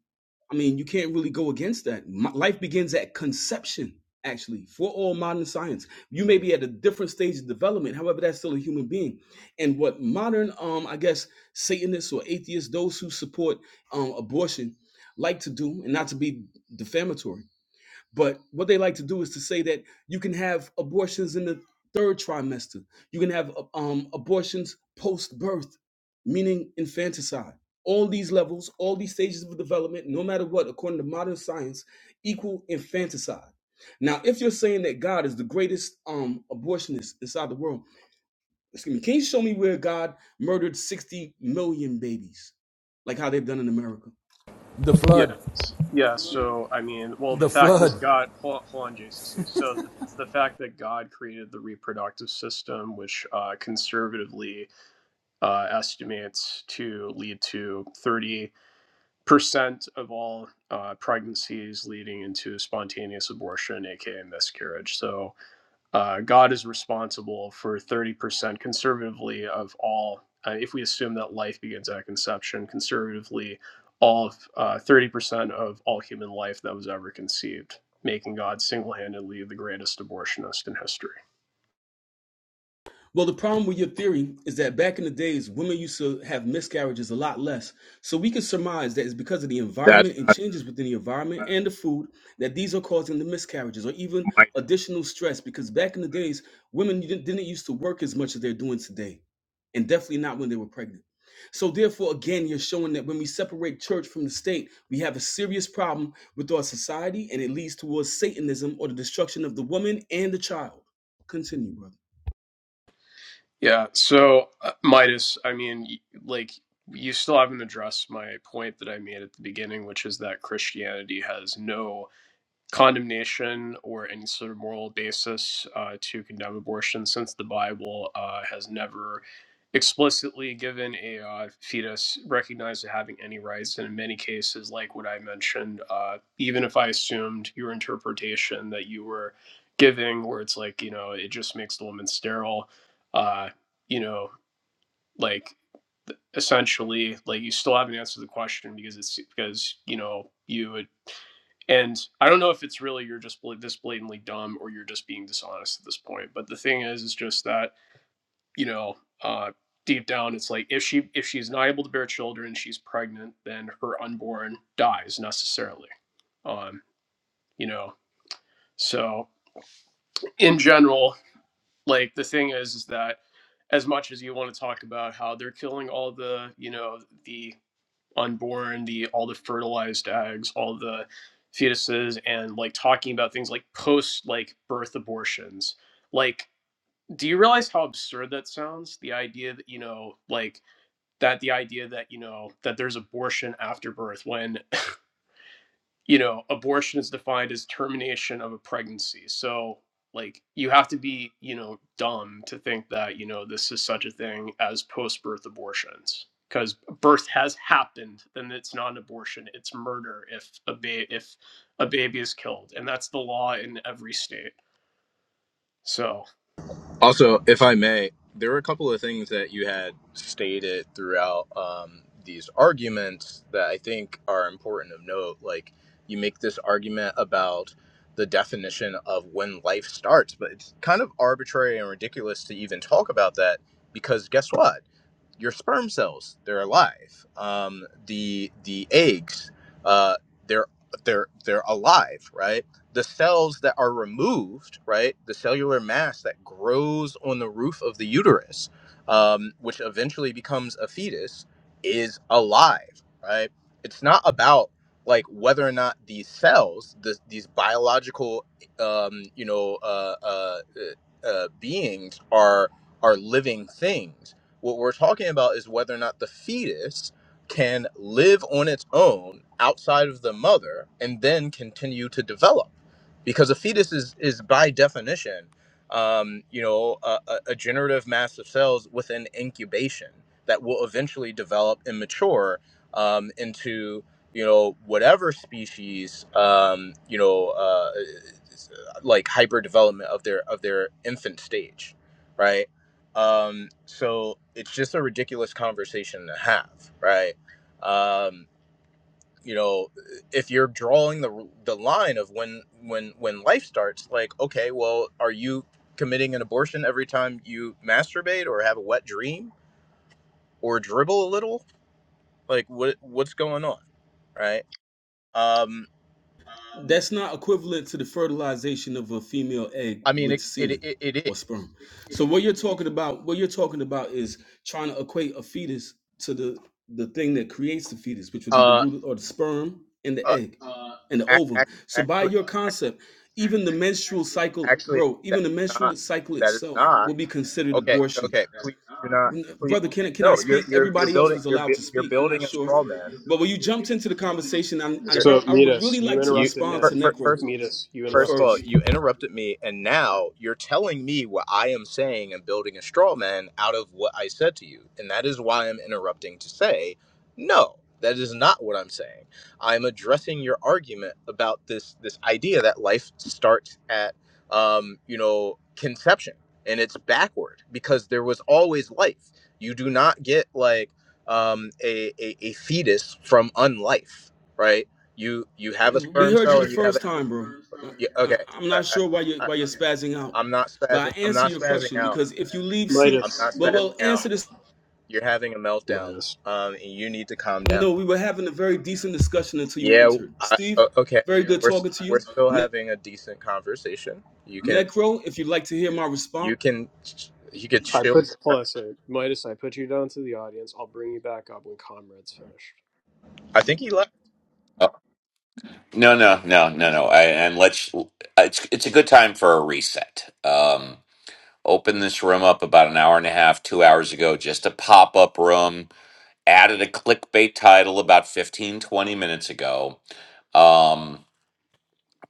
I mean, you can't really go against that. M- Life begins at conception, actually, for all modern science. You may be at a different stage of development, however, that's still a human being. And what modern, um, I guess, Satanists or atheists, those who support um, abortion, like to do, and not to be defamatory but what they like to do is to say that you can have abortions in the third trimester. You can have uh, um, abortions post birth, meaning infanticide. All these levels, all these stages of development, no matter what, according to modern science, equal infanticide. Now, if you're saying that God is the greatest um, abortionist inside the world, excuse me, can you show me where God murdered 60 million babies, like how they've done in America? The yeah, flood. yeah. So I mean, well, the The fact is, flood. God. Hold on, hold on JCC. So it's the fact that God created the reproductive system, which uh, conservatively uh, estimates to lead to 30% of all uh, pregnancies leading into spontaneous abortion, aka miscarriage. So uh, God is responsible for 30% conservatively of all, uh, if we assume that life begins at conception, conservatively, all of, uh, 30% of all human life that was ever conceived, making God single handedly the greatest abortionist in history. Well, the problem with your theory is that back in the days, women used to have miscarriages a lot less. So we can surmise that it's because of the That's environment and not true. changes within the environment and the food that these are causing the miscarriages or even Midas. additional stress. Because back in the days, women didn't, didn't used to work as much as they're doing today, and definitely not when they were pregnant. So, therefore, again, you're showing that when we separate church from the state, we have a serious problem with our society and it leads towards Satanism or the destruction of the woman and the child. Continue, brother. Yeah, so uh, Midas, I mean, y- like you still haven't addressed my point that I made at the beginning, which is that Christianity has no condemnation or any sort of moral basis uh, to condemn abortion since the Bible uh, has never explicitly given a uh, fetus recognized as having any rights. And in many cases, like what I mentioned, uh, even if I assumed your interpretation that you were giving, where it's like, you know, it just makes the woman sterile, uh, you know, like essentially like you still haven't answered the question because it's because you know you would. And I don't know if it's really you're just bla- this blatantly dumb or you're just being dishonest at this point. But the thing is, is just that you know, uh, deep down, it's like if she if she's not able to bear children, she's pregnant, then her unborn dies necessarily. Um, you know, so in general, like the thing is, is that as much as you want to talk about how they're killing all the you know the unborn, the all the fertilized eggs, all the fetuses, and like talking about things like post like birth abortions. Like, do you realize how absurd that sounds? The idea that you know, like that the idea that you know that there's abortion after birth when you know, abortion is defined as termination of a pregnancy. So, like, you have to be, you know, dumb to think that, you know, this is such a thing as post birth abortions. Because birth has happened, then it's not an abortion; it's murder if a ba- if a baby is killed, and that's the law in every state. So, Also, if I may, there were a couple of things that you had stated throughout um, these arguments that I think are important of note. Like you make this argument about the definition of when life starts, but it's kind of arbitrary and ridiculous to even talk about that because guess what? your sperm cells they're alive um, the the eggs uh, they're they're they're alive right the cells that are removed right the cellular mass that grows on the roof of the uterus um, which eventually becomes a fetus is alive right it's not about like whether or not these cells this, these biological um, you know uh, uh, uh, uh, beings are are living things what we're talking about is whether or not the fetus can live on its own outside of the mother and then continue to develop. Because a fetus is, is by definition, um, you know, a, a a generative mass of cells within incubation that will eventually develop and mature um, into, you know, whatever species, um, you know, uh, like hyper development of their of their infant stage, right? Um, so it's just a ridiculous conversation to have, right? Um, you know, if you're drawing the the line of when when when life starts, like, okay, well, are you committing an abortion every time you masturbate or have a wet dream or dribble a little? Like, what what's going on, right? Um, That's not equivalent to the fertilization of a female egg I mean, with it it semen it, it is. or sperm. So what you're talking about, what you're talking about is trying to equate a fetus to the the thing that creates the fetus, which would be the Uh, root or the sperm and the uh, egg and the ac- ovum. ac- So by actually, your actually, concept, even the menstrual cycle, actually, bro, that even the is menstrual not. cycle That is itself not. will be considered Okay, abortion okay. Please do not. Please, Brother, can can no. I You're speak? you're you're Everybody else building was you're allowed to bu- you're speak. I'm not building a sure, straw man. but when you jumped into the conversation, I I, You're So I would really Midas, you like to you interrupted respond to fir- him. fir- Necro first. Midas, you First of interrupted all, him. first. you interrupted me, and now you're telling me what I am saying and building a straw man out of what I said to you. And that is why I'm interrupting to say, no, that is not what I'm saying. I'm addressing your argument about this this idea that life starts at, um, you know, conception, and it's backward because there was always life. You do not get like um, a, a a fetus from unlife, right? You you have a We sperm heard you cell the and you have first time, bro. yeah, okay. I, I'm I, not sure why you I, I, why you're spazzing out, I'm not but spazzing. I I'm answer not your spazzing question out. because if you leave, seem I'm not Midas. well, well, spazzing out. answer this. You're having a meltdown, Midas. um, and you need to calm down. No, we were having a very decent discussion until you Yeah. entered. I, Steve, o- okay. very good We're talking st- to we're you. still Ne- having a decent conversation. You can Necro, if you'd like to hear my response. you can ch- you could I chill put your hold on a trash. second. Midas, I put you down to the audience. I'll bring you back up when comrades finish. I think he left. No, no, no, no, no. I, and let's. It's it's a good time for a reset. Um, open this room up about an hour and a half, two hours ago, just a pop up room. Added a clickbait title about 15, 20 minutes ago. Um,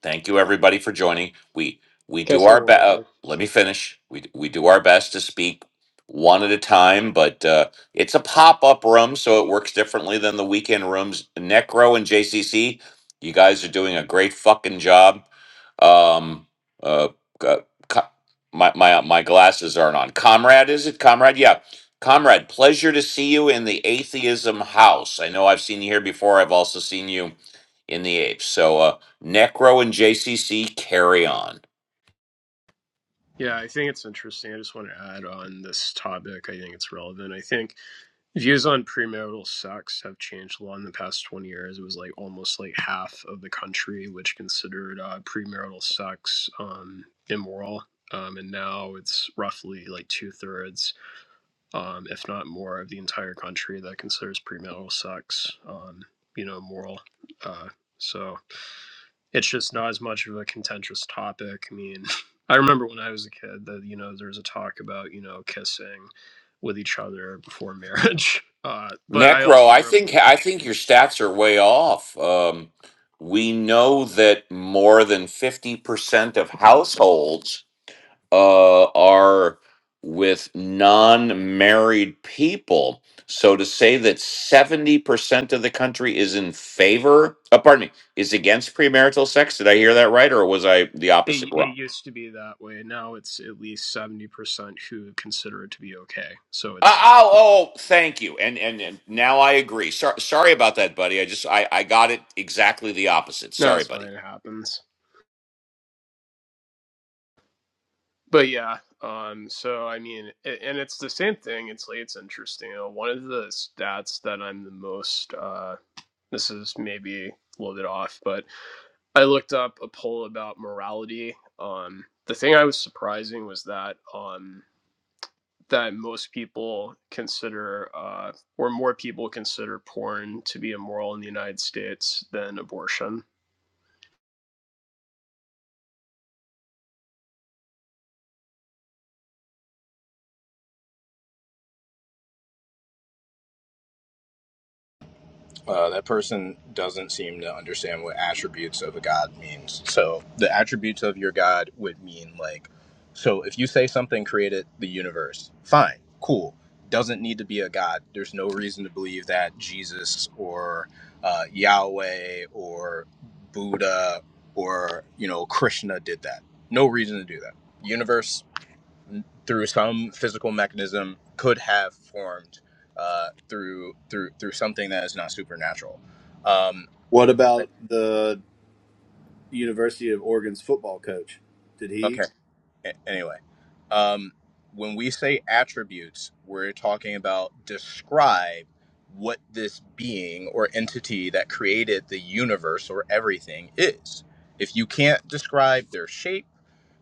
Thank you, everybody, for joining. We we Can I do say our one best. more Uh, thing? let me finish. We we do our best to speak one at a time, but uh, it's a pop up room, so it works differently than the weekend rooms. Necro and JCC, you guys are doing a great fucking job. Um, uh, c- c- my my my glasses aren't on. Comrade, is it comrade? Yeah, comrade. Pleasure to see you in the atheism house. I know I've seen you here before. I've also seen you in the apes. So. Uh, Necro and JCC carry on. Yeah, I think it's interesting. I just want to add on this topic. I think it's relevant. I think views on premarital sex have changed a lot in the past 20 years. It was like almost like half of the country which considered uh, premarital sex um, immoral. Um, and now it's roughly like two thirds, um, if not more, of the entire country that considers premarital sex, um, you know, moral. Uh, so it's just not as much of a contentious topic. I mean, I remember when I was a kid that you know there was a talk about you know kissing with each other before marriage. Uh, but I Necro, also I grew up in think the Bible. I think your stats are way off. Um, we know that more than fifty percent of households uh, are with non-married people. So to say that seventy percent of the country is in favor, uh, pardon me, is against premarital sex. Did I hear that right, or was I the opposite? It, it used to be that way. Now it's at least seventy percent who consider it to be okay. So Uh, it's oh, oh, thank you. And, and and now I agree. Sor- sorry about that, buddy. I just I, I got it exactly the opposite. no, Sorry, it's buddy. fine. It happens. But yeah, um, so I mean, a- and it's the same thing. It's like it's interesting. You know, one of the stats that I'm the most uh, this is maybe a little bit off, but I looked up a poll about morality. Um, the thing I was surprising was that um, that most people consider, uh, or more people consider, porn to be immoral in the United States than abortion. Uh, that person doesn't seem to understand what attributes of a god means. So the attributes of your god would mean like, so if you say something created the universe, fine, cool. Doesn't need to be a god. There's no reason to believe that Jesus or uh, Yahweh or Buddha or you know Krishna did that. No reason to do that. Universe through some physical mechanism could have formed uh, through through through something that is not supernatural. Um, What about the University of Oregon's football coach? Did okay. he anyway, um, when we say attributes, we're talking about describe what this being or entity that created the universe or everything is. If you can't describe their shape,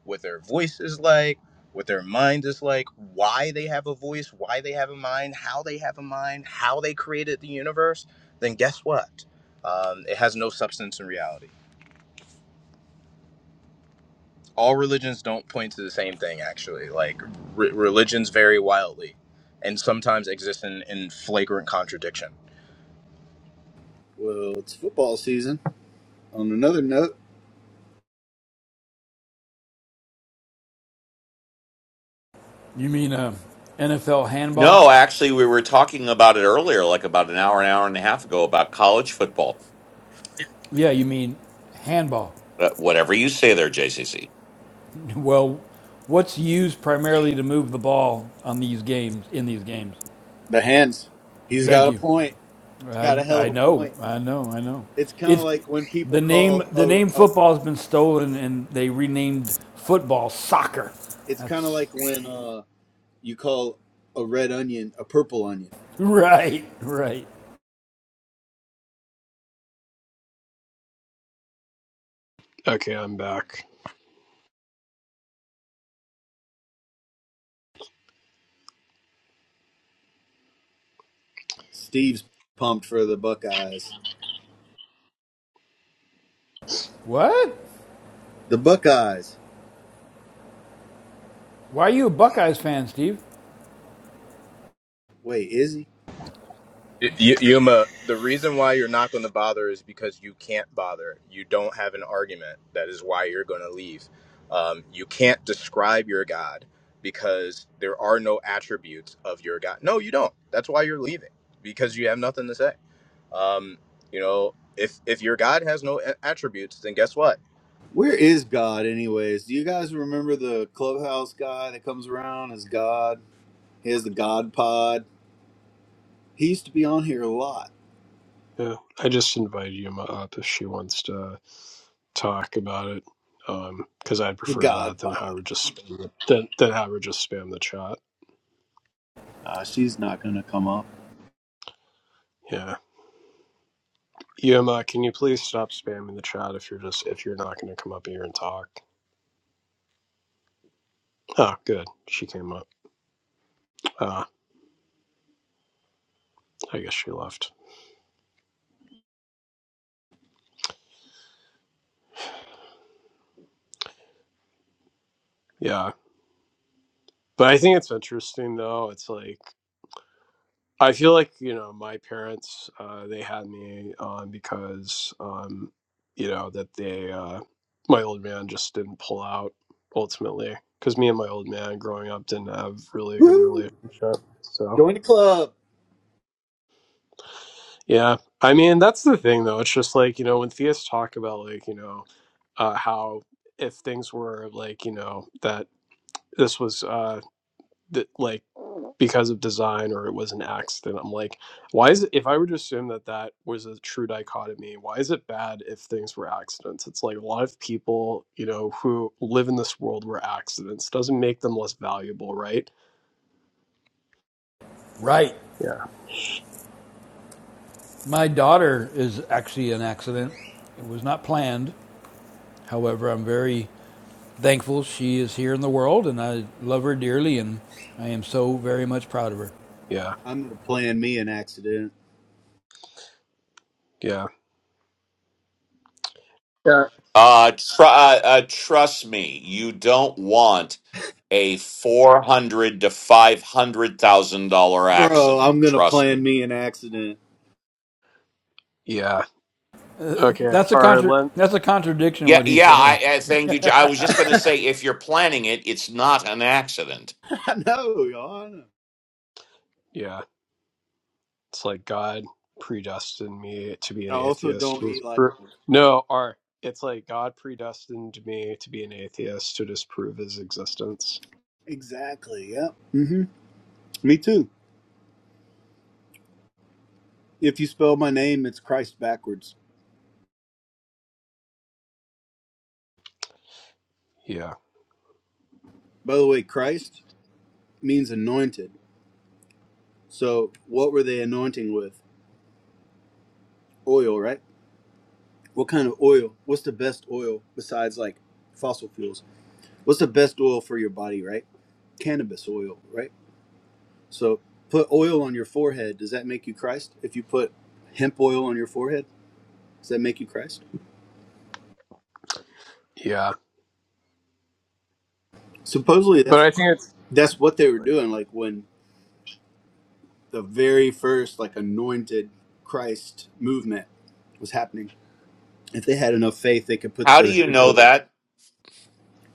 what their voice is like, what their mind is like, why they have a voice, why they have a mind, how they have a mind, how they created the universe, then guess what? Um, it has no substance in reality all religions don't point to the same thing actually like re- religions vary wildly and sometimes exist in, in flagrant contradiction Well, it's football season. On another note, You mean uh, NFL handball? No, actually, we were talking about it earlier, like about an hour, an hour and a half ago, about college football. Yeah, you mean handball. Uh, whatever you say there, JCC. Well, what's used primarily to move the ball on these games in these games? the hands. He's got Thank a you. point. He's I, got a hell I of a know, point. I know, I know. It's kind of It's like when people the name. call The a. name a football has been stolen, and they renamed football soccer. it's kind of That's like when uh, you call a red onion a purple onion. right, right. Okay, I'm back. Steve's pumped for the Buckeyes. What? The Buckeyes. Why are you a Buckeyes fan, Steve? Wait, is he? Y- Y- yuma the reason why you're not going to bother is because you can't bother you don't have an argument that is why you're going to leave um, you can't describe your god because there are no attributes of your god no you don't that's why you're leaving because you have nothing to say um, you know if if your god has no a- attributes then guess what Where is God, anyways? Do you guys remember the clubhouse guy that comes around as God? He has the God Pod. He used to be on here a lot. Yeah, I just invited Yuma up if she wants to talk about it, because um, I'd The prefer God that than Howard Pod. just spam the, than, than have just spam the chat. Uh, she's not gonna come up. Yeah, Yuma, can you please stop spamming the chat if you're just if you're not going to come up here and talk? Oh, good. She came up. Uh, I guess she left. Yeah. But I think it's interesting, though. It's like, I feel like, you know, my parents, uh, they had me on because, um, you know, that they, uh, my old man just didn't pull out ultimately. Because me and my old man growing up didn't have really a good Woo! relationship. So, Join the club. yeah. I mean, that's the thing, though. It's just like, you know, when theists talk about, like, you know, uh, how if things were like, you know, that this was, uh, that like because of design or it was an accident. I'm like, why is it? If I were to assume that that was a true dichotomy, why is it bad if things were accidents? It's like a lot of people, you know, who live in this world were accidents doesn't make them less valuable, right? Right. Yeah, My daughter is actually an accident. It was not planned. However, I'm very thankful she is here in the world, and I love her dearly, and I am so very much proud of her. yeah, I'm gonna plan me an accident, yeah, yeah, Uh, tr- uh, uh, trust me, you don't want a four hundred to five hundred thousand dollar bro. I'm accident. gonna Trust plan me. me an accident. yeah. Uh, Okay, that's a all right, contra- Len. That's a contradiction. Yeah, What he's yeah. saying, I, I thank you. Jo- I was just going to say, if you're planning it, it's not an accident. I know, y'all. I know. Yeah, it's like God predestined me to be I an also atheist. don't He was eat like No, or it's like God predestined me to be an atheist to disprove his existence. exactly. Yep. hmm Me too. If you spell my name, it's Christ backwards. Yeah, By the way, Christ means anointed. So, what were they anointing with? Oil, right? What kind of oil? What's the best oil besides like fossil fuels? What's the best oil for your body, right? Cannabis oil, right? So put oil on your forehead. Does that make you Christ? If you put hemp oil on your forehead, does that make you Christ? yeah. Supposedly But that's I think it's that's what they were doing, like when the very first like anointed Christ movement was happening. If they had enough faith they could put How do the you hemp know oil. that?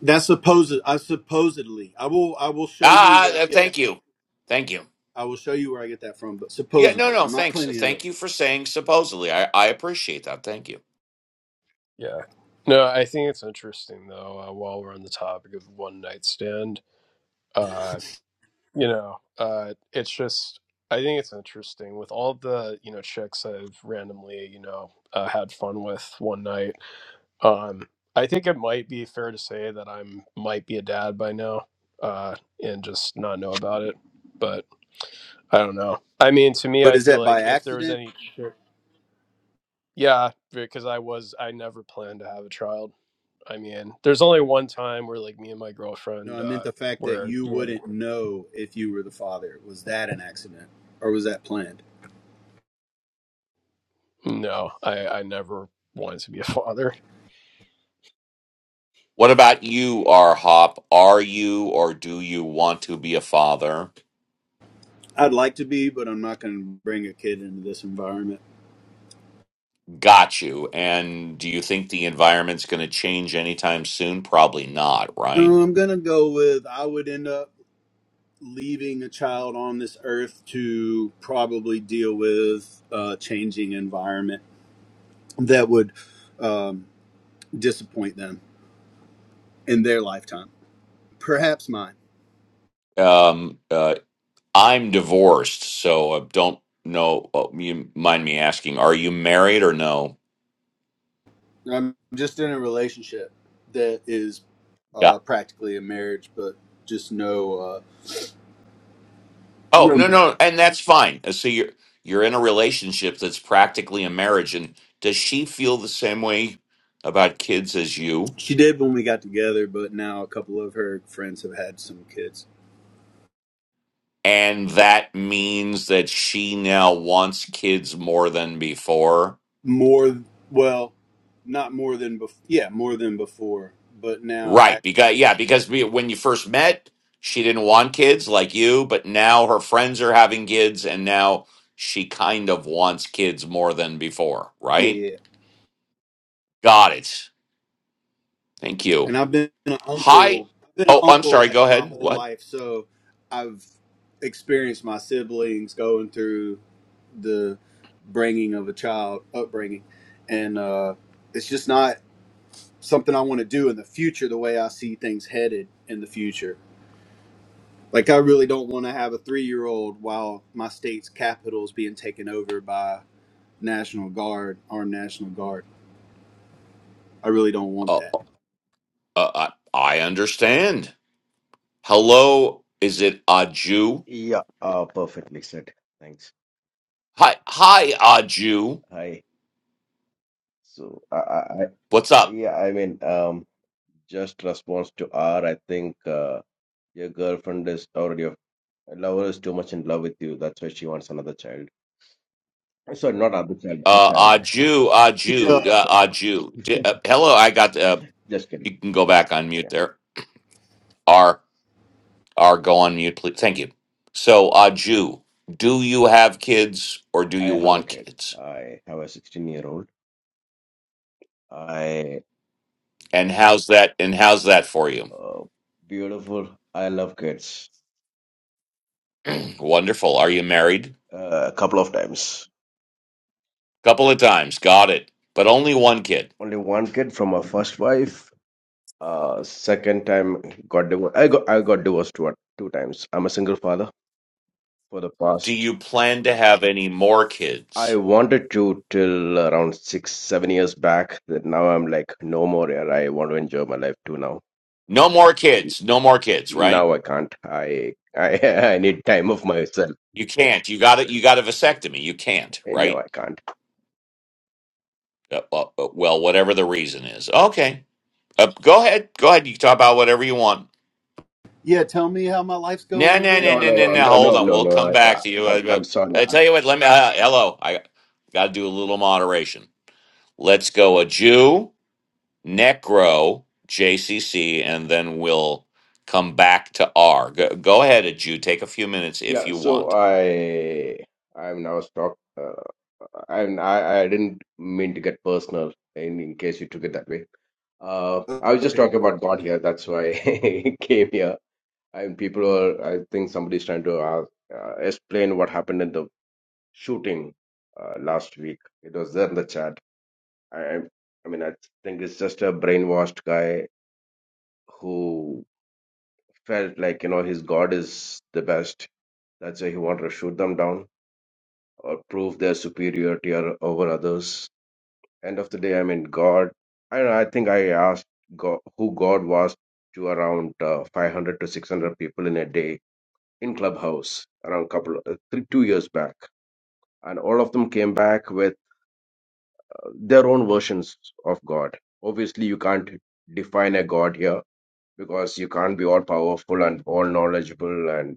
That's supposed I supposedly I will I will show you Ah, where I uh, get that thank you. Thank you. I will show you where I get that from, but Yeah, no, supposedly. no, I'm not thanks. claiming it Thank of. you for saying supposedly. I, I appreciate that. Thank you. yeah. No, I think it's interesting though. Uh, while we're on the topic of one night stand, uh, you know, uh, it's just I think it's interesting with all the you know chicks I've randomly you know uh, had fun with one night. Um, I think it might be fair to say that I'm might be a dad by now, uh, and just not know about it. But I don't know. I mean, to me, But I is feel that by like if there was accident? any Yeah, because I was I never planned to have a child. I mean, there's only one time where like me and my No, girlfriend I meant uh the fact that where you yeah. wouldn't know if you were the father. Was that an accident or was that planned? no, I I never wanted to be a father. What about you, R Hop? Are you or do you want to be a father? I'd like to be, but I'm not going to bring a kid into this environment. Got you. And do you think the environment's going to change anytime soon? Probably not, Um, right? I'm going to go with I would end up leaving a child on this earth to probably deal with a changing environment that would um, disappoint them in their lifetime, perhaps mine. Um, uh, I'm divorced, so I don't know. uh, You mind me asking, are you married or no? I'm just in a relationship that is uh, practically a marriage, but just no. Uh, Oh No no, marriage. no, and that's fine. Uh, So you're you're in a relationship that's practically a marriage, and does she feel the same way about kids as you? She did when we got together, but now a couple of her friends have had some kids. And that means that she now wants kids more than before, More, well, not more than before. Yeah, more than before, but now, I, right? Because yeah, because we, when you first met, she didn't want kids like you, but now her friends are having kids, and now she kind of wants kids more than before, yeah, right? yeah. yeah. Got it. Thank you. And I've been an Hi. uncle. I've been an Oh, I'm uncle sorry. Go like my ahead. whole What? life, so I've experienced my siblings going through the bringing of a child, upbringing, and uh, it's just not something I want to do in the future. The way I see things headed in the future Like I really don't want to have a three year old while my state's capital is being taken over by National Guard, armed National Guard. I really don't want Oh. that. Uh, I, I understand. Hello, is it Aju? Yeah, uh, perfectly said. Thanks. Hi, hi, Aju. Hi. So, I, I, What's I- up? yeah, I mean, um, just response to R, I think uh, your girlfriend is already, your lover is too much in love with you. That's why she wants another child. Sorry, not another child, a Uh, child. Aju, Aju, Yeah. uh, Aju. D- uh, hello, I got. Uh, Just kidding. you can go back on mute Yeah, there. R, R, go on mute, please. Thank you. So, Aju, do you have kids or do I you have a want kid. kids? I have a 16 year old. I, And how's that? And how's that for you? uh, beautiful. I love kids. Wonderful. Are you married? Uh, a couple of times. Couple of times. Got it. But only one kid. Only one kid from my first wife. Uh, second time got divorced. I got I got divorced what two times. I'm a single father for the Do past. you plan to have any more kids? I wanted to till around six seven years back. That now I'm like no more here. I want to enjoy my life too now. No more kids. No more kids. Right? Now I can't. I I I need time of myself. You Yeah, can't. You got it. You got a vasectomy. You can't. no, Right? I can't. Uh, uh, uh, well, whatever the reason is. Okay. Uh, go ahead. Go ahead. You can talk about whatever you want. Yeah. Tell me how my life's No, going no, again. no, No, no, no, no, no, no. no, Hold no, on. no, We'll no. come I, I, back to you. I'm, Uh, uh, I'm sorry. I I, tell you what. Let me. Uh, hello. I got to do a little moderation. Let's go. A Jew, Necro, JCC, and then we'll come back to R. Go, go ahead, a Jew. Take a few minutes if yeah, you so want. I, I'm now stuck. Uh, and I, I didn't mean to get personal. In, in case you took it that way. Uh, O- I was just Okay. talking Cool. about God here. That's why I came here. And people are, I think somebody's trying to uh, uh, explain what happened in the shooting uh, last week. It was there in the chat. I, I mean, I think it's just a brainwashed guy who felt like, you know, his God is the best. That's why he wanted to shoot them down or prove their superiority or, over others. end of the day i mean god i i think i asked god who god was to around uh, 500 to 600 people in a day in clubhouse around couple uh, three, two years back and all of them came back with their own versions of god obviously you can't define a god here because you can't be all powerful and all knowledgeable and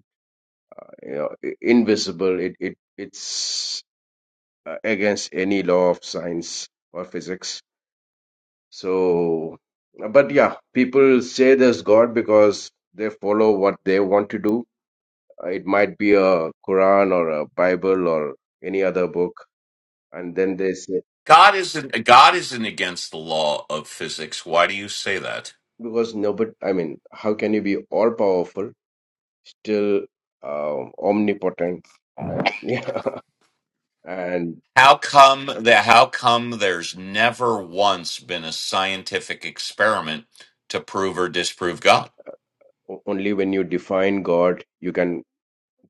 you know, i- invisible it, it it's uh, against any law of science or physics So, but yeah, people say there's God because they follow what they want to do. Uh, It might be a Quran or a Bible or any other book. And then they say, God isn't God isn't against the law of physics. Why do you say that? because nobody, I mean, how can you be all powerful, still uh, omnipotent? I mean, yeah. And How come that how come there's never once been a scientific experiment to prove or disprove God? o- only when you define God, you can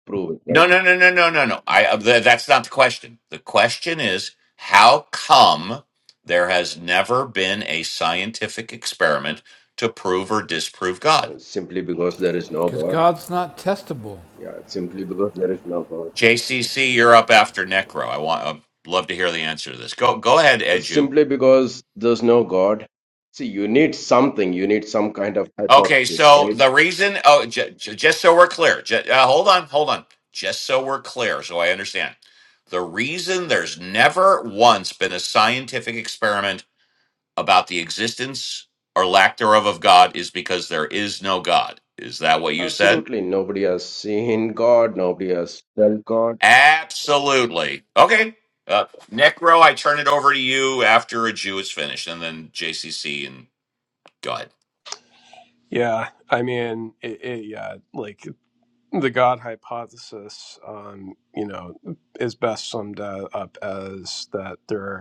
prove it, No, no, right? no, no, no, no, no. I uh, th- that's not the question. The question is how come there has never been a scientific experiment to prove or disprove God? Simply because there is no because God. God's not testable. Yeah, simply because there is no God. JCC, you're up after Necro. I want I'd love to hear the answer to this. Go go ahead, Edu. simply because there's no God. See, you need something, you need some kind of Okay, hypothesis, so right? the reason, oh, j- j- just so we're clear, j- uh, hold on, hold on. Just so we're clear, so I understand. The reason there's never once been a scientific experiment about the existence or lack thereof of God is because there is no God. Is that what you said? Absolutely. Nobody has seen God, nobody has felt God. Absolutely. Okay. Uh, Necro, I turn it over to you after a Jew is finished, and then JCC and go ahead. Yeah, I mean, it, it, yeah, like the God hypothesis um, you know, is best summed uh, up as that there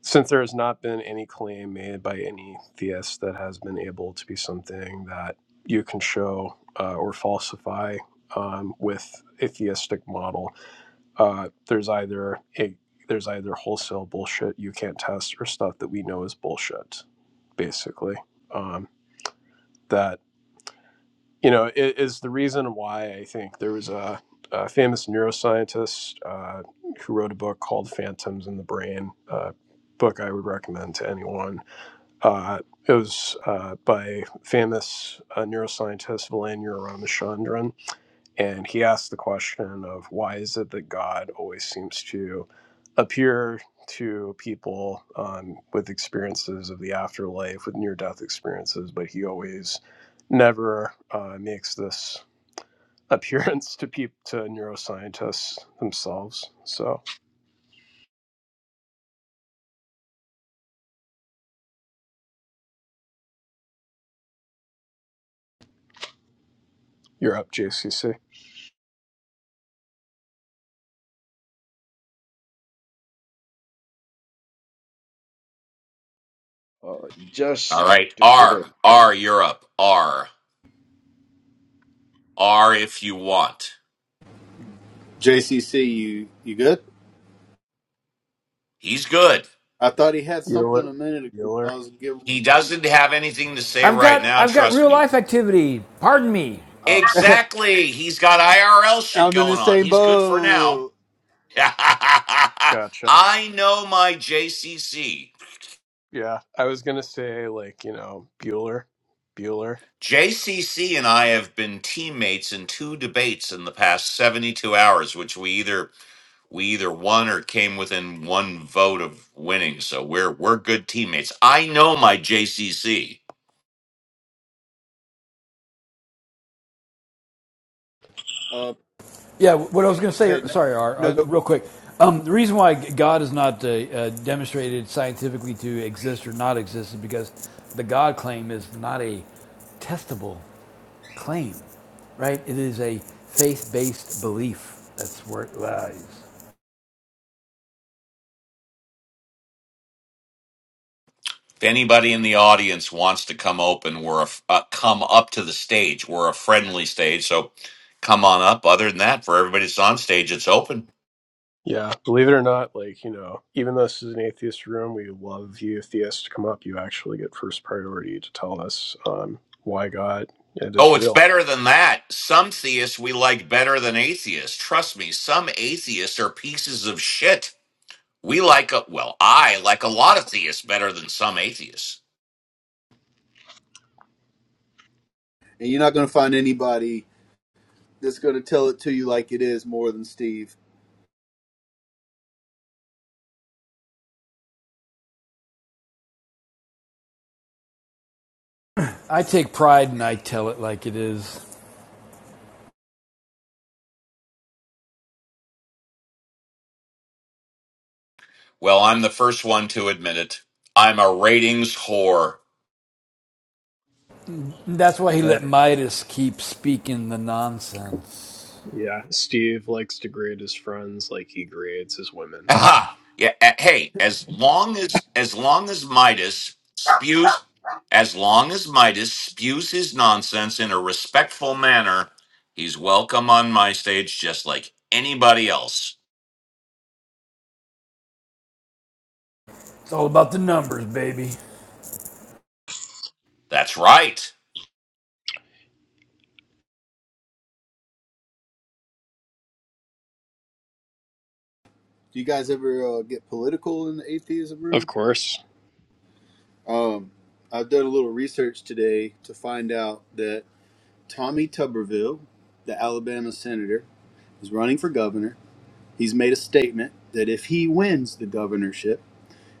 since there has not been any claim made by any theist that has been able to be something that you can show uh, or falsify um, with a theistic model, uh, there's either a there's either wholesale bullshit you can't test or stuff that we know is bullshit, basically. Um, that you know i- is the reason why I think there was a, a famous neuroscientist uh, who wrote a book called "Phantoms in the Brain," uh, book I would recommend to anyone uh, it was uh, by famous uh, neuroscientist Velanuur Ramachandran, and he asked the question of why is it that God always seems to appear to people um, with experiences of the afterlife, with near-death experiences, but he always never uh, makes this appearance to peop- to neuroscientists themselves. So you're up, JCC. Uh, All just right. to put R, it. R, Europe, R, R if you want. JCC, you you good? He's good. I thought he had something Bueller. a minute ago. Bueller. I was giving. He doesn't have anything to say I've right got now, I've got trust real me. life activity. Pardon me. Oh, Exactly. He's got IRL shit I'm in the going on. same He's good for now. boat. gotcha. I know my JCC. Yeah, I was gonna say like you know Bueller, Bueller. JCC and I have been teammates in two debates in the past 72 hours which we either we either won or came within one vote of winning. So we're we're good teammates. I know my JCC. Uh, Yeah, what I was going yeah, to go say, ahead. No, sorry, R, uh, no. real quick. Um, the reason why God is not uh, uh, demonstrated scientifically to exist or not exist is because the God claim is not a testable claim, right? It is a faith based belief. That's where it lies. If anybody in the audience wants to come open, we're a, uh, come up to the stage. We're a friendly stage, so come on up. Other than that, for everybody that's on stage, it's open. Yeah, believe it or not, like you know, even though this is an atheist room, we love you theists to come up. You actually get first priority to tell us um, why God it is Oh, it's real. better than that. Some theists we like better than atheists. Trust me, some atheists are pieces of shit. We like a, well, I like a lot of theists better than some atheists. And you're not gonna find anybody that's gonna tell it to you like it is more than Steve. I take pride and I tell it like it is. Well, I'm the first one to admit it. I'm a ratings whore. That's why he Yeah, let Midas keep speaking the nonsense. yeah. Steve likes to grade his friends like he grades his women. Aha. Yeah. uh, Hey, as long as as long as Midas spews, as long as Midas spews his nonsense in a respectful manner, he's welcome on my stage just like anybody else. It's all about the numbers, baby. That's right. Do you guys ever uh, get political in the atheism Of room? course. Um, I've done a little research today to find out that Tommy Tuberville, the Alabama senator, is running for governor. He's made a statement that if he wins the governorship,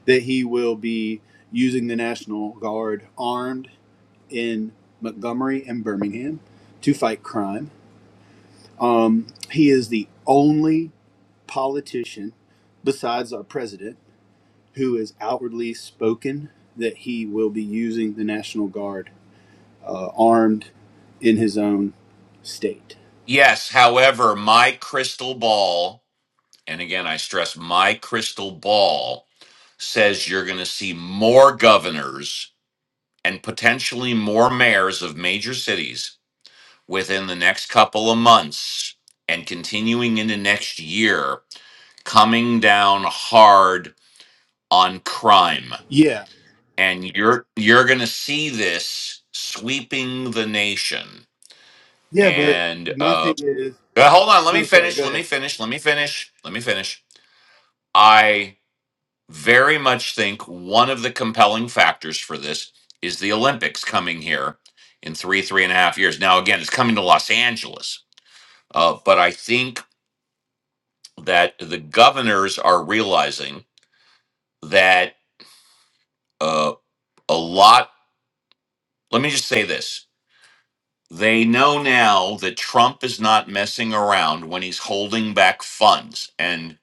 that he will be using the National Guard armed in Montgomery and Birmingham to fight crime. He is the only politician besides our president who is outwardly spoken that he will be using the National Guard uh, armed in his own state. Yes. However, my crystal ball, and again, I stress my crystal ball says you're going to see more governors and potentially more mayors of major cities within the next couple of months and continuing into next year coming down hard on crime Yeah. and you're you're going to see this sweeping the nation Yeah, but and my uh thing is uh, hold on let me no, sorry, finish go let me ahead. finish let me finish let me finish i very much think one of the compelling factors for this is the olympics coming here in three three and a half years now again it's coming to los angeles uh, but i think that the governors are realizing that uh, a lot. Let me just say this. They know now that Trump is not messing around when he's holding back funds, and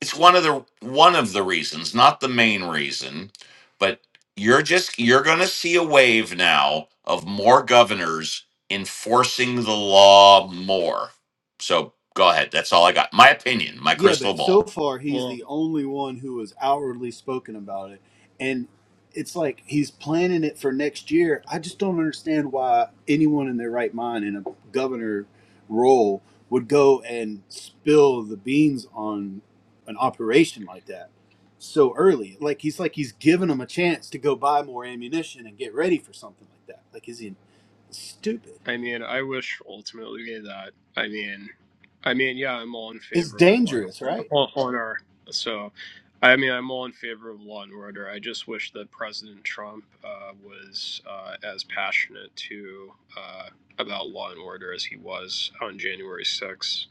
it's one of the one of the reasons, not the main reason, but you're just you're going to see a wave now of more governors enforcing the law more. So go ahead. That's all I got. My opinion, my Yeah, crystal but so ball. far he's Well. the only one who has outwardly spoken about it, and it's like he's planning it for next year. I just don't understand why anyone in their right mind in a governor role would go and spill the beans on an operation like that so early. Like he's like he's giving them a chance to go buy more ammunition and get ready for something like that. Like is he stupid? I mean, I wish ultimately that. I mean, I mean, yeah, I'm all in It's favor of law and dangerous, order. right? or- honor. So, I mean, I'm all in favor of law and order. I just wish that President Trump uh, was uh, as passionate to uh, about law and order as he was on January 6th.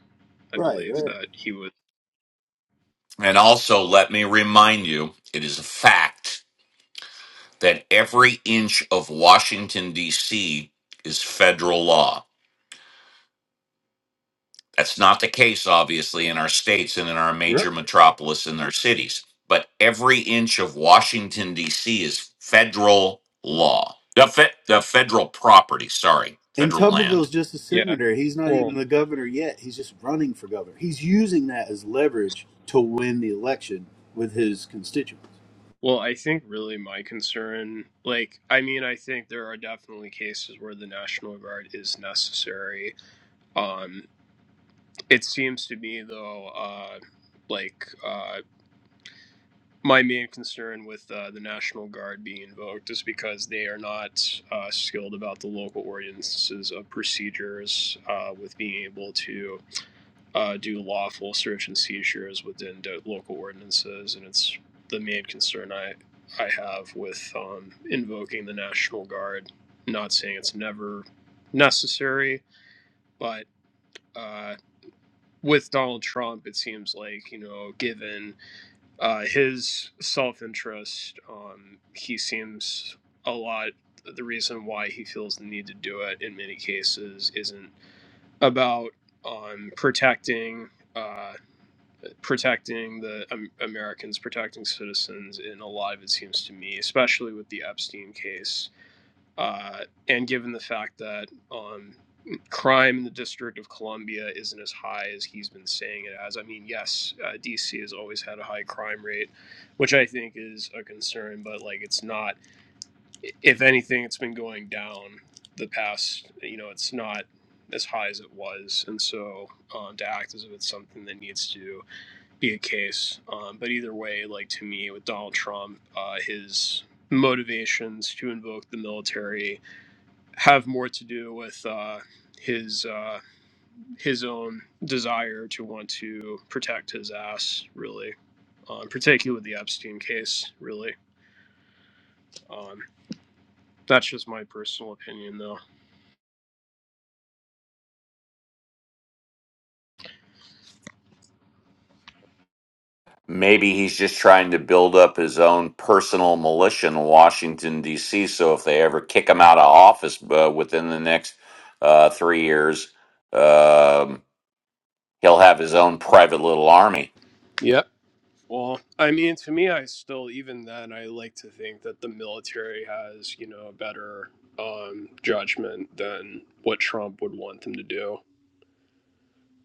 I Right, believe right, that he was. And also, let me remind you it is a fact that every inch of Washington, D.C. is federal law. That's not the case, obviously, in our states and in our Right. major metropolis and their cities. But every inch of Washington, D.C. is federal law, the, fe- the federal property, sorry, And federal land. Tuberville's just a Yeah. senator. He's not Well, even the governor yet. He's just running for governor. He's using that as leverage to win the election with his constituents. well, I think really my concern, like, I mean, I think there are definitely cases where the National Guard is necessary. Um, It seems to me, though, uh, like uh, my main concern with uh, the National Guard being invoked is because they are not uh, skilled about the local ordinances of procedures uh, with being able to uh, do lawful search and seizures within the local ordinances, and it's the main concern I I have with um, invoking the National Guard. Not saying it's never necessary, but. Uh, with Donald Trump, it seems like you know, given uh, his self-interest, um, he seems a lot. The reason why he feels the need to do it in many cases isn't about um, protecting uh, protecting the um, Americans, protecting citizens. In a lot of it seems to me, especially with the Epstein case, uh, and given the fact that um, crime in the District of Columbia isn't as high as he's been saying it as. I mean, yes, uh, DC has always had a high crime rate, which I think is a concern, but like it's not, if anything, it's been going down the past, you know, it's not as high as it was. And so um, to act as if it's something that needs to be a case. Um, but either way, like to me, with Donald Trump, uh, his motivations to invoke the military have more to do with uh, his uh, his own desire to want to protect his ass, really, um, particularly with the Epstein case, really. Um, that's just my personal opinion, though. Maybe he's just trying to build up his own personal militia in Washington, D.C. So if they ever kick him out of office uh, within the next uh, three years, um, he'll have his own private little army. Yep. Well, I mean, to me, I still even then I like to think that the military has you know a better um, judgment than what Trump would want them to do.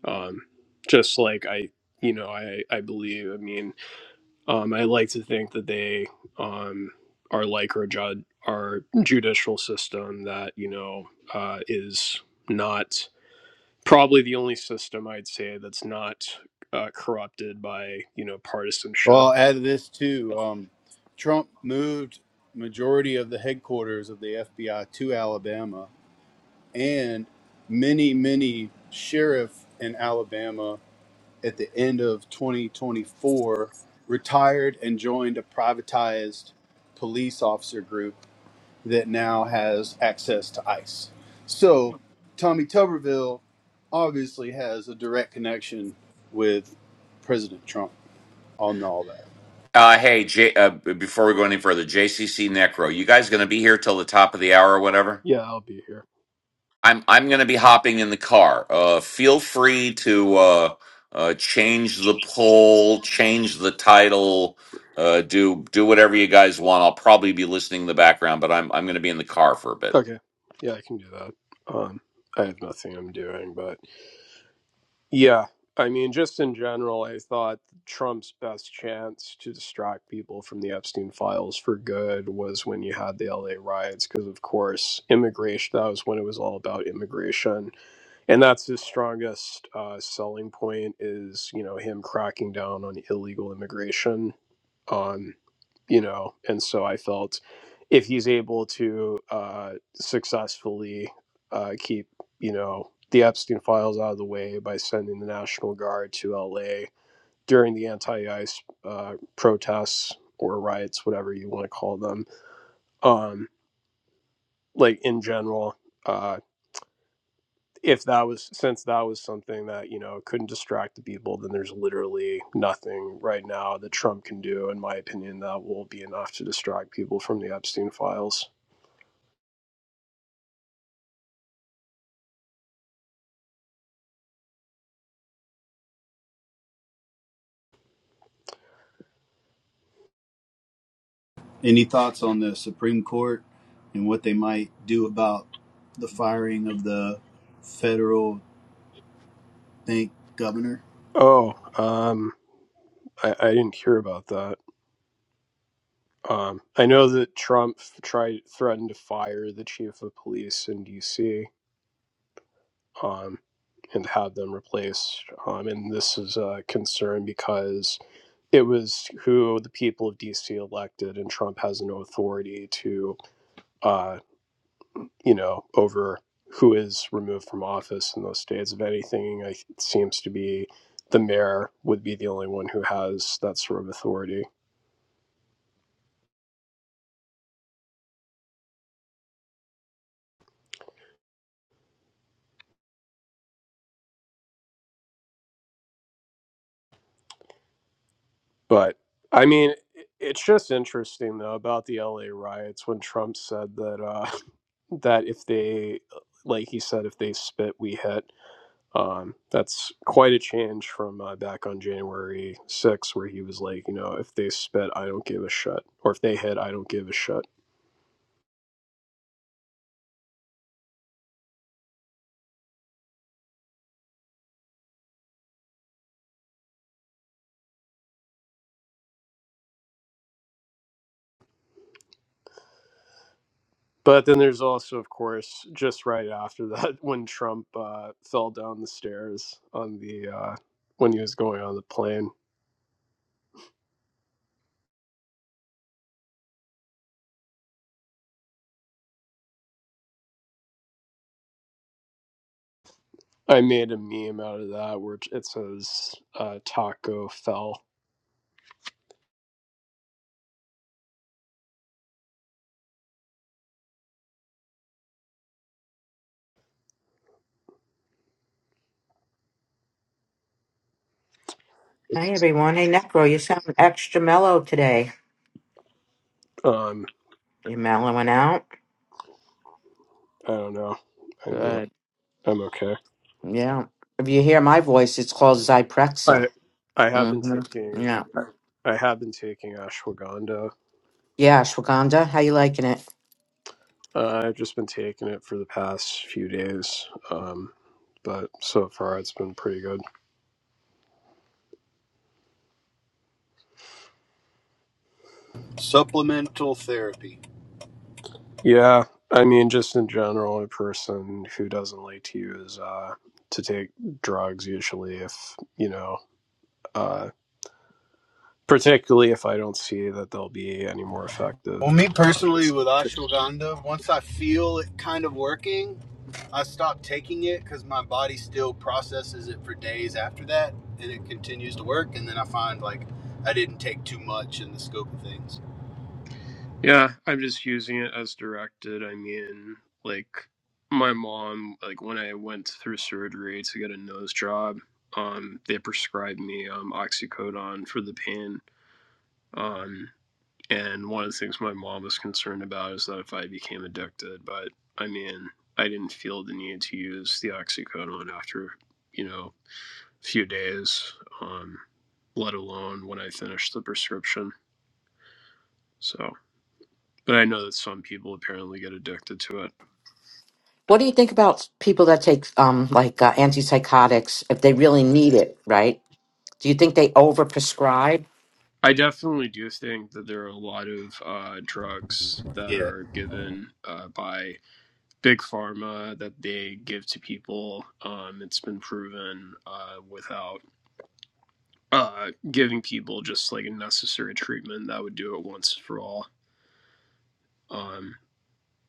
Um, just like I, you know, I I believe. I mean. Um, I like to think that they um, are like our, jud- our judicial system that, you know, uh, is not probably the only system I'd say that's not uh, corrupted by, you know, Well, partisanship. I'll add to this too. Um, Trump moved majority of the headquarters of the FBI to Alabama, and many, many sheriff in Alabama at the end of 2024 retired and joined a privatized police officer group that now has access to ICE. So Tommy Tuberville obviously has a direct connection with President Trump on all that. Uh, hey, J- uh, b- before we go any further, JCC Necro, you guys going to be here till the top of the hour or whatever? Yeah, I'll be here. I'm I'm going to be hopping in the car. Uh, feel free to uh, uh, change the poll, change the title, uh, do do whatever you guys want. I'll probably be listening in the background, but I'm I'm going to be in the car for a bit. Okay. Yeah, I can do that. Um, I have nothing I'm doing, but. Yeah. I mean, just in general, I thought Trump's best chance to distract people from the Epstein files for good was when you had the LA riots, because, of course, immigration, that was when it was all about immigration. And that's his strongest uh, selling point is, you know, him cracking down on illegal immigration um, you know and so i felt if he's able to uh, successfully uh, keep you know the epstein files out of the way by sending the national guard to la during the anti-ice uh, protests or riots whatever you want to call them um, like in general uh. if that was since that was something that you know couldn't distract the people then there's literally nothing right now that trump can do in my opinion that will be enough to distract people from the epstein files Any thoughts on the Supreme Court and what they might do about the firing of the federal, I think, governor? oh um i, I didn't hear about that um i know that trump tried threatened to fire the chief of police in dc um and have them replaced um and this is a concern because it was who the people of DC elected, and Trump has no authority to uh, you know, over who is removed from office in those states. If anything, I, it seems to be the mayor would be the only one who has that sort of authority. But I mean, it's just interesting though about the LA riots when Trump said that uh, that if they, like he said, if they spit, we hit. Um, that's quite a change from uh, back on January 6th, where he was like, you know, if they spit, I don't give a shit, or if they hit, I don't give a shit. But then there's also, of course, just right after that, when Trump uh, fell down the stairs on the uh, when he was going on the plane. I made a meme out of that where it says uh, "Taco fell." Hey everyone. Hey Necro, you sound extra mellow today. Um, You mellowing out? I don't know. I mean, Good. I'm okay. Yeah. If you hear my voice, it's called Zyprexa. I I have been Mm-hmm. taking Yeah. I I have been taking ashwagandha. Yeah, Ashwagandha, how you liking it? Uh, I've just been taking it for the past few days, um, but so far it's been pretty good. Supplemental therapy. Yeah, I mean, just in general, a person who doesn't like to use uh, to take drugs usually, if you know, uh, particularly if I don't see that they'll be any more effective Well, me than uh, personally just. with ashwagandha, once I feel it kind of working, I stop taking it because my body still processes it for days after that and it continues to work. And then I find like I didn't take too much in the scope of things. Yeah, I'm just using it as directed. I mean, like my mom, like when I went through surgery to get a nose job, um, they prescribed me um oxycodone for the pain. Um, And one of the things my mom was concerned about is that if I became addicted, but I mean, I didn't feel the need to use the oxycodone after, you know, a few days, um, let alone when I finished the prescription. So, but I know that some people apparently get addicted to it. What do you think about people that take um like uh, antipsychotics if they really need it, right? Do you think they overprescribe? I definitely do think that there are a lot of uh, drugs that Yeah. are given uh, by big pharma that they give to people. Um, it's been proven uh, without uh, giving people just like a necessary treatment that would do it once for all. Um,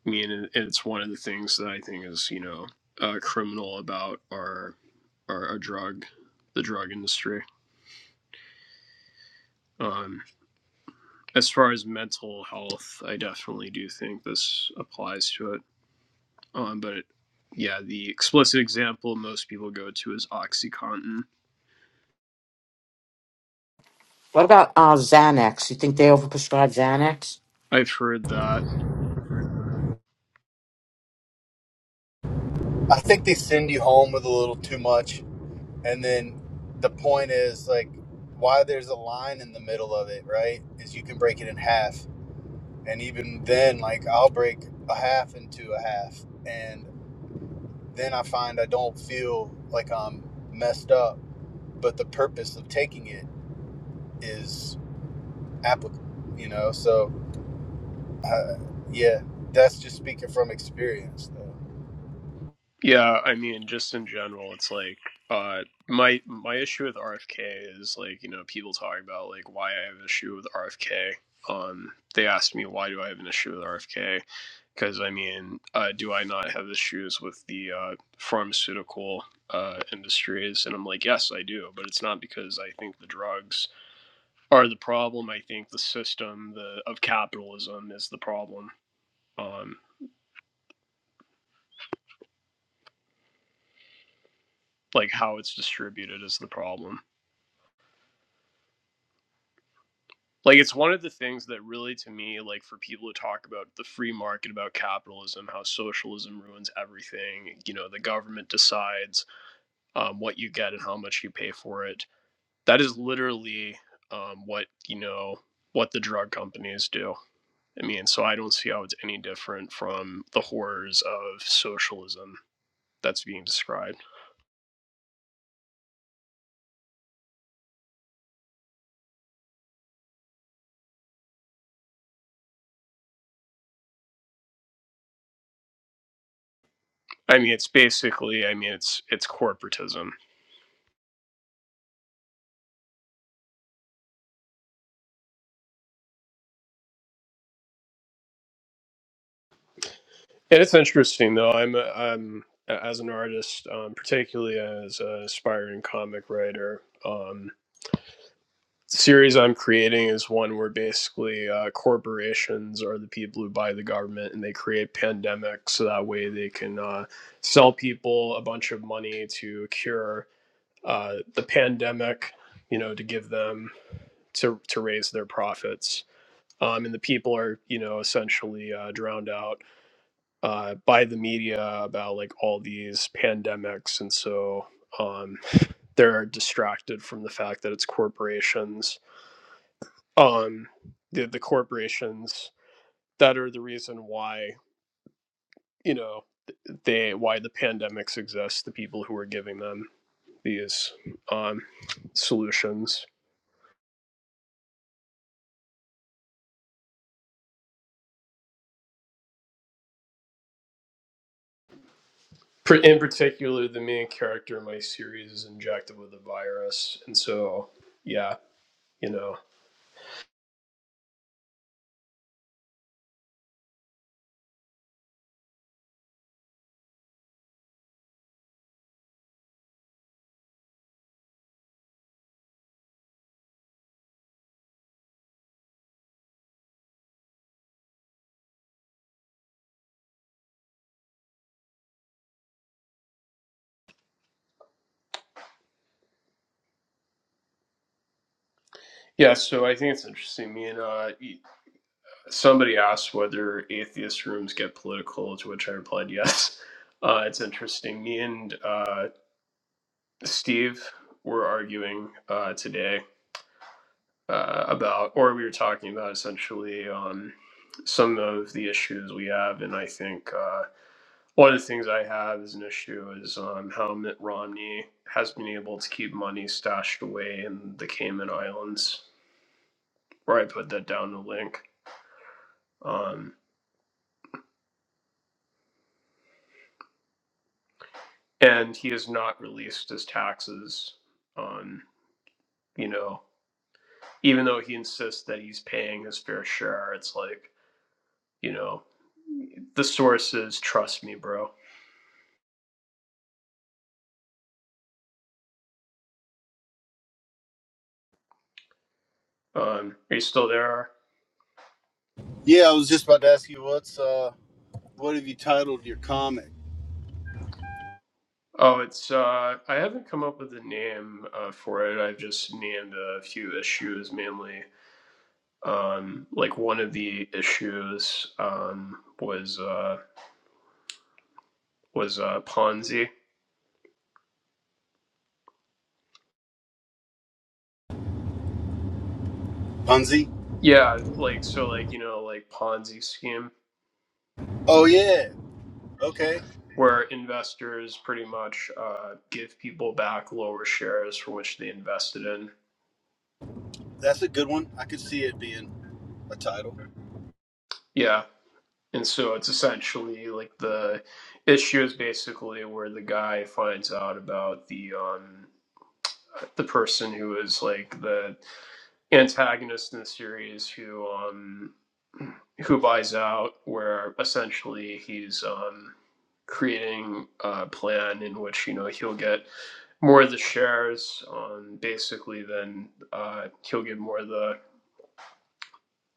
I mean, and it's one of the things that I think is you know uh, criminal about our, our our drug, the drug industry. Um, as far as mental health, I definitely do think this applies to it. Um, but it, yeah, the explicit example most people go to is OxyContin. What about uh Xanax? You think they overprescribe Xanax? I've heard that I think they send you home with a little too much. And then the point is like why there's a line in the middle of it, right? Is you can break it in half. And even then, like I'll break a half into a half. and then I find I don't feel like I'm messed up. But the purpose of taking it is applicable, you know. So, uh, yeah, that's just speaking from experience, though. Yeah, I mean, just in general, it's like uh my my issue with RFK is like, you know, people talking about like why I have an issue with RFK. Um, they asked me why do I have an issue with RFK? Because I mean, uh, do I not have issues with the uh, pharmaceutical uh, industries? And I'm like, yes, I do, but it's not because I think the drugs are the problem. I think the system the of capitalism is the problem. Um, like how it's distributed is the problem like it's one of the things that really to me like for people to talk about the free market about capitalism how socialism ruins everything you know the government decides um, what you get and how much you pay for it that is literally um, what you know what the drug companies do i mean so i don't see how it's any different from the horrors of socialism that's being described i mean it's basically i mean it's it's corporatism And it's interesting though. I'm, uh, I'm as an artist, um, particularly as an aspiring comic writer. Um, the series I'm creating is one where basically uh, corporations are the people who buy the government, and they create pandemics so that way they can uh, sell people a bunch of money to cure uh, the pandemic. You know, to give them to to raise their profits. Um, and the people are, you know, essentially uh, drowned out uh, by the media about like all these pandemics and so um, they're distracted from the fact that it's corporations um, the, the corporations that are the reason why you know they why the pandemics exist the people who are giving them these um, solutions in particular the main character in my series is injected with a virus and so yeah you know yeah so i think it's interesting me and uh somebody asked whether atheist rooms get political, to which I replied yes. Uh, it's interesting. Me and uh, Steve were arguing uh, today uh, about, or we were talking about essentially um, some of the issues we have. And I think uh, one of the things I have as an issue is um, how Mitt Romney has been able to keep money stashed away in the Cayman Islands, where I put that down the link. Um, and he has not released his taxes on you know even though he insists that he's paying his fair share it's like you know the sources trust me bro um are you still there Yeah, I was just about to ask you what's uh, what have you titled your comic, oh it's uh i haven't come up with a name uh, for it i've just named a few issues mainly um like one of the issues um was uh was uh ponzi Bunzi? yeah like so like you know like ponzi scheme Oh yeah, okay, where investors pretty much uh, give people back lower shares for which they invested in. that's a good one. I could see it being a title. Yeah. And so it's essentially like the issue is basically where the guy finds out about the um, the person who was like the antagonist in the series who um who buys out where essentially he's um creating a plan in which you know he'll get more of the shares um basically then uh he'll get more of the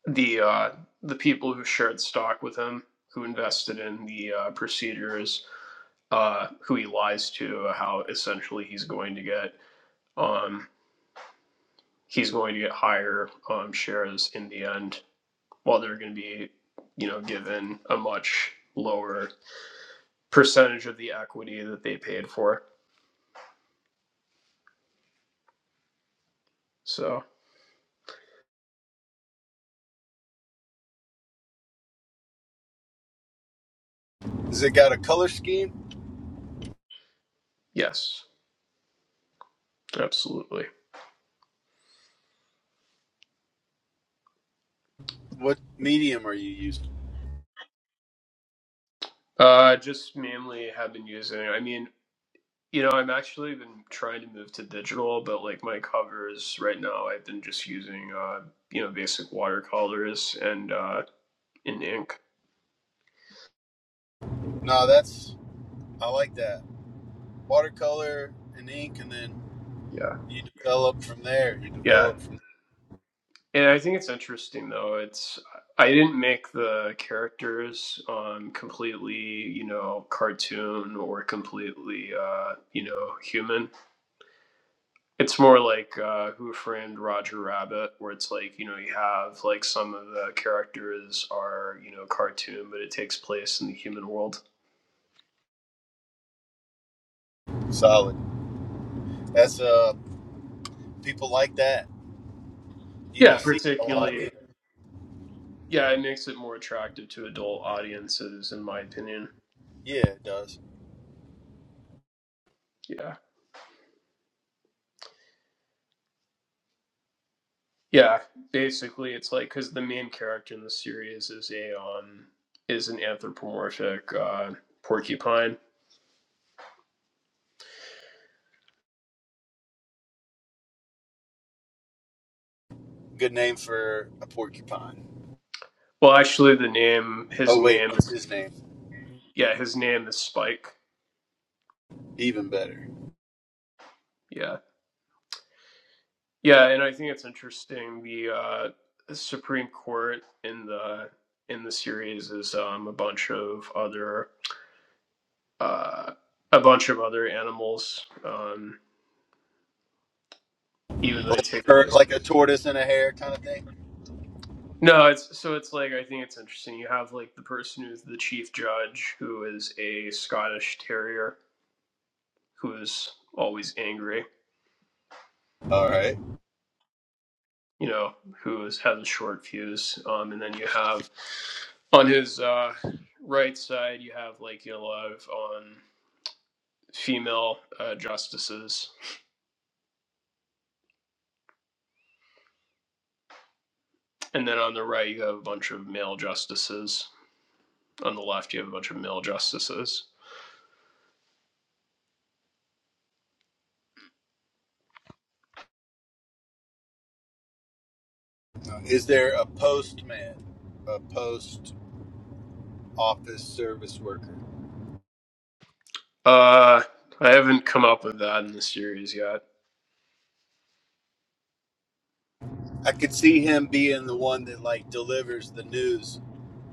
the uh the people who shared stock with him who invested in the uh, procedures uh who he lies to how essentially he's going to get. Um, he's going to get higher um, shares in the end, while they're going to be, you know, given a much lower percentage of the equity that they paid for. So Has it got a color scheme? yes, absolutely. What medium are you using? Uh, just mainly have been using. I mean, you know, I'm actually been trying to move to digital, but like my covers right now, I've been just using uh, you know, basic watercolors and uh, in ink. No, that's I like that watercolor and ink, and then Yeah, you develop from there. You yeah. develop from And I think it's interesting though. It's I didn't make the characters um, completely, you know, cartoon or completely, uh, you know, human. It's more like uh, Who Framed Roger Rabbit, where it's like you know you have like some of the characters are you know cartoon, but it takes place in the human world. solid. That's uh people like that. You don't Yeah, see it a lot particularly. either. Yeah, it makes it more attractive to adult audiences, in my opinion. Yeah, it does. Yeah. Yeah, basically, it's like because the main character in the series is a um is an anthropomorphic uh, porcupine. Good name for a porcupine. Well, actually, the name his Oh wait, name what's his name? yeah his name is Spike. Even better. Yeah, yeah, and I think it's interesting. The uh, the Supreme Court in the in the series is um a bunch of other uh a bunch of other animals um even though they Like a, take tur- place. like a tortoise and a hare kind of thing. No, it's so it's like I think it's interesting. You have like the person who's the chief judge, who is a Scottish terrier, who is always angry, All right. you know, who is, has a short fuse. Um, and then you have on his uh, right side, you have like you know, a lot of um, female uh, justices, and then on the right you have a bunch of male justices. On the left, you have a bunch of male justices. Is there a postman? A post office service worker? Uh, I haven't come up with that in the series yet. I could see him being the one that like delivers the news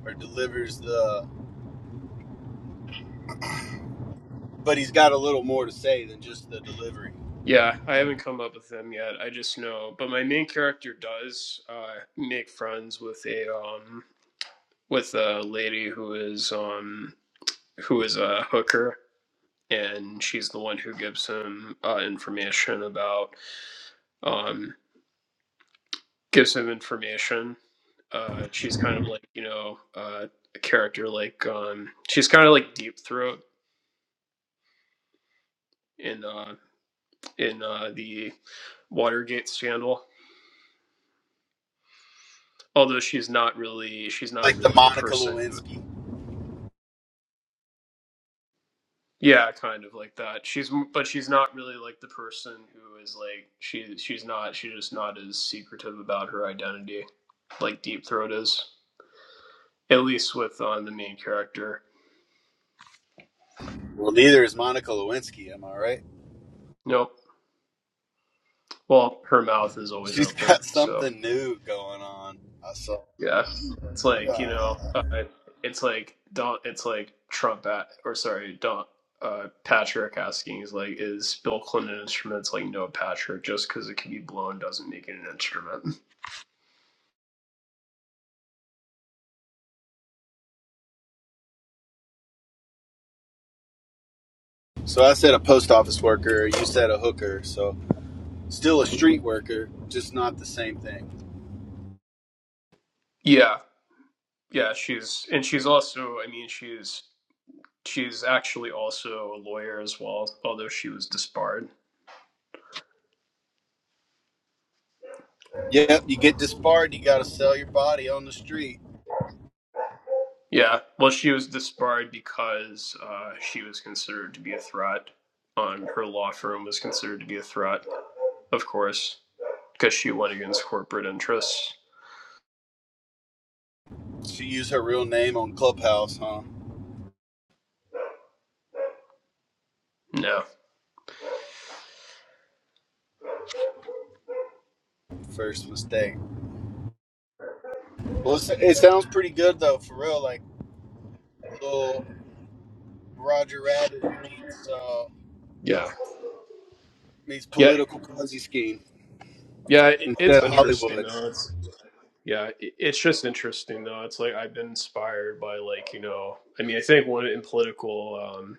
or delivers the but he's got a little more to say than just the delivery. Yeah, I haven't come up with them yet. I just know, but my main character does uh, make friends with a um with a lady who is um who is a hooker, and she's the one who gives him uh, information about um gives him information. Uh, she's kind of like you know uh, a character like um she's kind of like Deep Throat in uh in uh the Watergate scandal although she's not really she's not like the really a Monica person who. Lewinsky. Yeah, kind of like that. She's but she's not really like the person who is like she she's not she's just not as secretive about her identity like Deep Throat is. At least with uh, the main character. Well, neither is Monica Lewinsky. Am I right? Nope. Well, her mouth is always She's open. got So something new going on. I saw. yeah, it's like you know, uh, God. it's like Don. It's like Trump at or sorry Don. Uh, Patrick asking is like, is Bill Clinton an instrument? It's like, no, Patrick, just because it can be blown doesn't make it an instrument. So I said a post office worker. You said a hooker. So still a street worker, just not the same thing. Yeah, yeah she's and she's also i mean she's she's actually also a lawyer as well although she was disbarred Yep, you get disbarred. You got to sell your body on the street. yeah well she was disbarred because uh, she was considered to be a threat on her law firm was considered to be a threat of course because she went against corporate interests She used her real name on Clubhouse, huh? no First mistake. Well, it's, it sounds pretty good though, for real. Like little Roger Rabbit meets uh, yeah meets yeah political Ponzi scheme. yeah it, it's instead of interesting Hollywood. though it's yeah it, it's just interesting though it's like i've been inspired by like you know i mean i think one in political um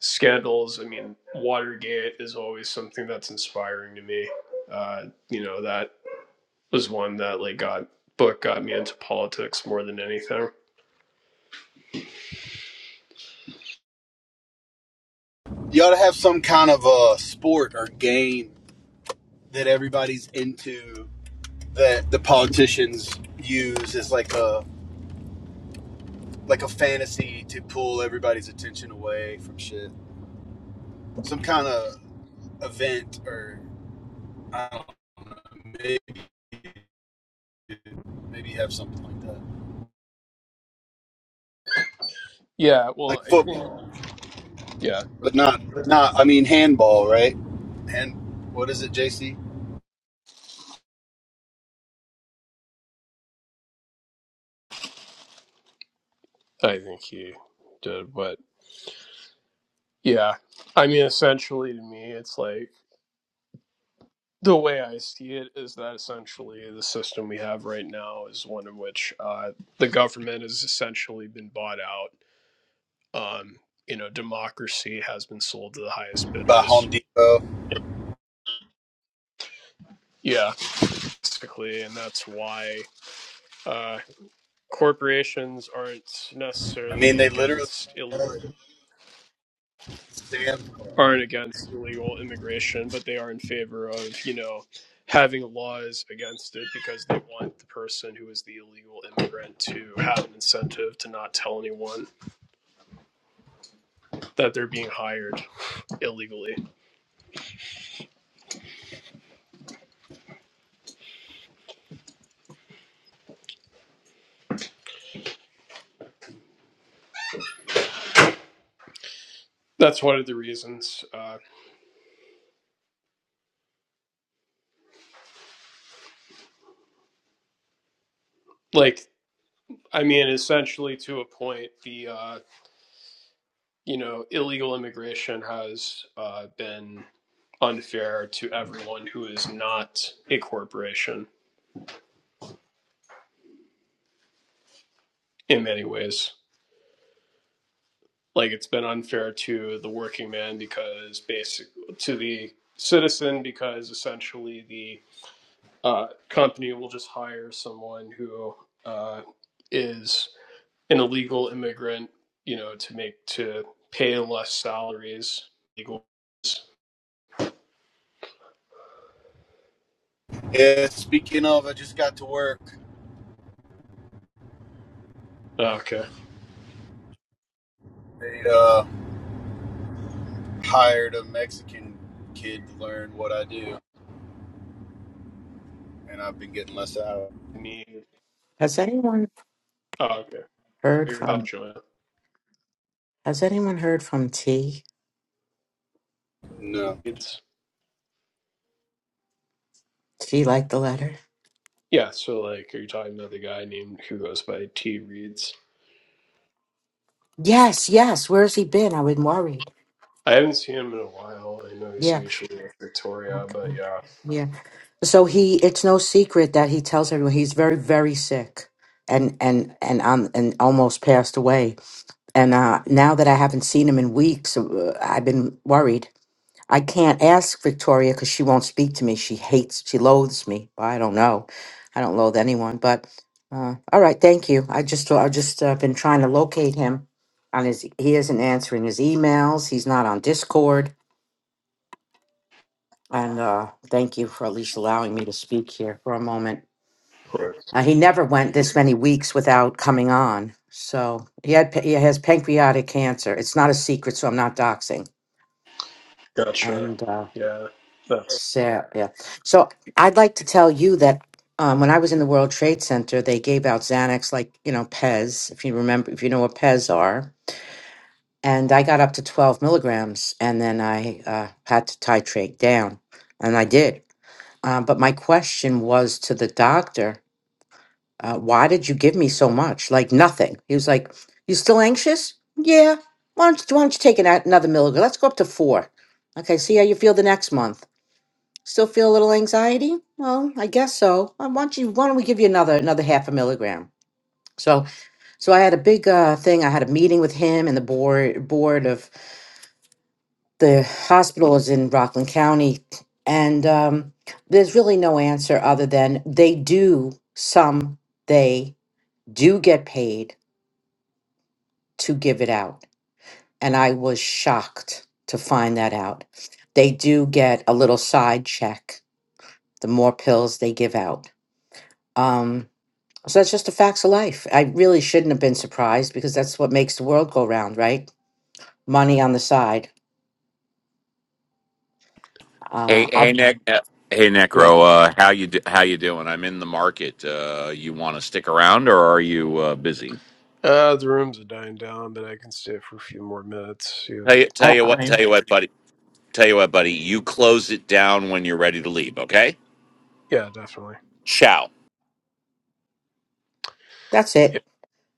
schedules. I mean, Watergate is always something that's inspiring to me. Uh, you know, that was one that like got book got me into politics more than anything. You ought to have some kind of a sport or game that everybody's into that the politicians use as like a like a fantasy to pull everybody's attention away from shit. Some kind of event or I don't know, maybe maybe have something like that, Yeah, like well, I think football, yeah, but not not. I mean handball, right? And what is it, JC? I think he did, but yeah, I mean, essentially to me, it's like the way I see it is that essentially the system we have right now is one in which uh, the government has essentially been bought out. Um, you know, democracy has been sold to the highest By Home bidders. Depot. Yeah, basically, and that's why uh, corporations aren't I mean necessarily they literally. against illegal Sam. aren't against illegal immigration, but they are in favor of you know having laws against it because they want the person who is the illegal immigrant to have an incentive to not tell anyone that they're being hired illegally. That's one of the reasons. Uh, like, I mean, essentially to a point, the uh, you know, illegal immigration has uh, been unfair to everyone who is not a corporation in many ways. Like it's been unfair to the working man because basic to the citizen because essentially the uh, company will just hire someone who uh, is an illegal immigrant, you know, to make to pay less salaries. Legal. Yeah, speaking of, I just got to work. Ah, Okay. They uh, hired a Mexican kid to learn what I do, and I've been getting less out. Need. Has anyone Oh, okay. heard You're back, from Joanna. Has anyone heard from T? No. It's T like the letter? yeah. So like, are you talking about the guy named who goes by T Reeds? Yes, yes. Where's he been? I've been worried. I haven't seen him in a while. I know he's Yeah. usually with Victoria, but Okay. yeah. Yeah. So he it's no secret that he tells everyone he's very, very sick and and and um and almost passed away. And uh now that I haven't seen him in weeks, uh, I've been worried. I can't ask Victoria because she won't speak to me. She hates, she loathes me. Well, I don't know. I don't loathe anyone, but uh, all right, thank you. I just I just uh, been trying to locate him on his he isn't answering his emails. He's not on Discord. And uh, thank you for at least allowing me to speak here for a moment. Right. Uh, he never went this many weeks without coming on. So he had pa- he has pancreatic cancer. It's not a secret, so I'm not doxing. Gotcha. And uh, Yeah. That's so yeah, so I'd like to tell you that um, when I was in the World Trade Center, they gave out Xanax, like you know Pez, if you remember, if you know what Pez are. And I got up to 12 milligrams, and then I uh, had to titrate down, and I did. Um, but my question was to the doctor, uh, why did you give me so much? Like nothing. He was like, you still anxious? Yeah. Why don't you, why don't you take an, another milligram? Let's go up to four. Okay, see how you feel the next month. Still feel a little anxiety? Well, I guess so. Uh, Why don't you, why don't we give you another, another half a milligram? So, so I had a big uh, thing. I had a meeting with him and the board, board of the hospital is in Rockland County, and um, there's really no answer other than they do some they do get paid to give it out, and I was shocked to find that out. They do get a little side check the more pills they give out. Um, so that's just the facts of life. I really shouldn't have been surprised because that's what makes the world go round, right? Money on the side. Uh, Hey hey I'll, Nick, hey yeah, Necro, uh, how you do, how you doing? I'm in the market. Uh, you want to stick around or are you uh, busy? uh the rooms are dying down, but I can stay for a few more minutes. see Tell if- you tell I, you what tell I, you what buddy tell you what buddy. You close it down when you're ready to leave. Okay. Yeah, definitely. Ciao. that's it. Yeah.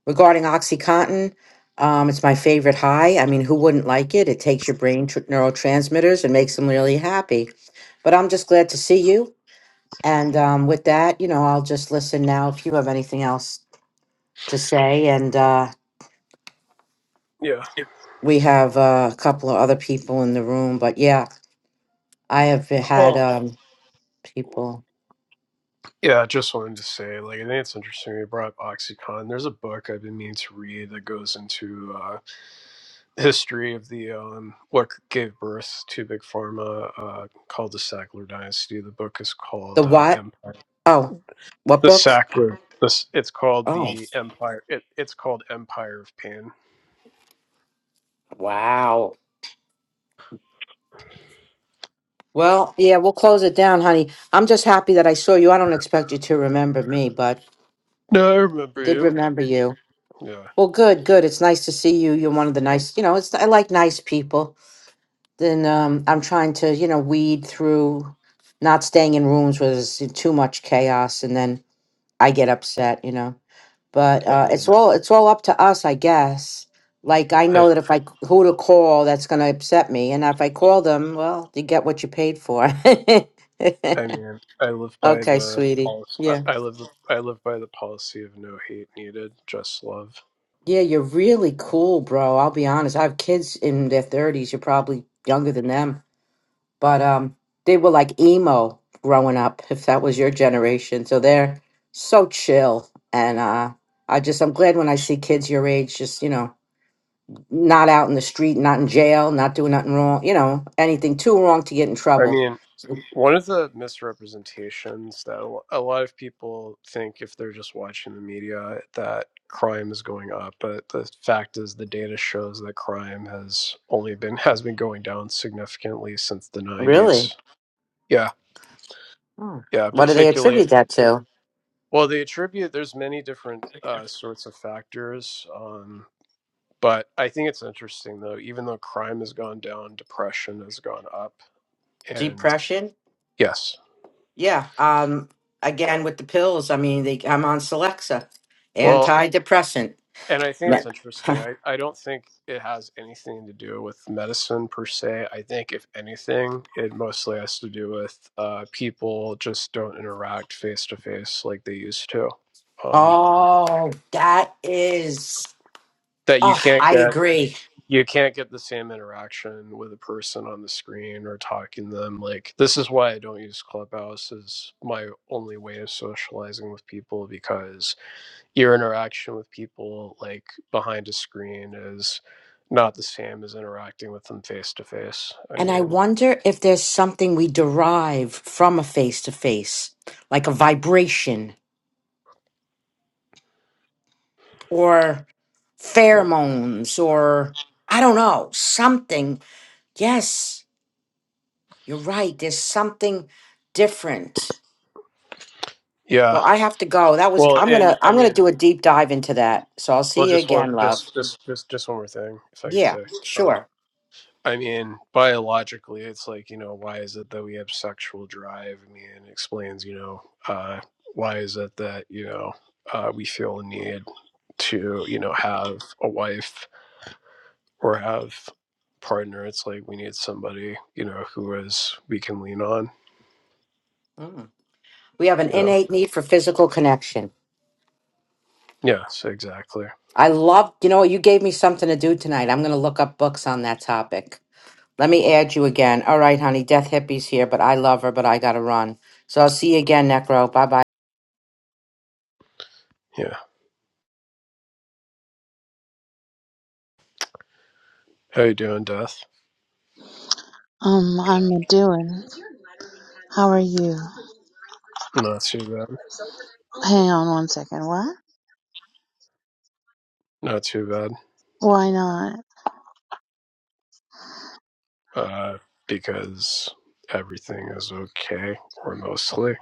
regarding OxyContin, um, it's my favorite high. I mean, who wouldn't like it? It takes your brain tr- neurotransmitters and makes them really happy. But I'm just glad to see you. And um, with that, you know, I'll just listen now if you have anything else to say. And uh, Yeah. we have uh, a couple of other people in the room. But yeah, I have had Well um, people. yeah, I just wanted to say, like I think it's interesting you brought up Oxycontin. There's a book I've been meaning to read that goes into uh, history of the um, what gave birth to big pharma uh, called the Sackler dynasty. The book is The called uh, what? Empire. Oh, what The book? Sackler. This it's called Oh, the Empire. It, it's called Empire of Pain. wow. Well, yeah, we'll close it down, honey. I'm just happy that I saw you. I don't expect you to remember me, but No, I I remember did you. remember you. Yeah, Well, good, good. It's nice to see you. You're one of the nice, you know, it's I like nice people. Then um I'm trying to, you know, weed through not staying in rooms where there's too much chaos and then I get upset, you know. But I uh it's mean, all it's all up to us, I guess. Like I I know that if I c- who to call that's going to upset me and if I call them, well, you get what you paid for. I mean, I live by okay, the sweetie. policy. Yeah. I I live I live by the policy of no hate needed, just love. Yeah, you're really cool, bro. I'll be honest. I have kids in their 30s. You're probably younger than them. But um they were like emo growing up, if that was your generation. So they're so chill and uh I just I'm glad when I see kids your age just, you know, not out in the street, not in jail, not doing nothing wrong, you know, anything too wrong to get in I trouble. mean, One of the misrepresentations that a lo- a lot of people think if they're just watching the media that crime is going up, but the fact is the data shows that crime has only been has been going down significantly since the Really? 90s. Yeah, Hmm. yeah, What do they particularly attribute that to? well they attribute there's many different uh, sorts of factors um but I think it's interesting though even though crime has gone down, depression has gone up and Depression? yes. Yeah. Um, again, with the pills, I mean, they, I'm on Celexa, Well, antidepressant. And I think it's Right. interesting. I, I don't think it has anything to do with medicine per se. I think, if anything, it mostly has to do with uh, people just don't interact face to face like they used to. Um, oh, that is. that you Oh, can't I get you, agree. you can't get the same interaction with a person on the screen or talking to them. Like this is why I don't use Clubhouse as my only way of socializing with people because your interaction with people like behind a screen is not the same as interacting with them face to face. I And I mean, wonder if there's something we derive from a face to face, like a vibration or yeah. pheromones or I don't know, something. Yes, you're right. There's something different. Yeah. Well, I have to go. That was Well, I'm and gonna I I'm gonna mean, do a deep dive into that. So I'll well, see you just one, again, love. just, just, just, just one more thing, if I could Yeah, say. Um, sure. I mean, biologically, it's like you know, why is it that we have sexual drive? I mean, it explains, you know, uh, why is it that you know uh, we feel a need to you know have a wife or have partner it's like we need somebody you know who is we can lean on Mm. We have an you know innate need for physical connection. yes exactly I love you know what? you gave me something to do tonight. I'm gonna look up books on that topic. Let me add you again. All right, honey. Death hippies here, but I love her, but I gotta run. So I'll see you again, Necro. Bye bye. yeah how you doing death Um, I'm a doing. How are you? not too bad Hang on one second. What? not too bad Why not? uh because everything is okay or mostly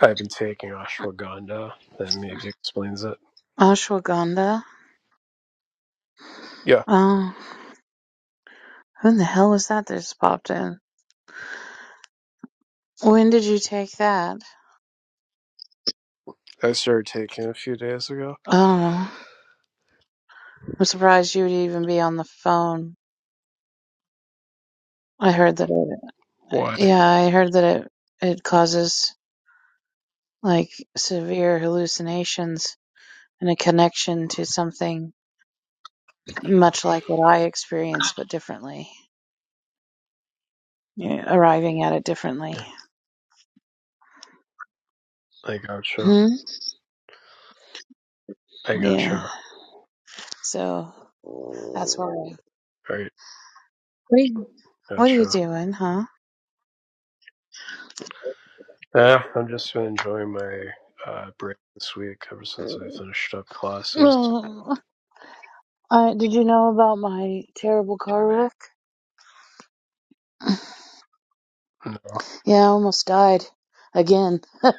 i've been taking ashwagandha that maybe explains it Ashwagandha? yeah Oh, who the hell was that that just popped in? When did you take that? i started taking it a few days ago Oh, I'm surprised you would even be on the phone. I heard that it, why yeah, I heard that it, it causes like severe hallucinations and a connection to something much like what I experienced, but differently. Yeah, arriving at it differently. Yeah, i gotcha Hmm? i Yeah. gotcha So that's why. I. all right What are you, gotcha doing, huh? Yeah, I'm just been enjoying my uh, break this week ever since I finished up classes. Oh, I, did you know about my terrible car wreck? No, Yeah, I almost died. Again. yeah,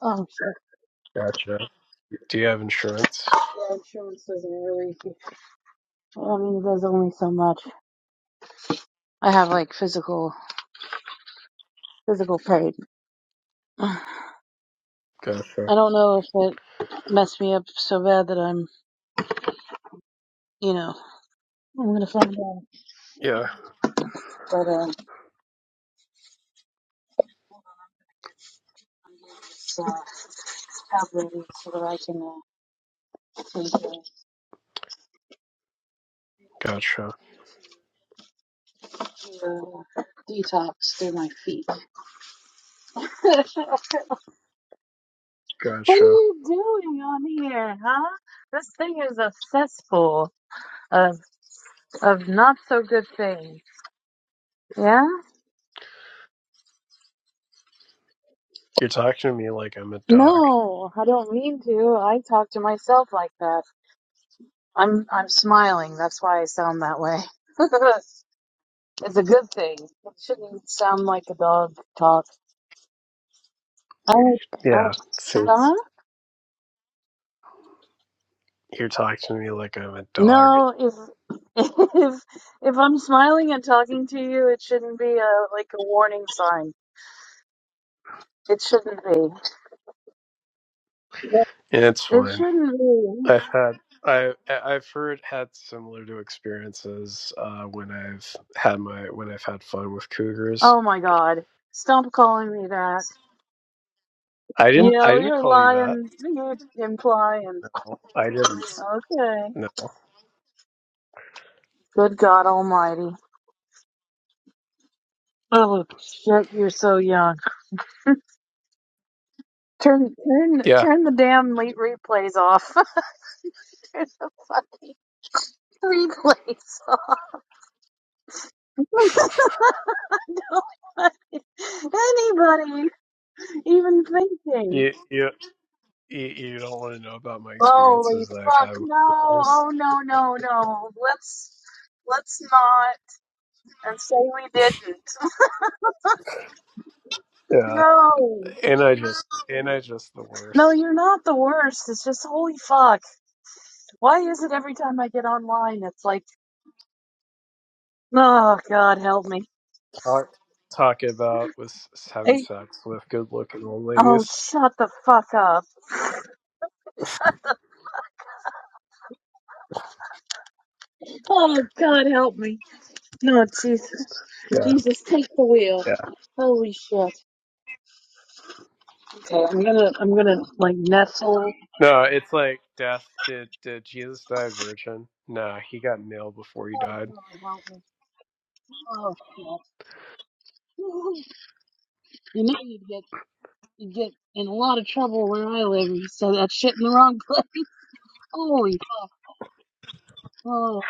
I'm sure. gotcha. Do you have insurance? Yeah, insurance doesn't really. I mean, it does only so much. I have like physical, physical pain. I Gotcha. don't know if it messed me up so bad that I'm, you know, I'm gonna find out. Yeah, but um, Hold on, I'm gonna get unload this uh, tab ready so that I can uh, take gotcha. a do a detox through my feet. what are Gotcha. you doing on here, huh? This thing is a cesspool of of not so good things. Yeah? You're talking to me like I'm a dog. No, I don't mean to. I talk to myself like that. I'm I'm smiling. That's why I sound that way. it's a good thing. It shouldn't sound like a dog talk. I, I, Yeah, since huh? you're talking to me like I'm a dog. No, if if if I'm smiling and talking to you, it shouldn't be a like a warning sign. It shouldn't be. That- Yeah, it's It fine. shouldn't be. I've had I I- I've heard had similar to experiences uh, when I've had my when I've had fun with cougars. Oh my God! Stop calling me that. I You didn't I know didn't you're call you that. lying. You're implying. No, I didn't. Okay. No. Good God Almighty. Oh shit! You're so young. Turn turn Yeah. turn the damn late replays off. turn the fucking replays off. Anybody even thinking? You you you you don't want to know about my Holy experiences that I've fuck! had with No! Ubers. Oh no! No! No! Let's let's not and say we didn't. Yeah, No! and I just and I just the No, worst. you're not the worst. It's just holy fuck. Why is it every time I get online, it's like, oh god, help me. Talk talking about was having Hey, sex with good looking old oh ladies. shut the fuck up. Oh god, help me. No, Jesus, Yeah, Jesus, take the wheel. yeah. Holy shit. Okay, I'm gonna, I'm gonna like nestle. No, it's like death. Did did Jesus die a virgin? Nah, he got nailed before he Oh died. God, help me! Oh shit! You know you get, you get in a lot of trouble where I live. You said that shit in the wrong place. Holy fuck! Oh,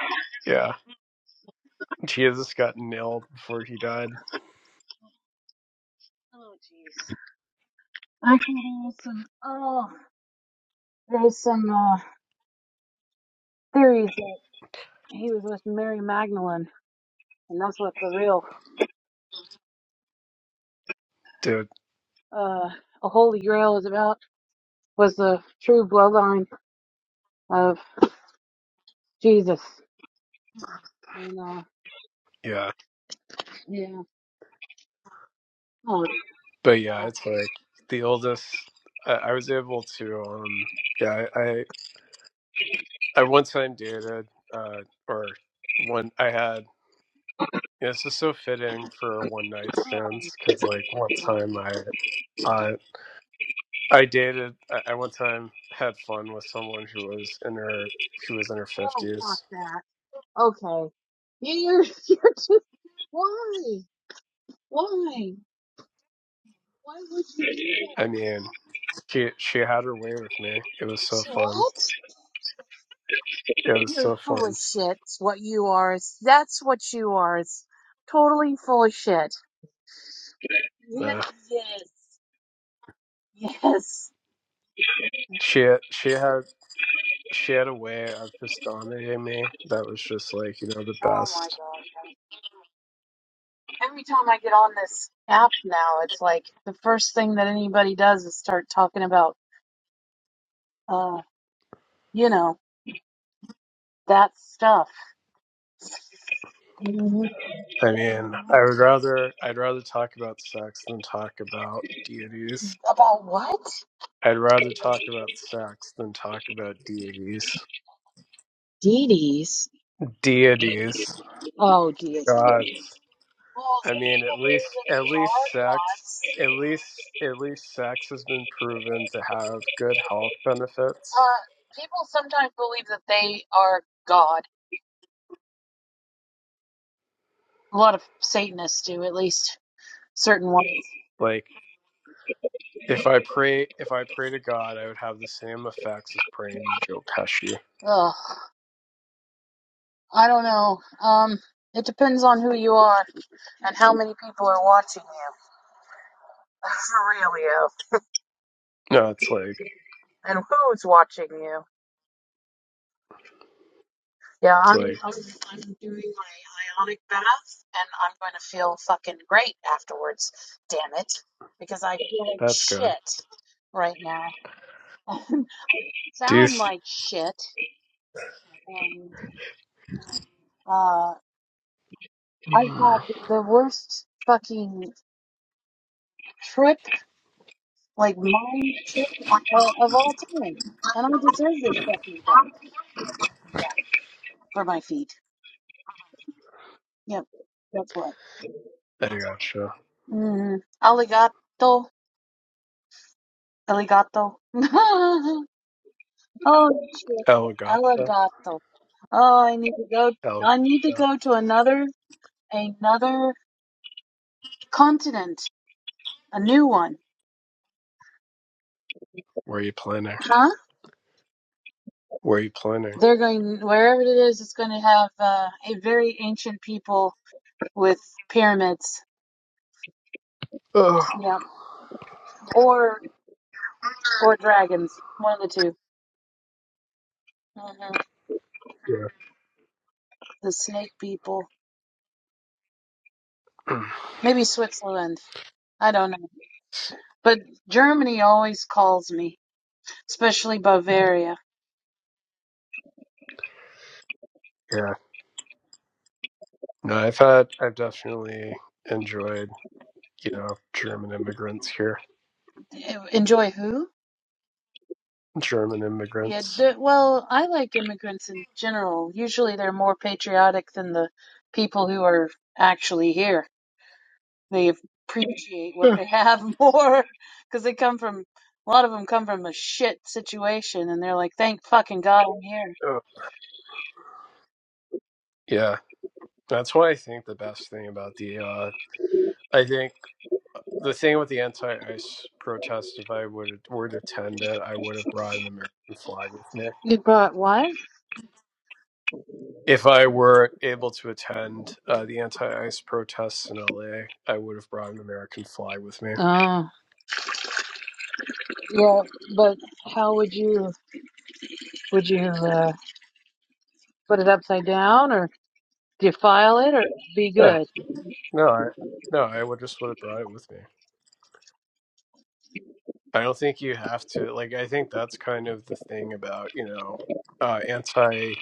Yeah, Jesus got nailed before he died. oh jeez. Actually, there is some. Oh, there's some uh, theories that he was with Mary Magdalene, and that's what the real, Dude, uh, a Holy Grail is about. Was the true bloodline of Jesus. And uh, yeah. yeah. Oh, But yeah, fuck. it's like the oldest. I, I was able to um. Yeah, I. I one time dated, uh, or one I had. yeah, This is so fitting for one night oh, stands because, like, one God. time I, uh, I dated. I, I one time had fun with someone who was in her, she was in her Oh, fuck fifties. that. Okay. You- You're, you're just, why? Why? Why would you do that? I mean, she she had her way with me. It was so She- fun. What? It was You're so full of fun. shit. is What you are is, that's what you are. It's totally full of shit. Uh, Yes. Yes. Yes. she she had she had a way of just dominating me. That was just like you know the Oh my best. god. Every time I get on this app now, it's like the first thing that anybody does is start talking about, uh, you know, that stuff. Mhm. I mean, I would rather I'd rather talk about sex than talk about deities. About what? I'd rather talk about sex than talk about deities. DDs. Deities, Oh dear. dear. gods. Well, some people I mean, at believe least that at they least sex, at are least at least sex has been proven to have good health gods. benefits. Uh, people sometimes believe that they are God. A lot of Satanists do, at least certain ones. Like if I pray if I pray to God, I would have the same effects as praying to Joe Pesci. Ugh, I don't know. Um, it depends on who you are and how many people are watching you. For real, yo. No, it's like And who's watching you? Yeah, it's I'm, like I'm I'm doing my ionic bath, and I'm going to feel fucking great afterwards. Damn it, because I feel like that's good. shit right now. Do you? Sound s- like shit, and uh, I've had I the worst fucking trip, like mind trip uh, of all time, and I deserve this fucking guy for my feet. Yep, that's what. gotcha. Mm, aligato, aligato. Oh shit, Elgato. Alligator. Oh, I need to go. Elgato. I need to go to another another continent, a new one. Where are you planning? Huh? Where are you planning? They're going wherever it is. It's going to have uh, a very ancient people with pyramids. Oh, Yeah, or or dragons. One of the 2 hmm yeah. The snake people. Mm. Maybe Switzerland. I don't know. But Germany always calls me, especially Bavaria. Yeah. No, I've had, I've definitely enjoyed, you know, German immigrants here. E, Enjoy who? German Yeah, immigrants. the, well, I like immigrants in general. Usually they're more patriotic than the people who are actually here. They appreciate what Yeah. they have more because they come from, a lot of them come from a shit situation and they're like, thank fucking God I'm here. Uh, yeah. That's why I think the best thing about the, uh, I think the thing with the anti ice protest, if I would were to attend it, I would have brought an American flag with me. You brought what? If I were able to attend uh, the anti-ICE protests in LA, I would have brought an American flag with me. Oh, yeah, but how would you, would you uh, put it upside down or defile it or be Yeah, good? no, I no, I would just would have brought it with me. I don't think you have to. Like, I think that's kind of the thing about you know uh, anti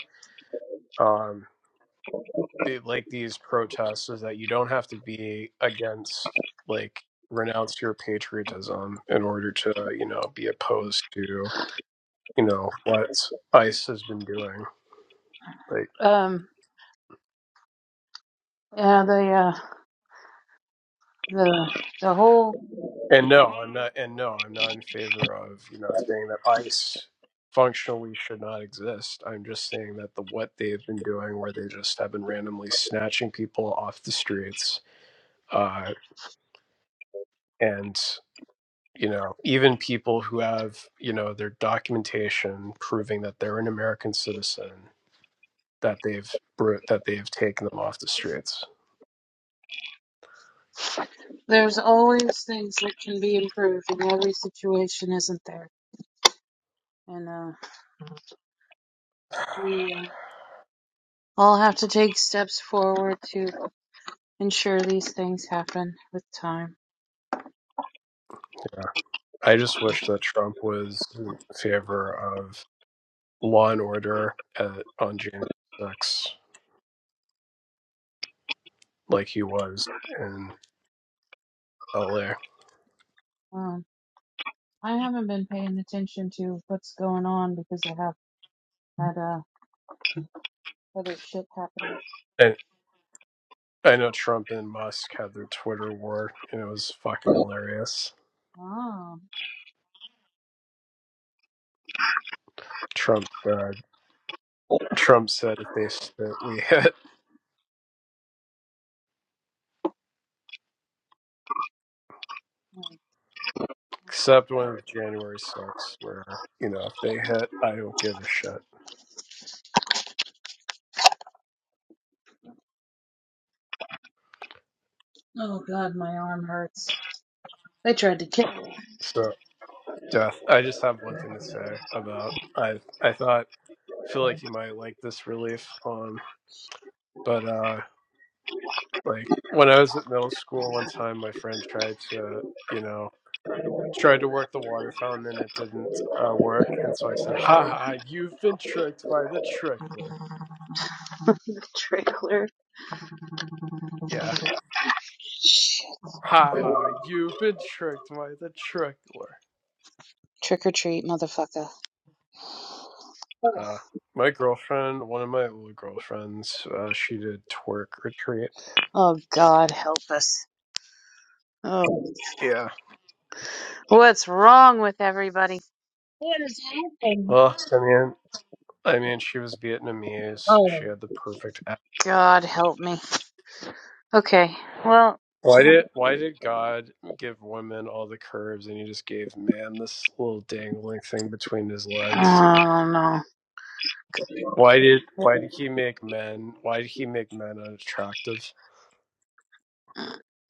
um, the, like these protests is that you don't have to be against like renounce your patriotism in order to you know be opposed to you know what ICE has been doing. like. Um, yeah, the, uh, the, the whole And no, I'm not. And no, I'm not in favor of you know saying that ICE functionally should not exist. I'm just saying that the what they have been doing, where they just have been randomly snatching people off the streets, uh, and you know even people who have you know their documentation proving that they're an American citizen, that they've br- that they've taken them off the streets. There's always things that can be improved, and every situation isn't there. And uh, we uh, all have to take steps forward to ensure these things happen with time. Yeah, I just wish that Trump was in favor of law and order uh on January 6th. like he was in LA. Um, I haven't been paying attention to what's going on because I have had uh, other shit happening. And I know Trump and Musk had their Twitter war, and it was fucking hilarious. Oh. Trump uh, Trump said if they that we hit, except one of January 6th, where you know if they hit, I don't give a shit. oh god, my arm hurts. They tried to kill me. So death. I just have one thing to say about I. I thought feel like you might like this relief. Um, but uh, like when I was at middle school, one time my friend tried to you know tried to work the water fountain and it didn't uh, work. And so I said, "Ha ha, you've been tricked by the trickler." Trickler. Yeah. Shit. Ha ha, you've been tricked by the trickler. Trick or treat, motherfucker. Uh, my girlfriend, one of my old girlfriends, uh, she did twerk retreat. Oh god, help us. Oh. Yeah. What's wrong with everybody? What is happening? Well, I mean, I mean, she was Vietnamese. She Oh, had the perfect. a- God help me. Okay, well, Why did Why did God give women all the curves and He just gave man this little dangling thing between his oh legs? no, Why did why did he make men? Why did he make men unattractive?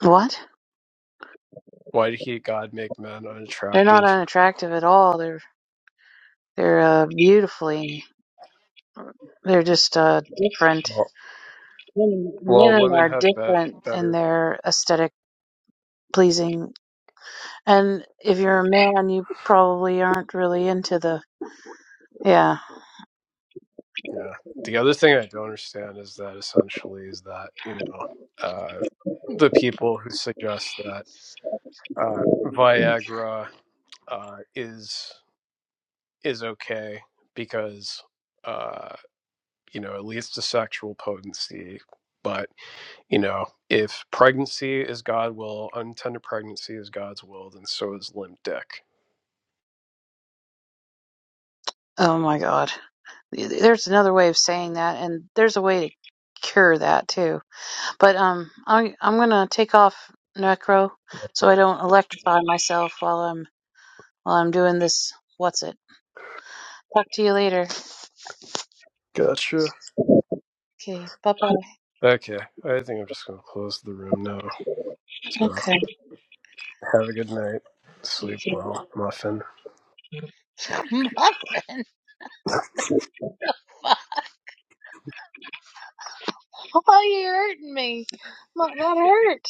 What? Why did he God make men They're not unattractive? unattractive at all. They're they're uh, beautifully. They're just uh, different. Well, Women well men women are have bet different in better. their aesthetic pleasing. And if you're a man, you probably aren't really into the yeah. Yeah. The other thing I don't understand is that essentially is that you know uh, the people who suggest that uh, Viagra uh, is is okay because uh, you know it leads to sexual potency, but. You know, if pregnancy is God will, untended pregnancy is God's will, then so is limp dick. Oh my God. There's another way of saying that, and there's a way to cure that too. But um, I'm I'm gonna take off Necro so I don't electrify myself while I'm while I'm doing this. What's it? Talk to you later. Gotcha. Okay. Bye bye. Okay, I think I'm just gonna close the room now. So Okay. have a good night. You Sleep too. well, muffin. Muffin. Why are you hurting me? I'm not hurt.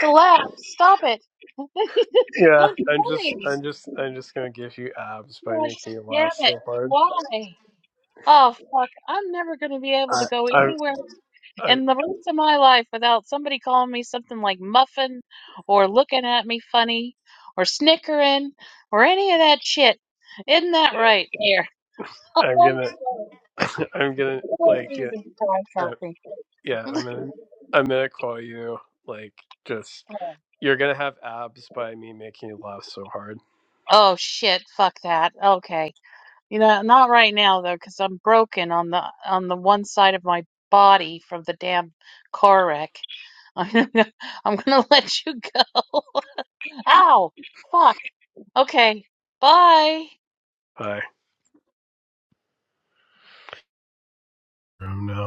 To laugh. Stop it. it's Yeah, not I'm just, funny. I'm just, I'm just gonna give you abs by Gosh, making you damn laugh it. so hard. Why? Oh, fuck. I'm never going to be able I, to go I'm, anywhere I'm, in the rest of my life without somebody calling me something like muffin or looking at me funny or snickering or any of that shit. Isn't that yeah, right? Here. I'm gonna, I'm gonna Oh, like, yeah, Jesus Christ, I, help me. yeah, I'm gonna, I'm gonna call you like just. Oh. You're gonna have abs by me making you laugh so hard. Oh shit, fuck that. Okay. You know, not right now though, 'cause I'm broken on the on the one side of my body from the damn car wreck. I'm gonna, I'm gonna let you go. Ow! Fuck. Okay. Bye. pie